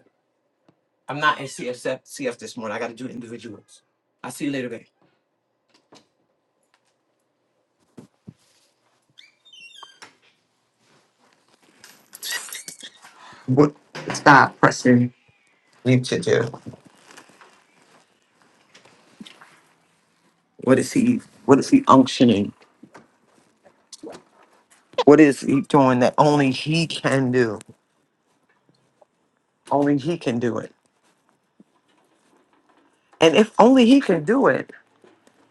I'm not in CSF CF this morning. I got to do individuals. I'll see you later, babe. What is God pressing you to do? What is He? What is He unctioning? What is He doing that only He can do? Only He can do it. And if only he can do it,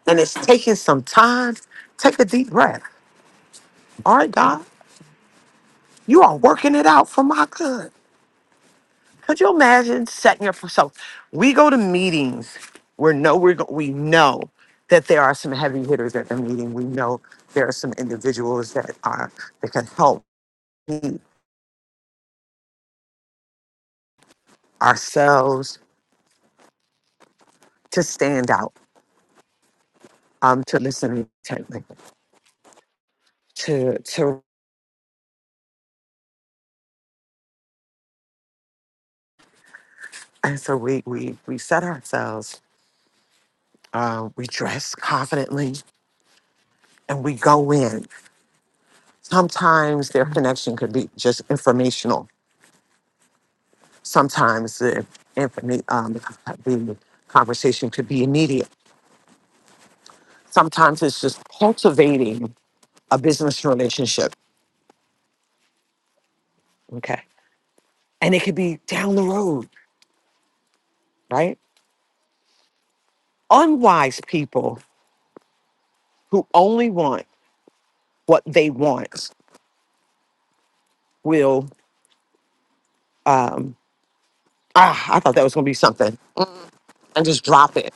and it's taking some time, take a deep breath. All right, God, you are working it out for my good. Could you imagine setting up for so we go to meetings where no we're go, we know that there are some heavy hitters at the meeting. We know there are some individuals that are that can help me, ourselves to stand out, um, to listen intently, to to and so we we we set ourselves. Uh, we dress confidently and we go in. Sometimes their connection could be just informational. Sometimes the, informa- um, the conversation could be immediate. Sometimes it's just cultivating a business relationship. Okay. And it could be down the road, right? Unwise people who only want what they want will, um, ah, I thought that was going to be something, Mm, and just drop it.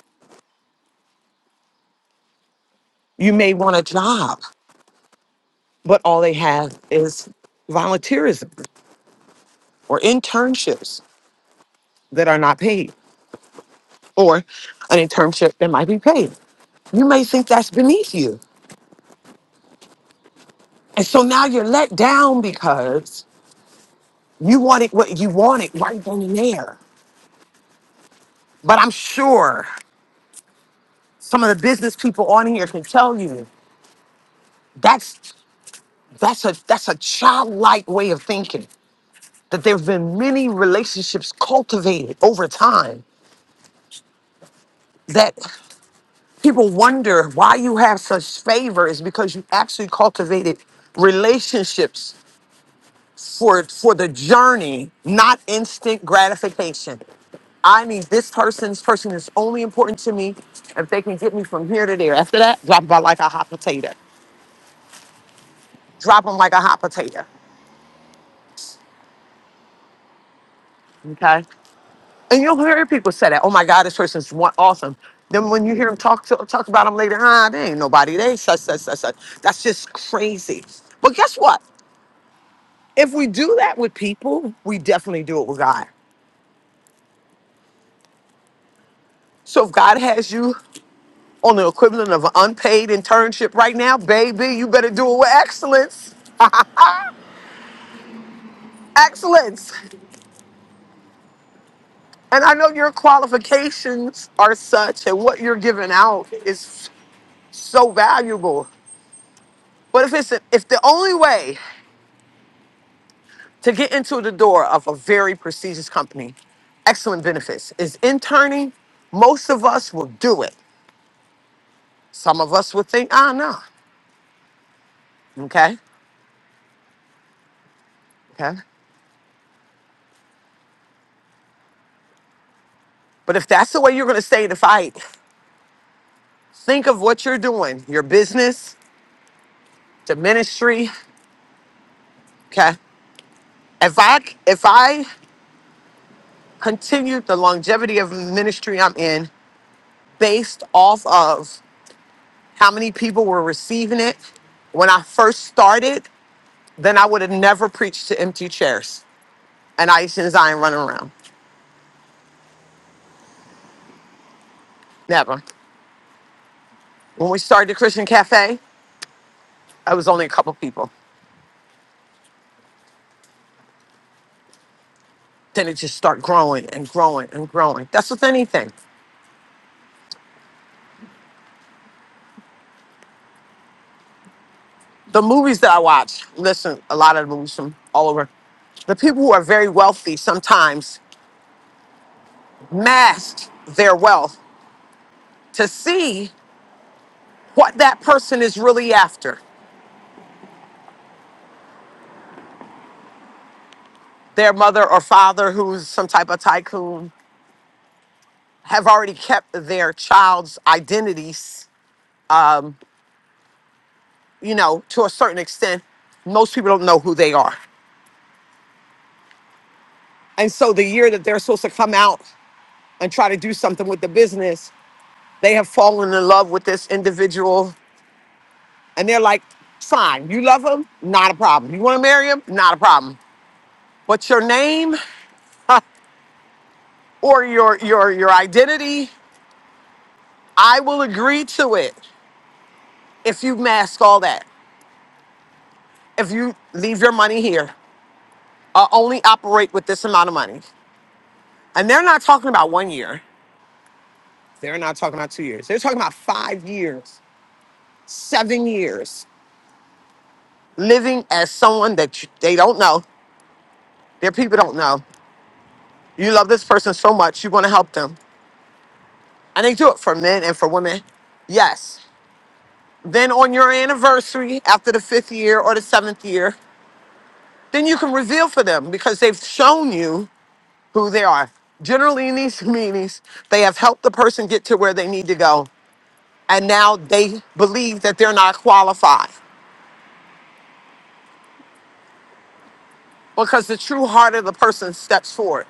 You may want a job, but all they have is volunteerism or internships that are not paid or an internship that might be paid. You may think that's beneath you. And so now you're let down because you wanted what you wanted right then and there. But I'm sure some of the business people on here can tell you that's that's a that's a childlike way of thinking. That there have been many relationships cultivated over time that people wonder why you have such favor is because you actually cultivated relationships for for the journey, not instant gratification. I need this person. This person is only important to me if they can get me from here to there. After that, drop them like a hot potato. Drop them like a hot potato. Okay. And you'll hear people say that. Oh my God, this person's one awesome. Then when you hear them talk to, talk about them later, ah, they ain't nobody. They such such such such. That's just crazy. But guess what? If we do that with people, we definitely do it with God. So if God has you on the equivalent of an unpaid internship right now, baby, you better do it with excellence. excellence. And I know your qualifications are such and what you're giving out is so valuable. But if it's if the only way to get into the door of a very prestigious company, excellent benefits is interning, most of us will do it. Some of us would think, ah, no. Okay. Okay. But if that's the way you're going to stay in the fight, think of what you're doing your business the ministry okay if i if i continued the longevity of ministry i'm in based off of how many people were receiving it when i first started then i would have never preached to empty chairs and i and zion running around never when we started the christian cafe i was only a couple people then it just started growing and growing and growing that's with anything The movies that I watch, listen, a lot of the movies from all over. The people who are very wealthy sometimes mask their wealth to see what that person is really after. Their mother or father, who's some type of tycoon, have already kept their child's identities, you know, to a certain extent. Most people don't know who they are. And so the year that they're supposed to come out and try to do something with the business, they have fallen in love with this individual And they're like, fine, you love him, not a problem. You want to marry him, not a problem. But your name or your your your identity, I will agree to it if you mask all that. If you leave your money here, uh, only operate with this amount of money. And they're not talking about one year. They're not talking about two years. They're talking about five years, seven years, living as someone that you, they don't know, their people don't know. You love this person so much, you want to help them And they do it for men and for women. Yes. Then on your anniversary, after the fifth year or the seventh year, then you can reveal for them because they've shown you who they are. Generally, in these meetings, they have helped the person get to where they need to go. And now they believe that they're not qualified because the true heart of the person steps forward.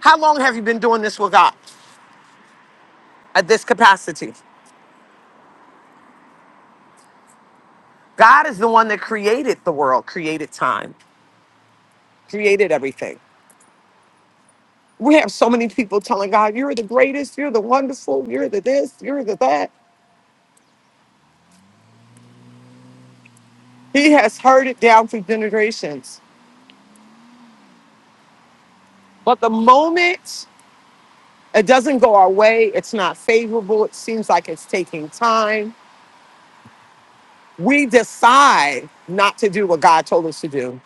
How long have you been doing this with God at this capacity? God is the one that created the world, created time, created everything. We have so many people telling God, You're the greatest, you're the wonderful, you're the this, you're the that. He has heard it down for generations. But the moment it doesn't go our way, it's not favorable, it seems like it's taking time. We decide not to do what God told us to do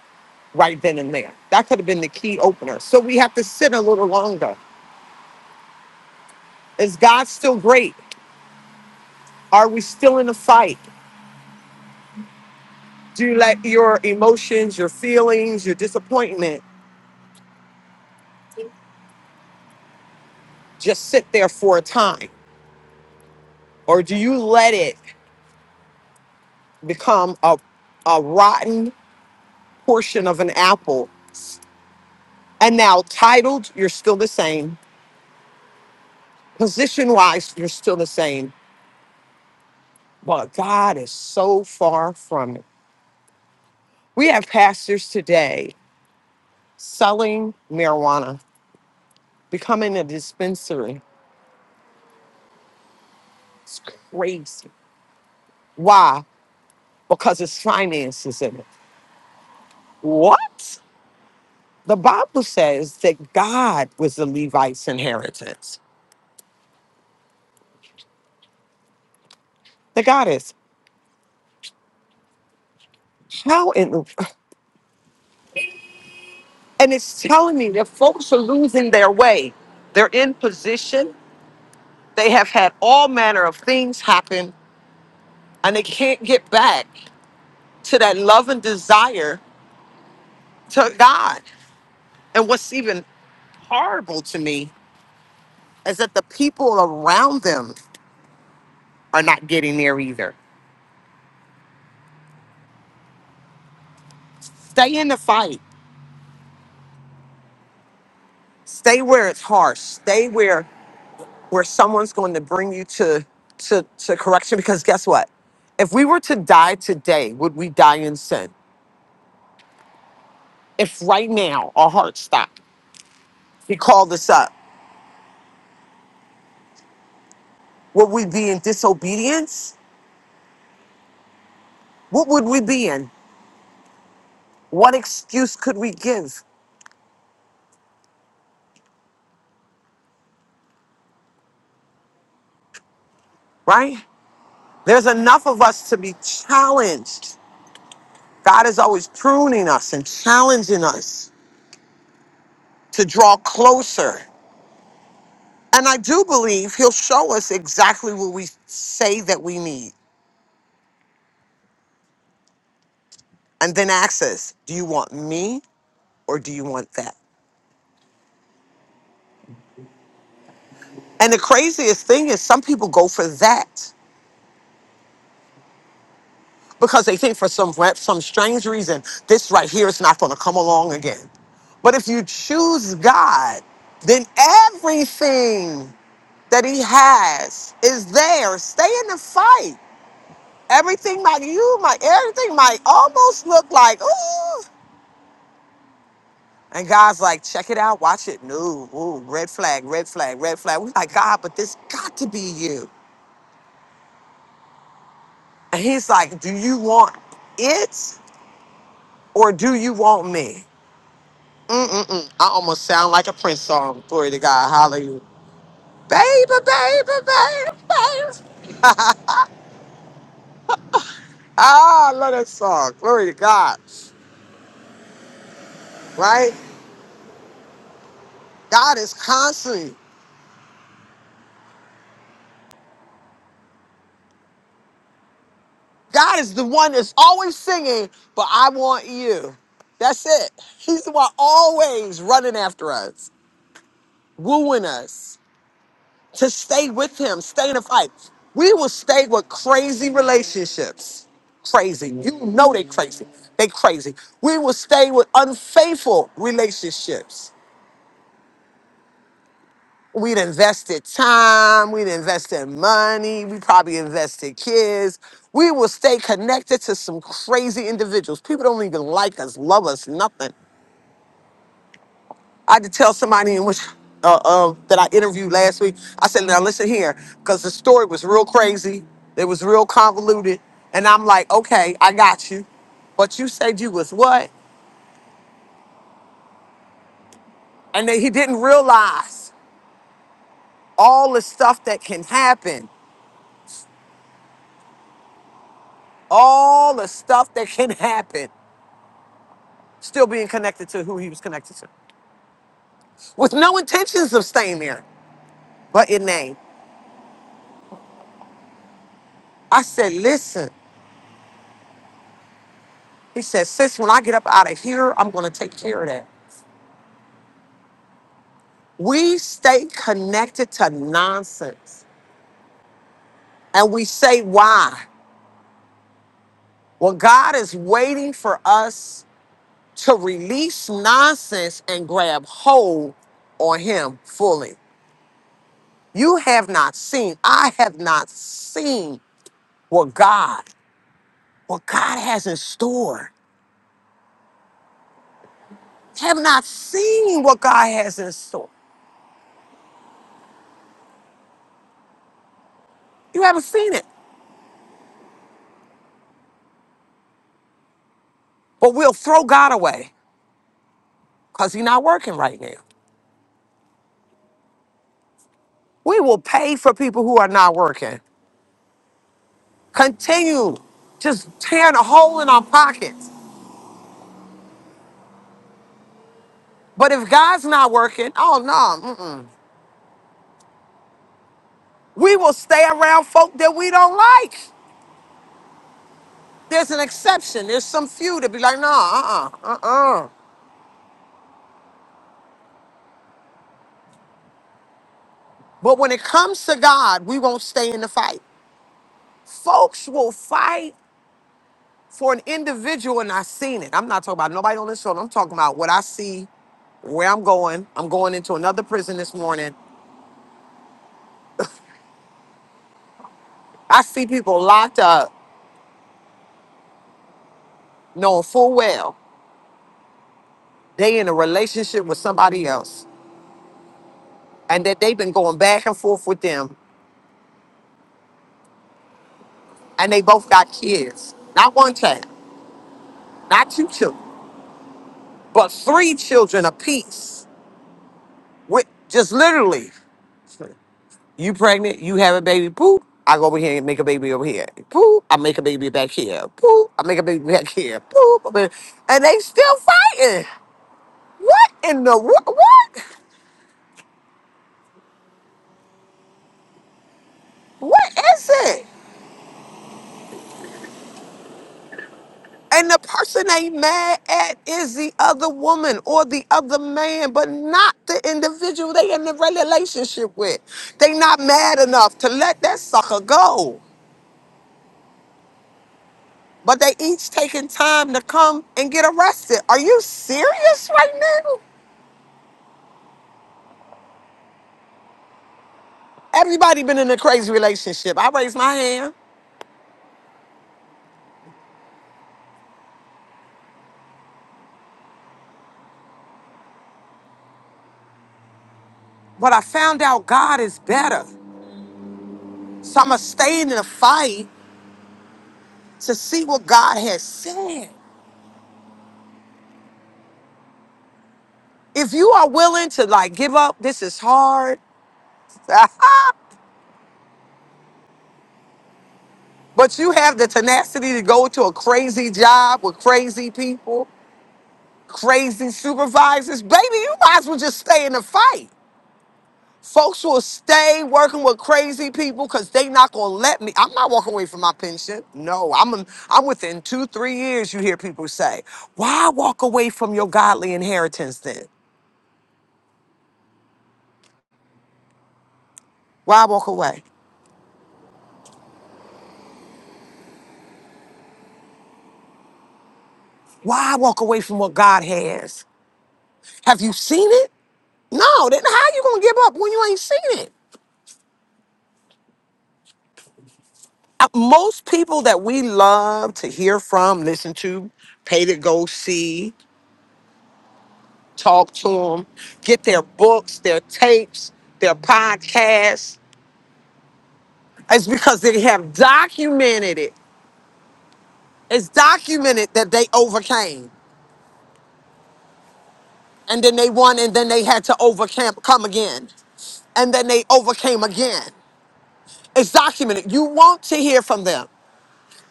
right then and there. That could have been the key opener. So we have to sit a little longer. Is God still great? Are we still in the fight? Do you let your emotions, your feelings, your disappointment? just sit there for a time? Or do you let it become a, a rotten portion of an apple? And now, titled, you're still the same. Position wise, you're still the same. But God is so far from it. We have pastors today selling marijuana, becoming a dispensary. It's crazy. Why? Because his finances in it. What? The Bible says that God was the Levites' inheritance. The goddess. How in the and it's telling me that folks are losing their way. They're in position. They have had all manner of things happen and they can't get back to that love and desire to God. And what's even horrible to me is that the people around them are not getting there either. Stay in the fight. Stay where it's harsh. Stay where where someone's going to bring you to to to correction because guess what if we were to die today would we die in sin if right now our heart stopped he called us up would we be in disobedience what would we be in what excuse could we give right there's enough of us to be challenged god is always pruning us and challenging us to draw closer and i do believe he'll show us exactly what we say that we need and then ask do you want me or do you want that? And the craziest thing is some people go for that because they think for some rep, some strange reason, this right here is not going to come along again. But if you choose God, then everything that he has is there. Stay in the fight. Everything might you might everything might almost look like ooh. And God's like, check it out, watch it. No, ooh, red flag, red flag, red flag. We're like, God, but this got to be you. And he's like, do you want it or do you want me? Mm-mm-mm. I almost sound like a Prince song. Glory to God. Hallelujah. Baby, baby, baby, baby. Ah, I love that song. Glory to God. Right? God is constantly, God is the one that's always singing, but I want you. That's it. He's the one always running after us. wooing us to stay with him, stay in the fight. We will stay with crazy relationships. Crazy. You know they crazy. They crazy. We will stay with unfaithful relationships. We'd invested time, we'd invested money, we probably invested kids. We will stay connected to some crazy individuals. People don't even like us, love us, nothing. I had to tell somebody in which uh, uh, that I interviewed last week. I said, "Now listen here, because the story was real crazy. It was real convoluted." And I'm like, "Okay, I got you," but you said you was what? And then he didn't realize all the stuff that can happen, all the stuff that can happen, still being connected to who he was connected to, with no intentions of staying there, but in name. I said, "Listen," he said, "Sis, when I get up out of here, I'm gonna take care of that." We stay connected to nonsense and we say, why? Well, God is waiting for us to release nonsense and grab hold on Him fully. You have not seen, I have not seen what God, what God has in store. Have not seen what God has in store. You haven't seen it. But we'll throw God away because He's not working right now. We will pay for people who are not working. Continue just tearing a hole in our pockets. But if God's not working, oh no, mm-mm. we will stay around folk that we don't like. There's an exception. There's some few that be like, no, uh, uh, uh, uh. But when it comes to God, we won't stay in the fight. Folks will fight for an individual, and I've seen it. I'm not talking about nobody on this show. I'm talking about what I see where I'm going. I'm going into another prison this morning. I see people locked up, knowing full well. They in a relationship with somebody else, and that they've been going back and forth with them, and they both got kids. Not one child, not two children, but three children apiece. With just literally, you pregnant, you have a baby, poop. I go over here and make a baby over here. Poop, I make a baby back here. Poop, I make a baby back here. Poop, I make- and they still fighting. What in the what? What, what is it? And the person they mad at is the other woman or the other man, but not the individual they in the relationship with. They not mad enough to let that sucker go. But they each taking time to come and get arrested. Are you serious right now? Everybody been in a crazy relationship. I raised my hand, but I found out God is better. So I'ma stay in the fight to see what God has said. If you are willing to like give up, this is hard. but you have the tenacity to go to a crazy job with crazy people, crazy supervisors. Baby, you might as well just stay in the fight. Folks will stay working with crazy people because they not gonna let me. I'm not walking away from my pension. No, I'm I'm within two, three years. You hear people say, "Why walk away from your godly inheritance then? Why walk away? Why walk away from what God has? Have you seen it? No. Then how you gonna give up when you ain't seen it? uh, most people that we love to hear from, listen to, pay to go see, talk to them, get their books, their tapes, their podcasts, is because they have documented it. It's documented that they overcame and then they won and then they had to overcome come again and then they overcame again. It's documented. You want to hear from them.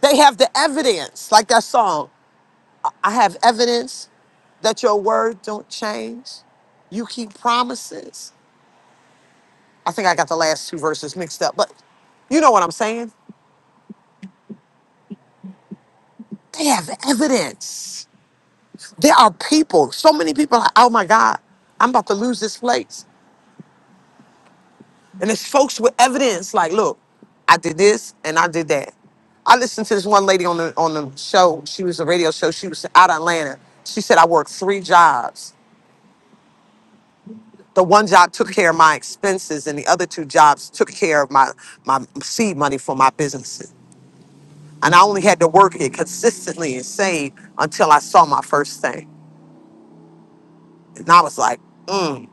They have the evidence, like that song. I have evidence that your word don't change. You keep promises. I think I got the last two verses mixed up, but you know what I'm saying? They have evidence. There are people, so many people, are, like, oh my God, I'm about to lose this place. And it's folks with evidence like, look, I did this and I did that. I listened to this one lady on the on the show. She was a radio show. She was out of Atlanta. She said, I worked three jobs. the one job took care of my expenses and the other two jobs took care of my my seed money for my businesses and i only had to work it consistently and save until i saw my first thing and i was like mm,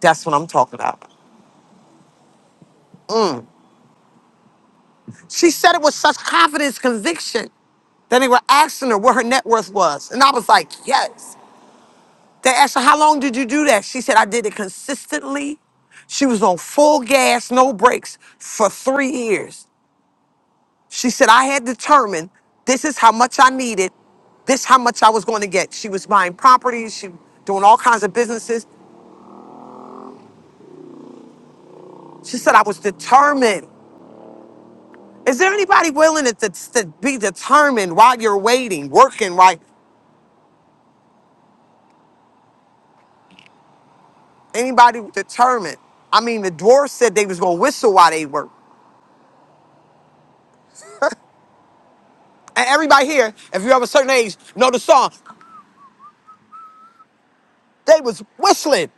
that's what i'm talking about she said it with such confidence conviction that they were asking her what her net worth was and i was like yes they asked her how long did you do that she said i did it consistently she was on full gas no brakes for three years She said, I had determined this is how much I needed, this how much I was going to get. She was buying properties, she doing all kinds of businesses. She said, I was determined. Is there anybody willing to, to, to be determined while you're waiting, working, right? Anybody determined? I mean, the dwarves said they was gonna whistle while they worked. And everybody here, if you're of a certain age, know the song. They was whistling.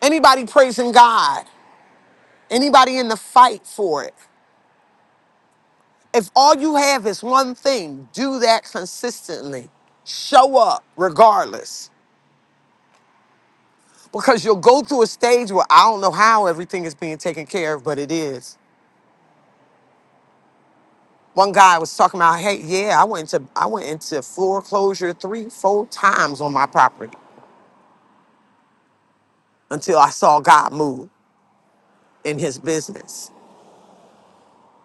Anybody praising God? Anybody in the fight for it? If all you have is one thing, do that consistently. Show up regardless. Because you'll go through a stage where I don't know how everything is being taken care of, but it is. One guy was talking about, hey, yeah, I went into I went into foreclosure three, four times on my property until I saw God move in his business.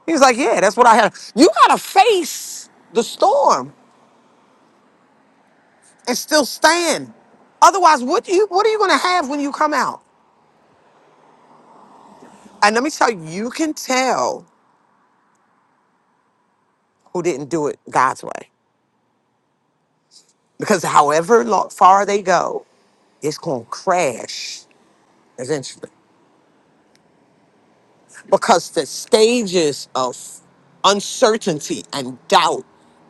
He was like, Yeah, that's what I had. You gotta face the storm and still stand. Otherwise, what you what are you gonna have when you come out? And let me tell you, you can tell who didn't do it God's way. Because however lo- far they go, it's going to crash eventually. Because the stages of uncertainty and doubt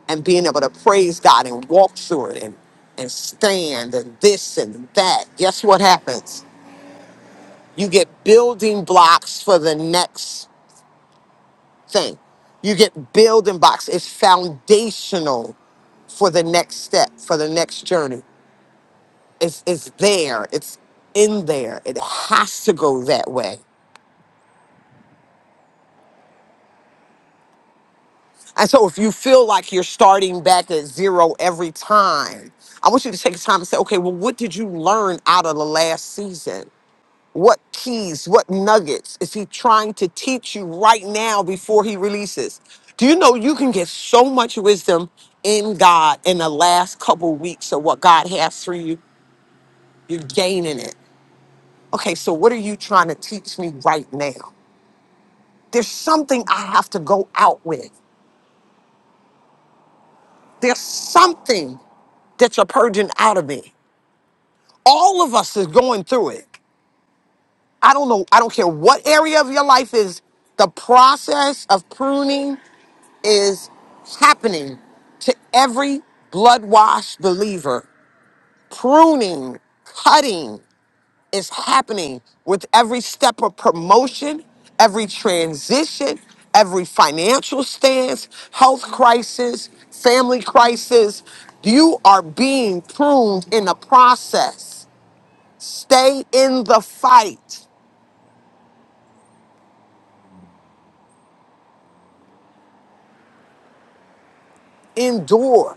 and being able to praise God and walk through it and, and stand and this and that, guess what happens? You get building blocks for the next thing. You get building blocks. It's foundational for the next step, for the next journey. It's it's there. It's in there. It has to go that way. And so if you feel like you're starting back at zero every time, I want you to take the time and say, okay, well, what did you learn out of the last season? What keys, what nuggets is he trying to teach you right now before he releases? Do you know you can get so much wisdom in God in the last couple weeks of what God has for you? You're gaining it. Okay, so what are you trying to teach me right now? There's something I have to go out with. There's something that you're purging out of me. All of us is going through it. I don't know. I don't care what area of your life is the process of pruning. is happening to every blood washed believer. Pruning, cutting is happening with every step of promotion, every transition, every financial stance, health crisis, family crisis. You are being pruned in the process. Stay in the fight, endure.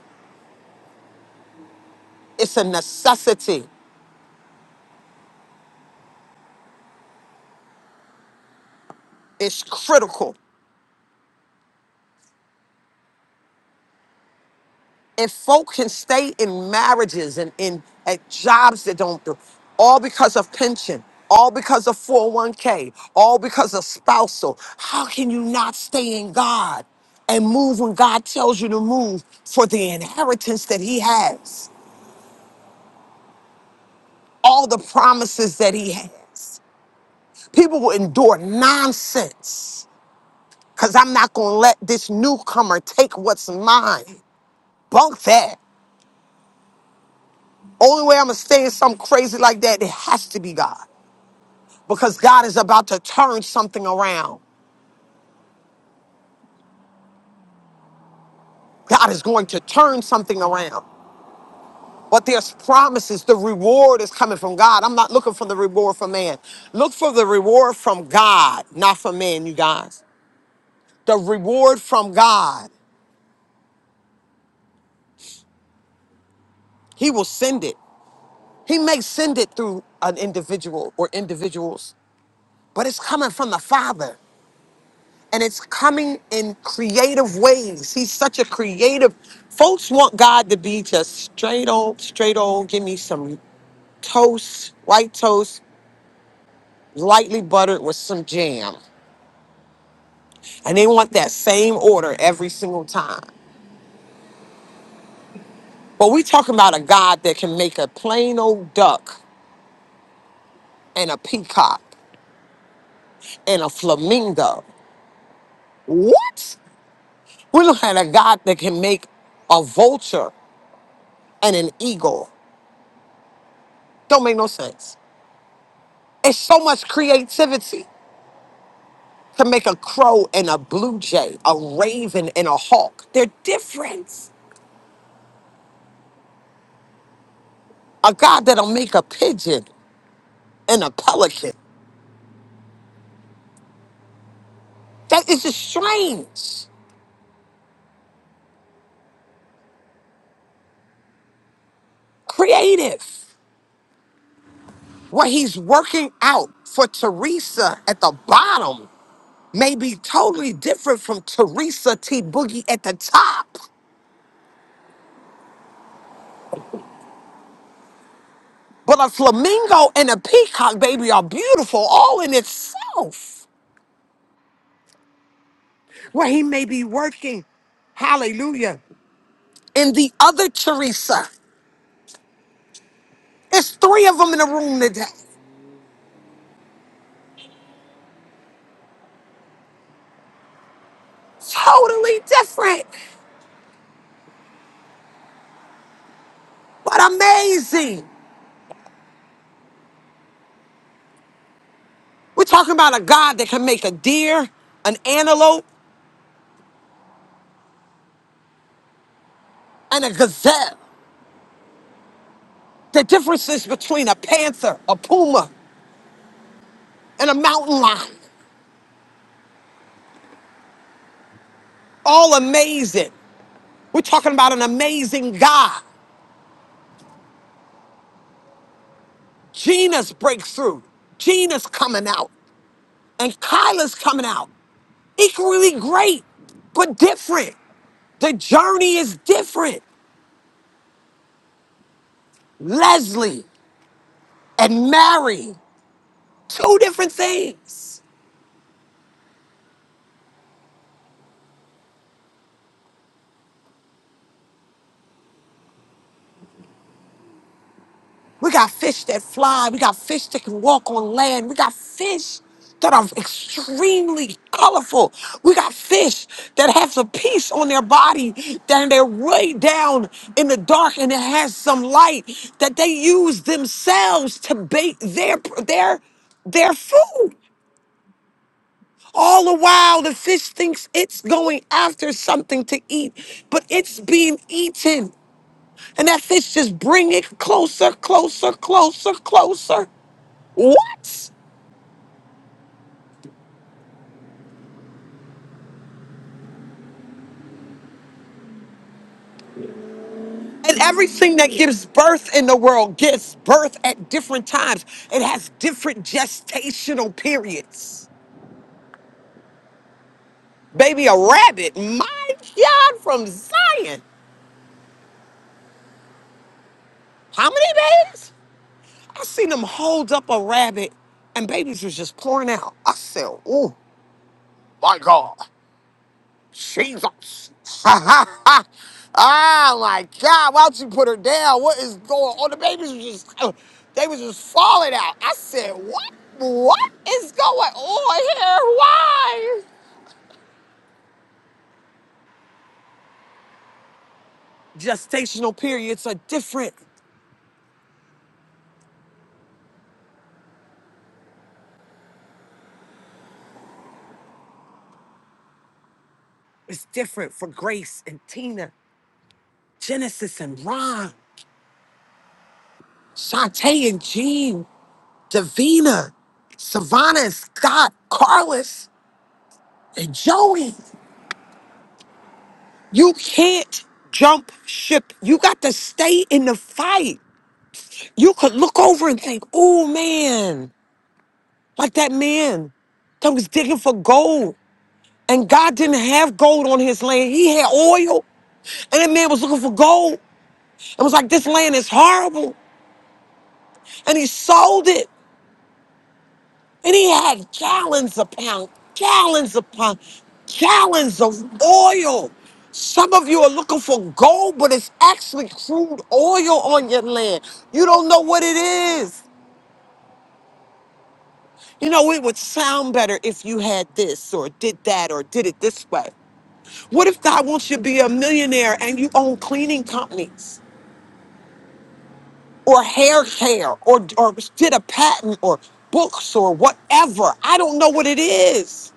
It's a necessity, it's critical. if folk can stay in marriages and in at jobs that don't do all because of pension all because of 401k all because of spousal how can you not stay in god and move when god tells you to move for the inheritance that he has all the promises that he has people will endure nonsense because i'm not going to let this newcomer take what's mine bunk that only way i'm going to stay in something crazy like that it has to be god because God is about to turn something around. God is going to turn something around. But there's promises. The reward is coming from God. I'm not looking for the reward from man. Look for the reward from God, not from man, you guys. The reward from God. He will send it. He may send it through an individual or individuals, but it's coming from the Father. and it's coming in creative ways. He's such a creative. Folks want God to be just straight old, straight old. Give me some toast, white toast, lightly buttered with some jam. And they want that same order every single time. But we talking about a God that can make a plain old duck and a peacock and a flamingo. What? We're looking at a God that can make a vulture and an eagle. Don't make no sense. It's so much creativity to make a crow and a blue jay, a raven and a hawk. They're different. A God that'll make a pigeon and a pelican. That is just strange, creative. What he's working out for Teresa at the bottom may be totally different from Teresa T. Boogie at the top. But a flamingo and a peacock, baby, are beautiful all in itself. Where he may be working Hallelujah. and the other Teresa. It's three of them in the room today. Totally different, but amazing. We're talking about a God that can make a deer, an antelope, and a gazelle. The differences between a panther, a puma, and a mountain lion. All amazing. We're talking about an amazing God. Gina's breakthrough. Gina's coming out. And Kyla's coming out. Equally great, but different. The journey is different. Leslie and Mary, two different things. We got fish that fly. We got fish that can walk on land. We got fish that are extremely colorful. We got fish that have some peace on their body, that they're way down in the dark and it has some light that they use themselves to bait their their their food. All the while, the fish thinks it's going after something to eat, but it's being eaten. And that fish just bring it closer, closer, closer, closer. What? And everything that gives birth in the world gives birth at different times. It has different gestational periods. Baby, a rabbit, my God, from Zion. How many babies? I seen them hold up a rabbit and babies was just pouring out. I said, oh, my God. Jesus. oh my God. Why don't you put her down? What is going on? The babies were just, uh, they was just falling out. I said, what? What is going on here? Why? Gestational periods are different. It's different for Grace and Tina, Genesis and Ron, Shantae and Jean, Davina, Savannah and Scott, Carlos and Joey. You can't jump ship. You got to stay in the fight. You could look over and think, oh man, like that man that was digging for gold. And God didn't have gold on his land. He had oil. And that man was looking for gold and was like, this land is horrible. And he sold it. And he had gallons upon gallons upon gallons of oil. Some of you are looking for gold, but it's actually crude oil on your land. You don't know what it is. You know, it would sound better if you had this or did that or did it this way. What if God wants you to be a millionaire and you own cleaning companies or hair care or, or did a patent or books or whatever? I don't know what it is.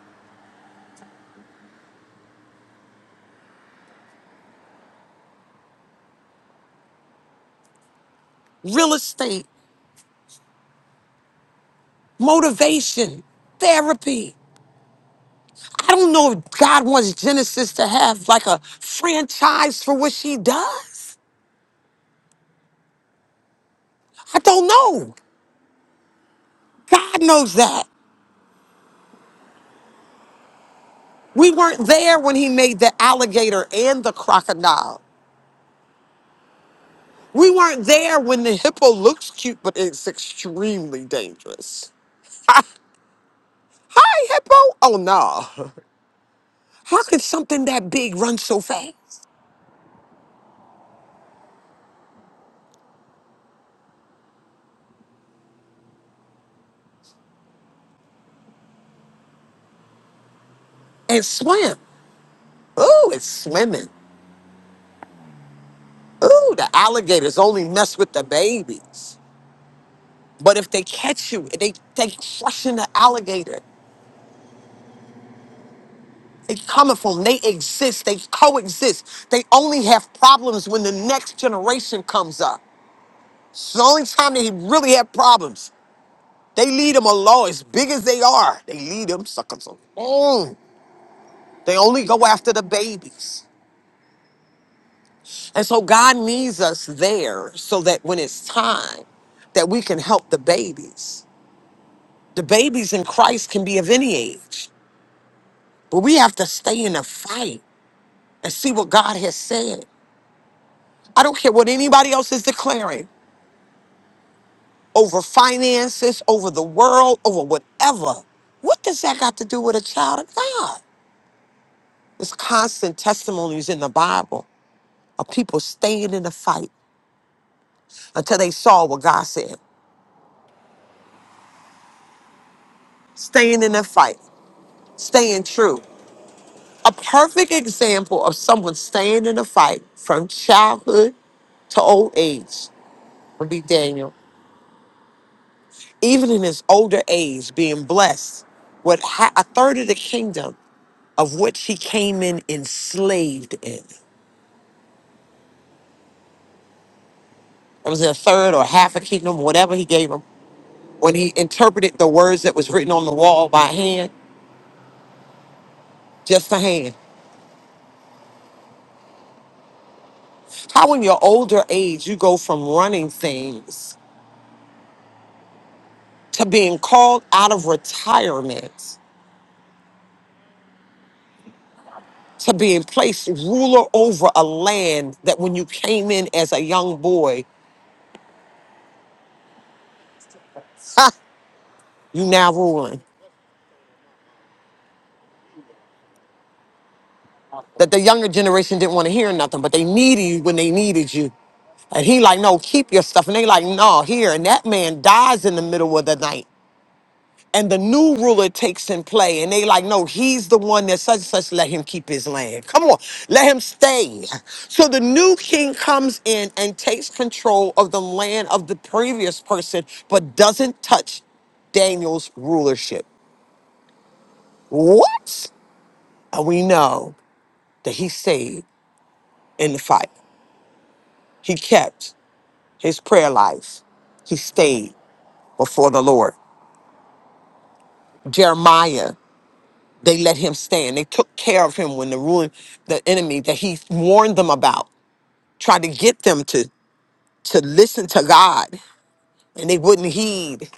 Real estate motivation, therapy. I don't know if God wants Genesis to have like a franchise for what she does. I don't know. God knows that. We weren't there when he made the alligator and the crocodile. We weren't there when the hippo looks cute, but it's extremely dangerous. Hi, hippo. Oh, no. How could something that big run so fast and swim? Oh, it's swimming. Ooh, the alligators only mess with the babies. But if they catch you, they they crushing the alligator. They coming from. They exist. They coexist. They only have problems when the next generation comes up. It's the only time they really have problems. They lead them alone, as big as they are. They lead them suckers alone. They only go after the babies. And so God needs us there so that when it's time, that we can help the babies The babies in Christ can be of any age, but we have to stay in the fight and see what God has said. I don't care what anybody else is declaring over finances, over the world, over whatever. What does that got to do with a child of God? There's constant testimonies in the Bible of people staying in the fight until they saw what God said. Staying in the fight, staying true. A perfect example of someone staying in the fight from childhood to old age. be Daniel, even in his older age, being blessed with ha- a third of the kingdom of which he came in enslaved in. It was a third or half a kingdom, whatever he gave him. When he interpreted the words that was written on the wall by hand, just a hand. How in your older age you go from running things to being called out of retirement to being placed ruler over a land that when you came in as a young boy, you now ruling. that the younger generation didn't want to hear nothing, but they needed you when they needed you. And he like, no, keep your stuff. And they like, no, here. And that man dies in the middle of the night. And the new ruler takes in play. And they like, no, he's the one that such and such let him keep his land. Come on, let him stay. So the new king comes in and takes control of the land of the previous person, but doesn't touch Daniel's rulership. What? And we know that he stayed in the fight. He kept. his prayer life. He stayed before the Lord. Jeremiah, they let him stand. They took care of him when the ruling, the enemy that he warned them about, tried to get them to to listen to God, and they wouldn't heed.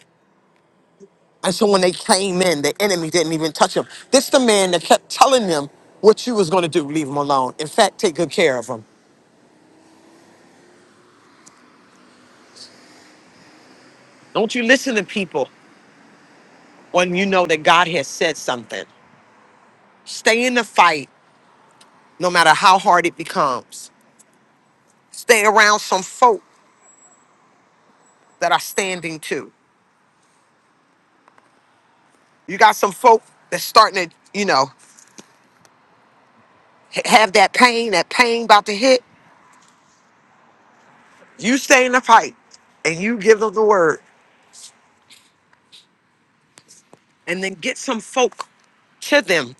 And so when they came in, the enemy didn't even touch him. This the man that kept telling them what you was going to do. Leave him alone. In fact, take good care of him. Don't you listen to people when you know that God has said something. Stay in the fight, no matter how hard it becomes stay around some folk that are standing too. You got some folk that's starting to, you know, h- have that pain, that pain about to hit. You stay in the fight and you give them the word. And then get some folk to them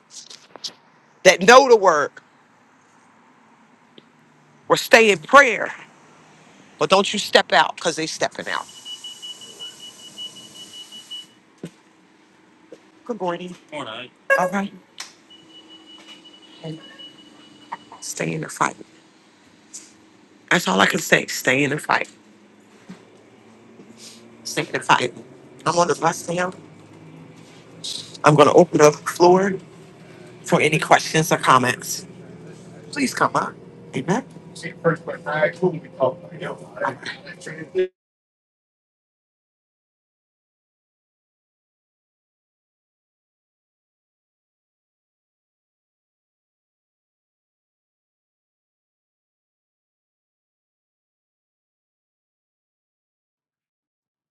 that know the word or stay in prayer. But don't you step out because they stepping out. Good morning. All right. Stay in the fight. That's all I can say. Stay in the fight. Stay in the fight. I'm on the bus now. I'm going to open up the floor for any questions or comments. please come on. Amen.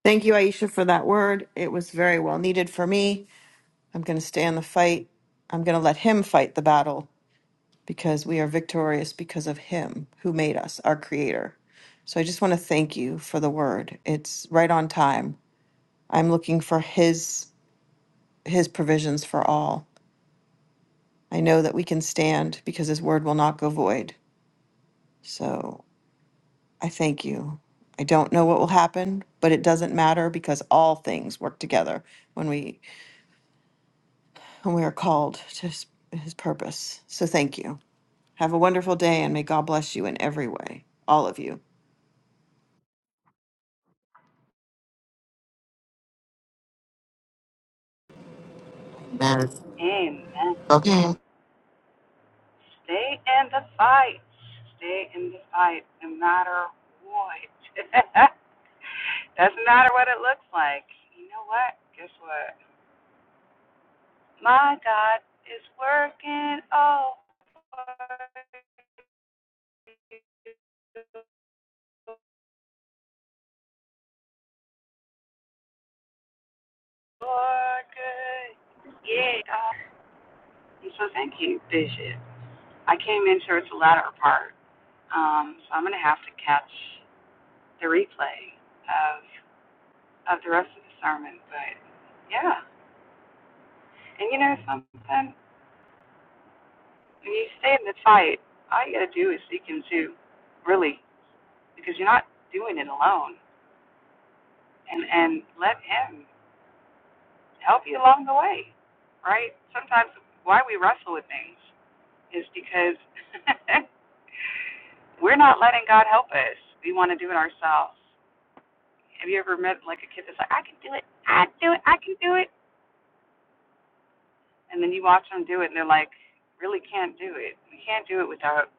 Thank you, Aisha, for that word. It was very well needed for me. I'm going to stay in the fight. I'm going to let Him fight the battle because we are victorious because of Him who made us, our Creator. So I just want to thank you for the word. It's right on time. I'm looking for His His provisions for all. I know that we can stand because His word will not go void. So I thank you. I don't know what will happen, but it doesn't matter because all things work together when we and we are called to his, his purpose. So thank you. Have a wonderful day, and may God bless you in every way, all of you. Amen. Amen. Okay. Stay in the fight. Stay in the fight no matter what. Doesn't matter what it looks like. You know what? Guess what? My God is working all for good. Yeah. And so thank you, Bishop. I came in towards the latter part, um, so I'm going to have to catch the replay of. of the rest of the sermon. But yeah, and you know something? When you stay in the fight, all you got to do is seek Him too, really, because you're not doing it alone. And and let Him help you along the way, right? Sometimes why we wrestle with things is because we're not letting God help us. We want to do it ourselves. Have you ever met like a kid that's like, I can do it, I can do it, I can do it, and then you watch them do it, and they're like, really can't do it. We can't do it without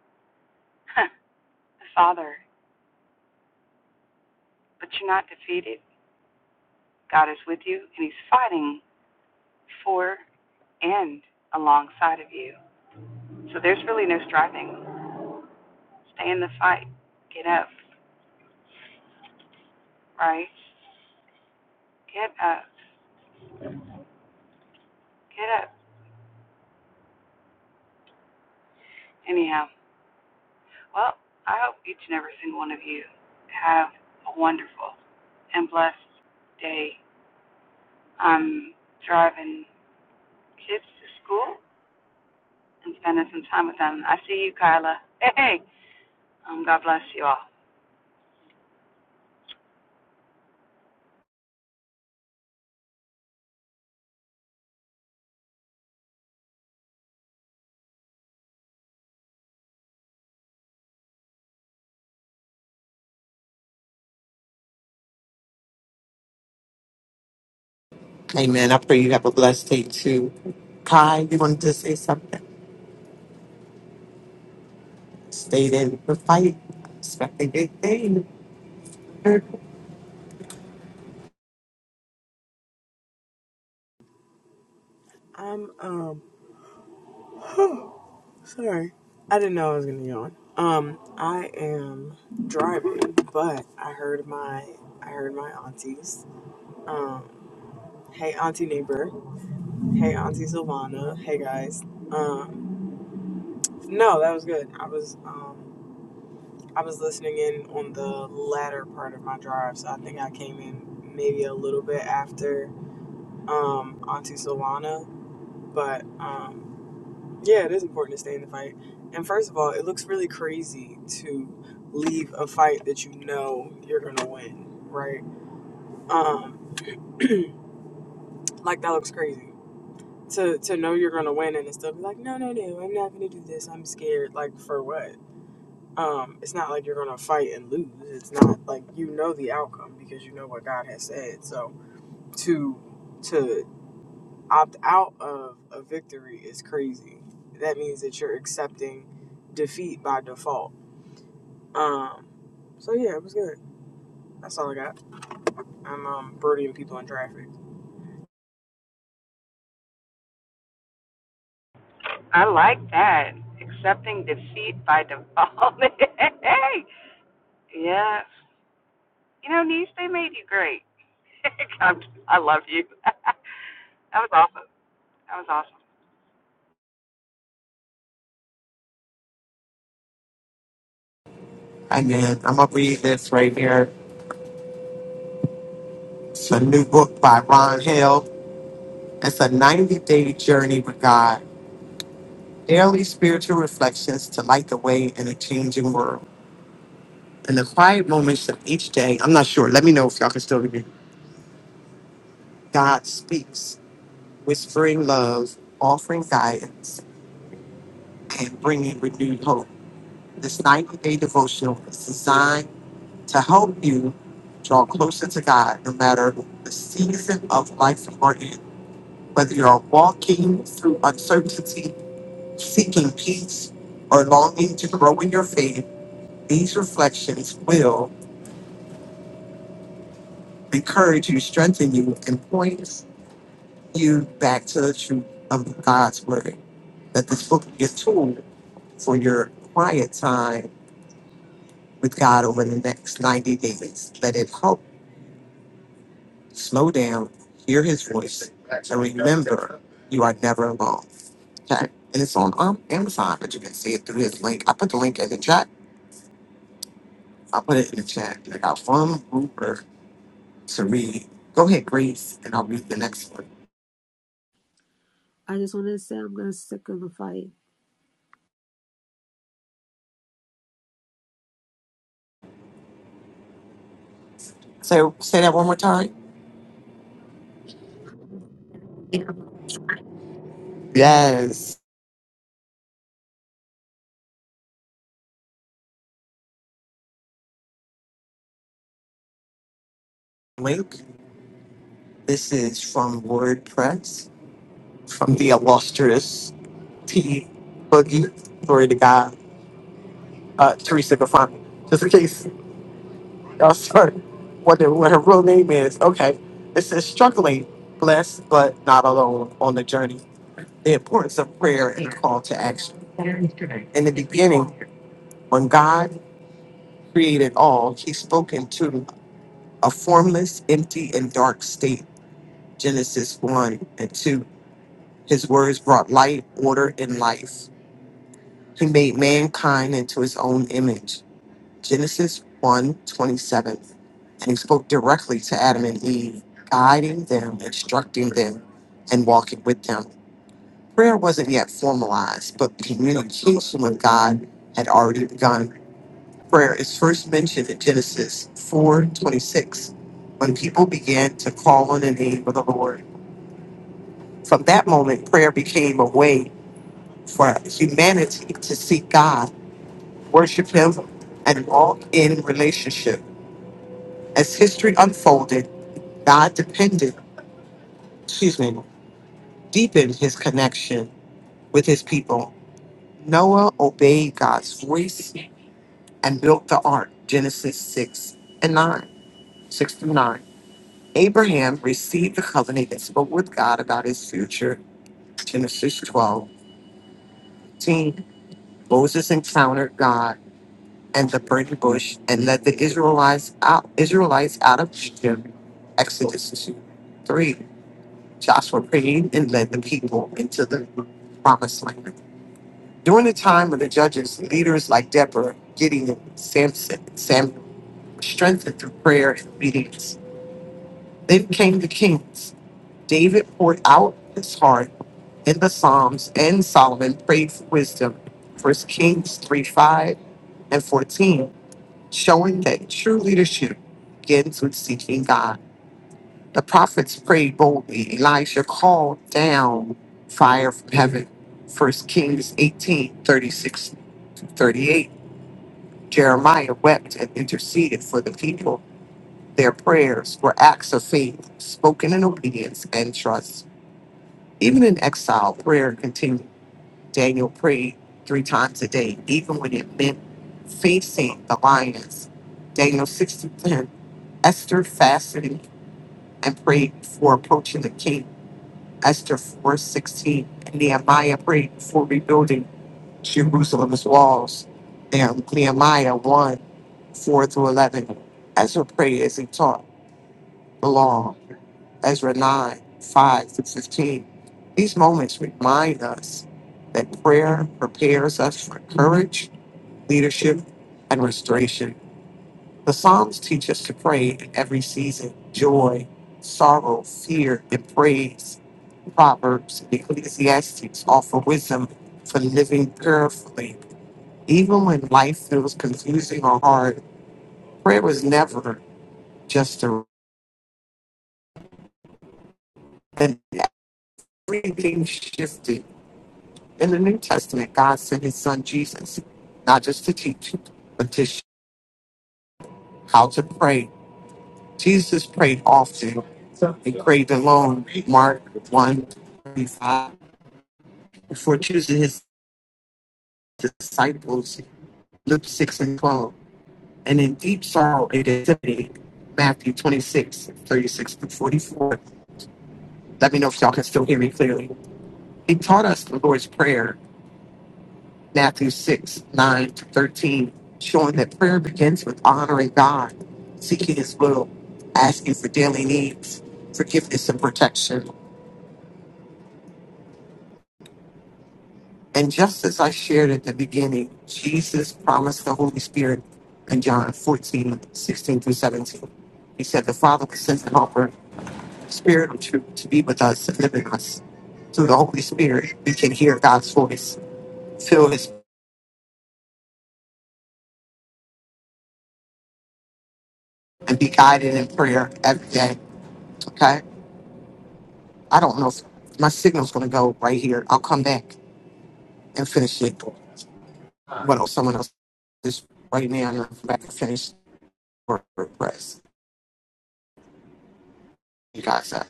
Father, but you're not defeated. God is with you, and He's fighting for and alongside of you. So there's really no striving. Stay in the fight. Get up, right? Get up. Get up. Anyhow, well, I hope each and every single one of you have a wonderful and blessed day. I'm driving kids to school and spending some time with them. I see you, Kyla. Hey, hey. Um, God bless you all. Amen. I pray you have a blessed day too. Kai, you wanted to say something? Stay in the fight. Expect a big thing. I'm um sorry. I didn't know I was gonna yawn. Um, I am driving, but I heard my I heard my aunties. Um, hey auntie neighbor, hey auntie Silvana, hey guys. Um, no, that was good. I was um I was listening in on the latter part of my drive, so I think I came in maybe a little bit after um auntie Silvana, but um. Yeah, it is important to stay in the fight. And first of all, it looks really crazy to leave a fight that you know you're gonna win, right? Um, like that looks crazy. To to know you're gonna win and to still be like, no, no, no, I'm not gonna do this. I'm scared. Like for what? Um, it's not like you're gonna fight and lose. It's not like you know the outcome because you know what God has said. So to to opt out of a victory is crazy. That means that you're accepting defeat by default Um, so yeah, it was good. That's all I got. I'm um birdieing people in traffic. I like that. Accepting defeat by default. yes. You know, niece, they made you great. I love you. that was awesome. That was awesome. Amen. I'm going to read this right here. It's a new book by Ron Hill. It's a 90 day journey with God. Daily spiritual reflections to light the way in a changing world. In the quiet moments of each day, I'm not sure. Let me know if y'all can still read God speaks, whispering love, offering guidance, and bringing renewed hope. This 90 day devotional is designed to help you draw closer to God no matter the season of life you're in. Whether you're walking through uncertainty, seeking peace, or longing to grow in your faith, these reflections will encourage you, strengthen you, and point you back to the truth of God's Word. Let this book be a tool for your quiet time with God over the next 90 days. Let it help slow down, hear His voice, and remember you are never alone. Okay? And it's on um, Amazon, but you can see it through his link. I put the link in the chat. I'll put it in the chat. I got one Rupert to read. Go ahead, Grace, and I'll read the next one. I just want to say I'm going to signify So say that one more time. Yes. Link. This is from WordPress, from the illustrious T Boogie. Glory to God. uh, Teresa Gafani, just in case y'all start wondering what her real name is. Okay, it says struggling, blessed but not alone on the journey. The importance of prayer and call to action. In the beginning, when God created all, He spoke into a formless, empty, and dark state. Genesis one and two. His words brought light, order, and life. He made mankind into His own image Genesis one 27, And he spoke directly to Adam and Eve, guiding them, instructing them, and walking with them. Prayer wasn't yet formalized, but communication with God had already begun. Prayer is first mentioned in Genesis 4 26, when people began to call on the name of the Lord. From that moment, prayer became a way for humanity to seek God, worship Him, and walk in relationship. As history unfolded, God depended, excuse me, deepened his connection with his people. Noah obeyed God's voice and built the ark, Genesis 6 and 9, 6 through 9. Abraham received the covenant and spoke with God about his future, Genesis 12, 10. Moses encountered God and the burning bush and led the Israelites out, Israelites out of Egypt, Exodus 2, 3. Joshua prayed and led the people into the promised land. During the time of the judges, leaders like Deborah, Gideon, Samson, and Samuel were strengthened through prayer and obedience. Then came the kings. David poured out his heart in the Psalms, and Solomon prayed for wisdom. First Kings 3 5 and 14, showing that true leadership begins with seeking God. The prophets prayed boldly. Elijah called down fire from heaven. First Kings 18 36 to 38. Jeremiah wept and interceded for the people. Their prayers were acts of faith, spoken in obedience and trust. Even in exile, prayer continued. Daniel prayed three times a day, even when it meant facing the lions. Daniel 6 through 10. Esther fasted and prayed before approaching the king Esther 4.16, and Nehemiah prayed before rebuilding Jerusalem's walls. And Nehemiah 1, 4 through 11. Ezra prayed as he taught the law. Ezra 9, 5 through 15. These moments remind us that prayer prepares us for courage, leadership, and restoration. The Psalms teach us to pray in every season joy, sorrow, fear, and praise. Proverbs and Ecclesiastes offer wisdom for living prayerfully. Even when life feels confusing or hard, prayer was never just a and everything shifted. In the New Testament, God sent his son Jesus, not just to teach, but to show how to pray Jesus prayed often and prayed alone, Mark one 35, before choosing his disciples, Luke 6 and 12, and in deep sorrow and anxiety, Matthew twenty-six thirty-six 36 to 44. Let me know if y'all can still hear me clearly. He taught us the Lord's Prayer, Matthew 6 9 to 13, showing that prayer begins with honoring God, seeking his will, asking for daily needs, forgiveness, and protection. And just as I shared at the beginning, Jesus promised the Holy Spirit in John 14 16 through 17. He said, The Father will send an helper, the Spirit of truth, to be with us and live in us. Through the Holy Spirit, we can hear God's voice, feel His, and be guided in prayer every day. Okay? I don't know if my signal's going to go right here. I'll come back and finish it. What else someone else is right now, and I'll come back and finish the word press. You guys up.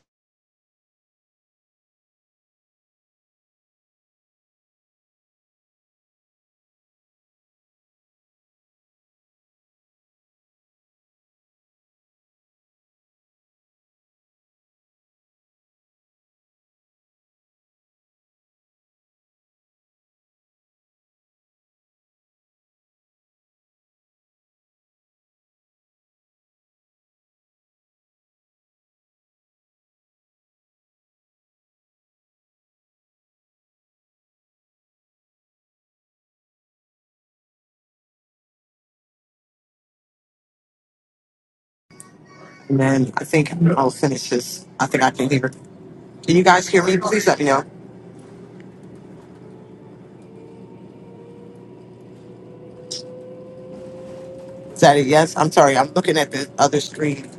And I think I'll finish this. I think I can hear. Can you guys hear me? Please let me know. Is that it? yes? I'm sorry. I'm looking at the other screen.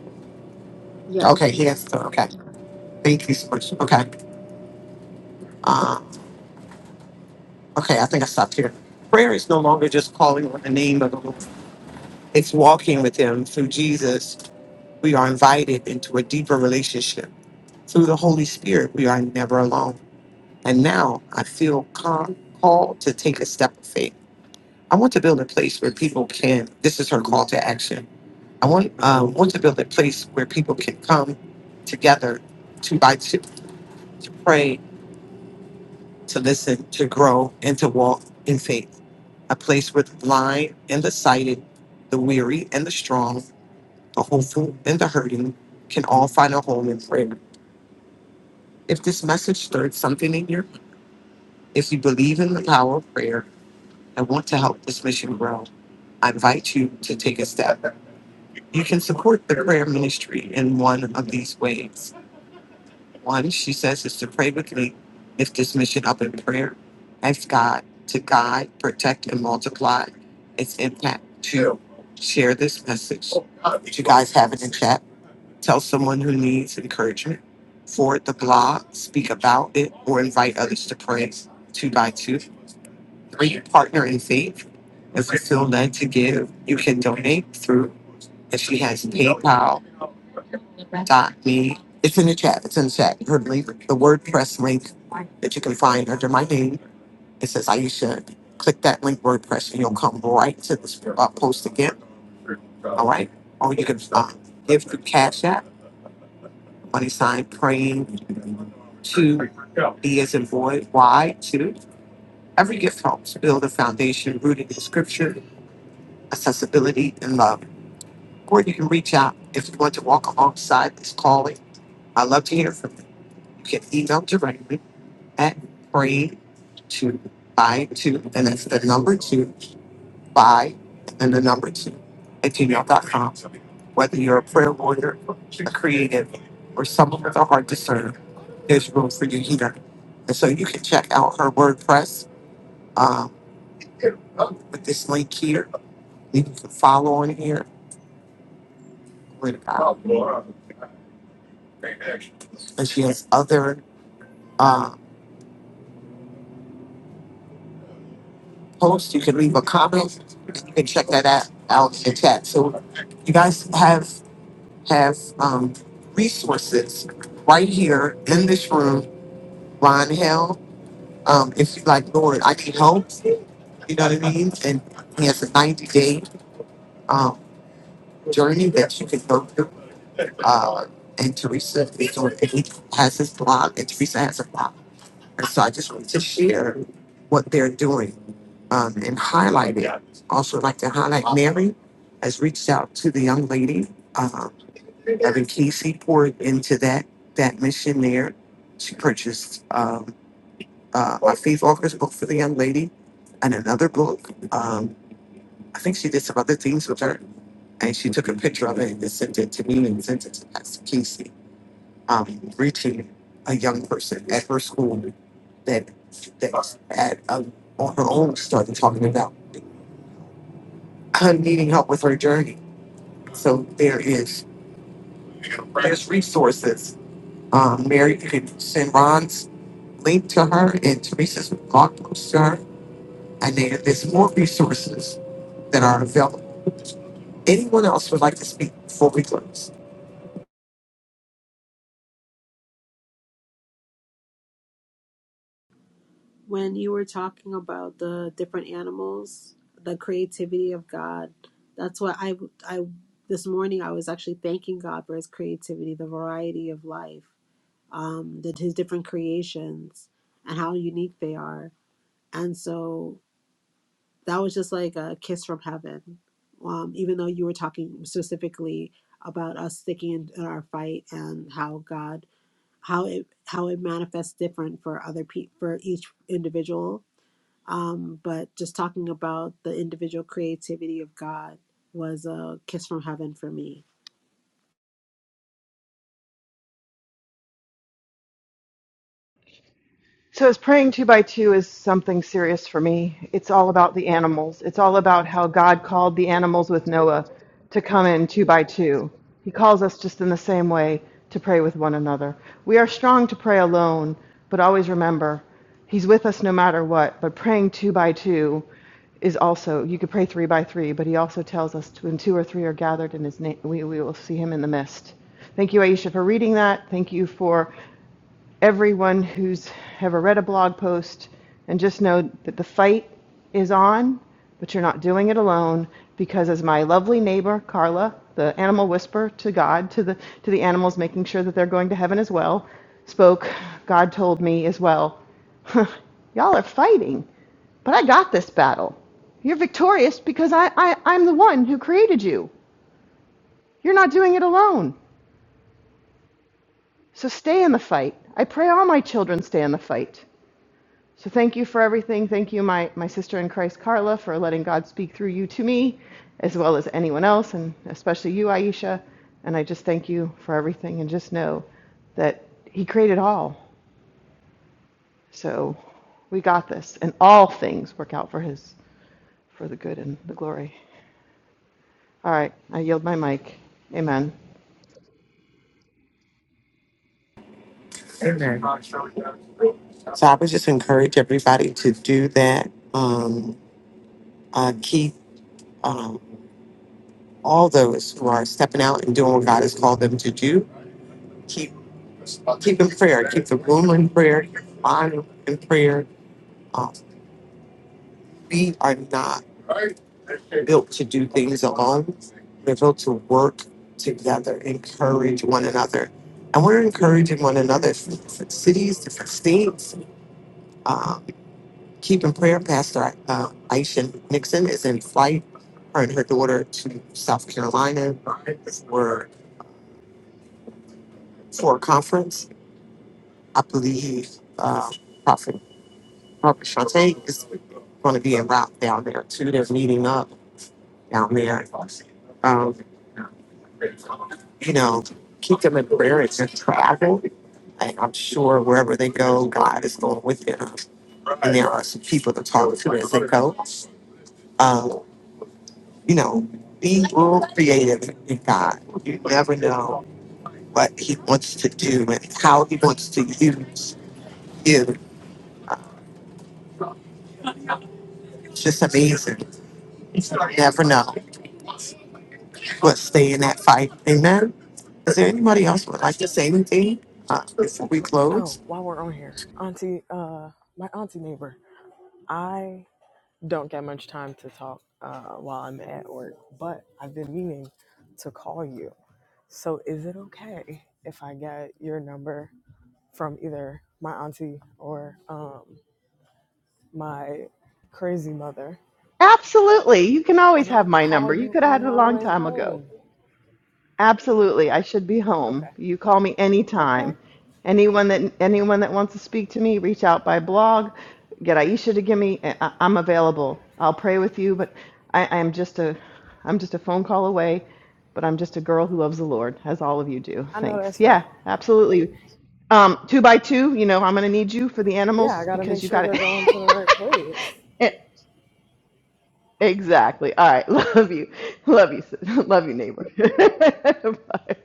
Yeah. Okay, yes. So, okay. Thank you so much. Okay. Uh, okay, I think I stopped here. Prayer is no longer just calling on the name of the Lord, it's walking with Him. Through Jesus, we are invited into a deeper relationship. Through the Holy Spirit, we are never alone. And now I feel calm, called to take a step of faith. I want to build a place where people can, this is her call to action, I want um, want to build a place where people can come together two by two to pray, to listen, to grow, and to walk in faith. A place where the blind and the sighted, the weary and the strong, the hopeful and the hurting can all find a home in prayer. If this message stirred something in you, if you believe in the power of prayer and want to help this mission grow, I invite you to take a step. You can support the prayer ministry in one of these ways. One, she says, is to pray with me. Lift this mission up in prayer. Ask God to guide, protect, and multiply its impact. Two, share this message. Did you guys have it in chat? Tell someone who needs encouragement. Forward the blog, speak about it, or invite others to pray two by two. Three, partner in faith. If you feel led to give, you can donate through, if she has PayPal, dot me. It's in the chat. It's in the chat. Her link, the WordPress link that you can find under my name. It says Aisha. Click that link WordPress and you'll come right to this uh, post again. All right. Or you can uh, give through Cash App on his side praying to be as a void. Why? To every gift helps build a foundation rooted in scripture, accessibility, and love. Or you can reach out if you want to walk alongside this calling. I'd love to hear from you. You can email directly at praying to buy two, and that's the number two, buy, and the number two at gmail.com. Whether you're a prayer warrior, a creative, or someone with a heart to serve, There's room for you here. And so you can check out her WordPress um, with this link here. You can follow on here. Glory to God. And she has other uh, posts. You can leave a comment. You can check that out, out in the chat. So you guys have have um, resources right here in this room. Ron Hill, um, if you like, Lord, I need help. You know what I mean? And he has a 90 day. um, journey that you can go through. Uh, and Teresa is on, and he has his blog, and Teresa has a blog. And so I just wanted to share what they're doing um, and highlight it. Also, like to highlight Mary has reached out to the young lady. Um, Evan Casey poured into that that mission there. She purchased um, uh, a Faith Walker's book for the young lady and another book. Um, I think she did some other things with her and she took a picture of it and sent it to me and sent it to Pastor Casey, um, reaching a young person at her school that that had um, on her own started talking about her needing help with her journey. So there is there's resources. Um, Mary can send Ron's link to her and Teresa's blog post to her, and there, there's more resources that are available. Anyone else would like to speak before we close? when you were talking about the different animals, the creativity of God. That's what I I this morning I was actually thanking God for His creativity, the variety of life, um, that His different creations, and how unique they are. And so that was just like a kiss from heaven. Um, even though you were talking specifically about us sticking in, in our fight and how God how it how it manifests different for other people for each individual um but just talking about the individual creativity of god was a kiss from heaven for me So, as praying two by two is something serious for me. It's all about the animals. It's all about how God called the animals with Noah to come in two by two. He calls us just in the same way to pray with one another. We are strong to pray alone, but always remember He's with us no matter what. But praying two by two is also, you could pray three by three, but He also tells us when two or three are gathered in His name, we, we will see Him in the midst. Thank you, Aisha, for reading that. Thank you for everyone who's ever read a blog post and just know that the fight is on, but you're not doing it alone because as my lovely neighbor Carla, the animal whisperer to God, to the to the animals making sure that they're going to heaven as well, spoke, God told me as well, "Huh, y'all are fighting, but I got this battle. You're victorious because I, I I'm the one who created you. You're not doing it alone. So stay in the fight. I pray all my children stay in the fight. So thank you for everything. Thank you, my, my sister in Christ, Carla, for letting God speak through you to me, as well as anyone else, and especially you, Aisha. And I just thank you for everything. And just know that He created all. So we got this. And all things work out for His, for the good and the glory. All right. I yield my mic. Amen. Amen. So I would just encourage everybody to do that. Um, uh, keep um, all those who are stepping out and doing what God has called them to do. Keep keep in prayer. Keep the room in prayer. Keep the mind in prayer. Um, We are not built to do things alone. We're built to work together, encourage one another. And we're encouraging one another from different cities, different states. Um, keeping prayer, Pastor uh, Aisha Nixon is in flight, her and her daughter to South Carolina for, for a conference. I believe uh, Prophet, Prophet Shantae is going to be in route down there too. They're meeting up Out there. Um, you know, keep them in prayer as they travel. And I'm sure wherever they go, God is going with them. And there are some people to talk to as they go. Um, you know, be real creative in God. You never know what He wants to do and how He wants to use you. It's just amazing. You never know. But stay in that fight. Amen. Is there anybody else who would like to say anything uh, before we Oh, close? while we're on here, auntie, uh, my auntie neighbor. I don't get much time to talk uh, while I'm at work, but I've been meaning to call you. So is it okay if I get your number from either my auntie or um, my crazy mother, Absolutely. You can always and have I'll my call number. You you could have had on it a my long way time ago. home? Absolutely. I should be home. Okay, You call me okay. anytime. Anyone that anyone that wants to speak to me, reach out by blog. Get Aisha to give me. eh, I, I'm available. I'll pray with you, but I, I'm just a I'm just a phone call away. But I'm just a girl who loves the Lord, as all of you do. I know Thanks. that's right. Yeah, absolutely. Um, two by two. You know, I'm gonna need you for the yeah, I animals got to make because you sure got they're it. going to the right place. Exactly. All right. Love you. Love you. sis. Love you, neighbor. Bye.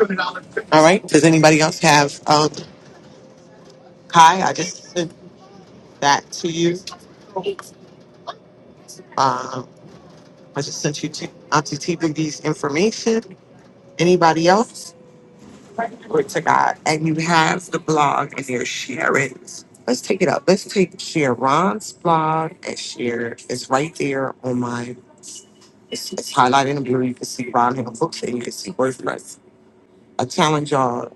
All right. Does anybody else have? Um, Kai, I just sent that to you. Um, I just sent you to Auntie T Boogie's information. Anybody else? Glory to God. And you have the blog and your Sharon's. Let's take it up. Let's take Sharon's blog and share. It's right there on my. It's, it's highlighted in blue. You can see Ron have a book and you can see WordPress. I challenge y'all.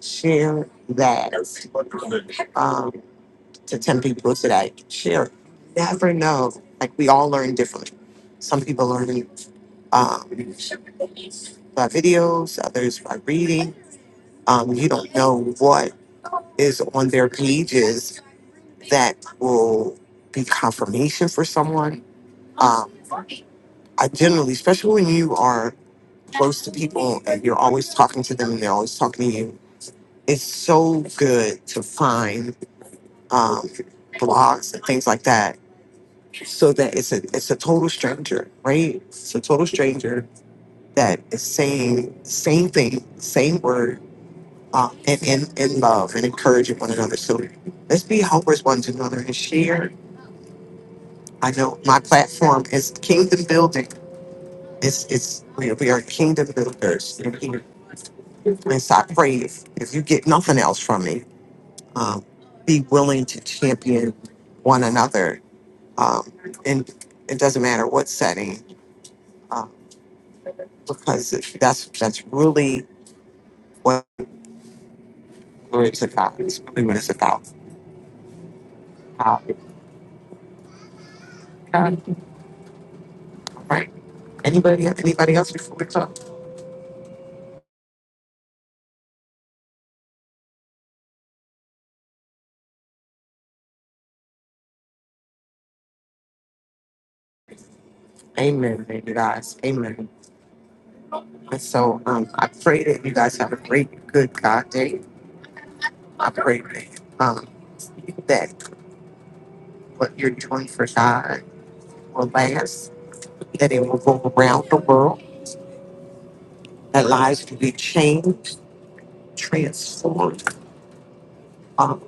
share that um, to 10 people today. Share. it. Never know. Like we all learn differently. Some people learn um, by videos, others by reading. Um, you don't know what is on their pages that will be confirmation for someone. Um, I generally, especially when you are close to people and you're always talking to them and they're always talking to you, it's so good to find um, blogs and things like that. So that it's a it's a total stranger, right? It's a total stranger that is saying same thing, same word, uh, and in in love and encouraging one another. So let's be helpers one to another and share. I know my platform is kingdom building. It's it's we we are kingdom builders, and, he- and so I pray if, if you get nothing else from me, um, be willing to champion one another um, and it doesn't matter what setting, uh, because it- that's that's really what it's about. It's really what it's about. Uh, God, right? Anybody? Anybody else before we talk? Amen, baby guys. Amen. And so um, I pray that you guys have a great, good God day. I pray that um, that what you're doing for God will last, that it will go around the world, that lives will be changed, transformed. Um,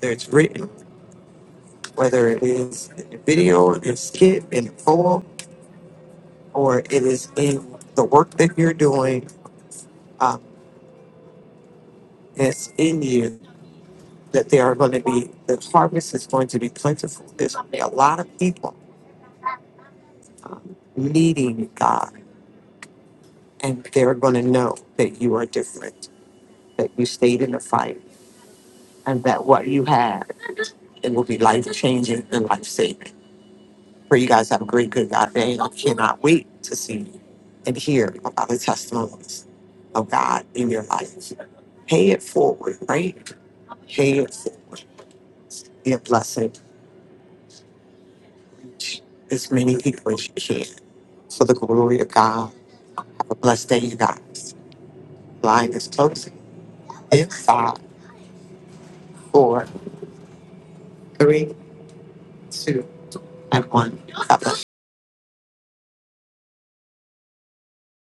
whether it's written whether it is in the video, in the skit, in a poem, or it is in the work that you're doing um, that's in you, that there are going to be, the harvest is going to be plentiful. There's going to be a lot of people um, needing God, and they're going to know that you are different, that you stayed in the fight, and that what you had it will be life changing and life saving. Pray you guys have a great, good God day. I cannot wait to see and hear about the testimonies of God in your life. Pay it forward, right? Pay it forward. Be a blessing to as many people as you can. For the glory of God. Have a blessed day, you guys. Line is closing in five, four, three, two, and one. Have a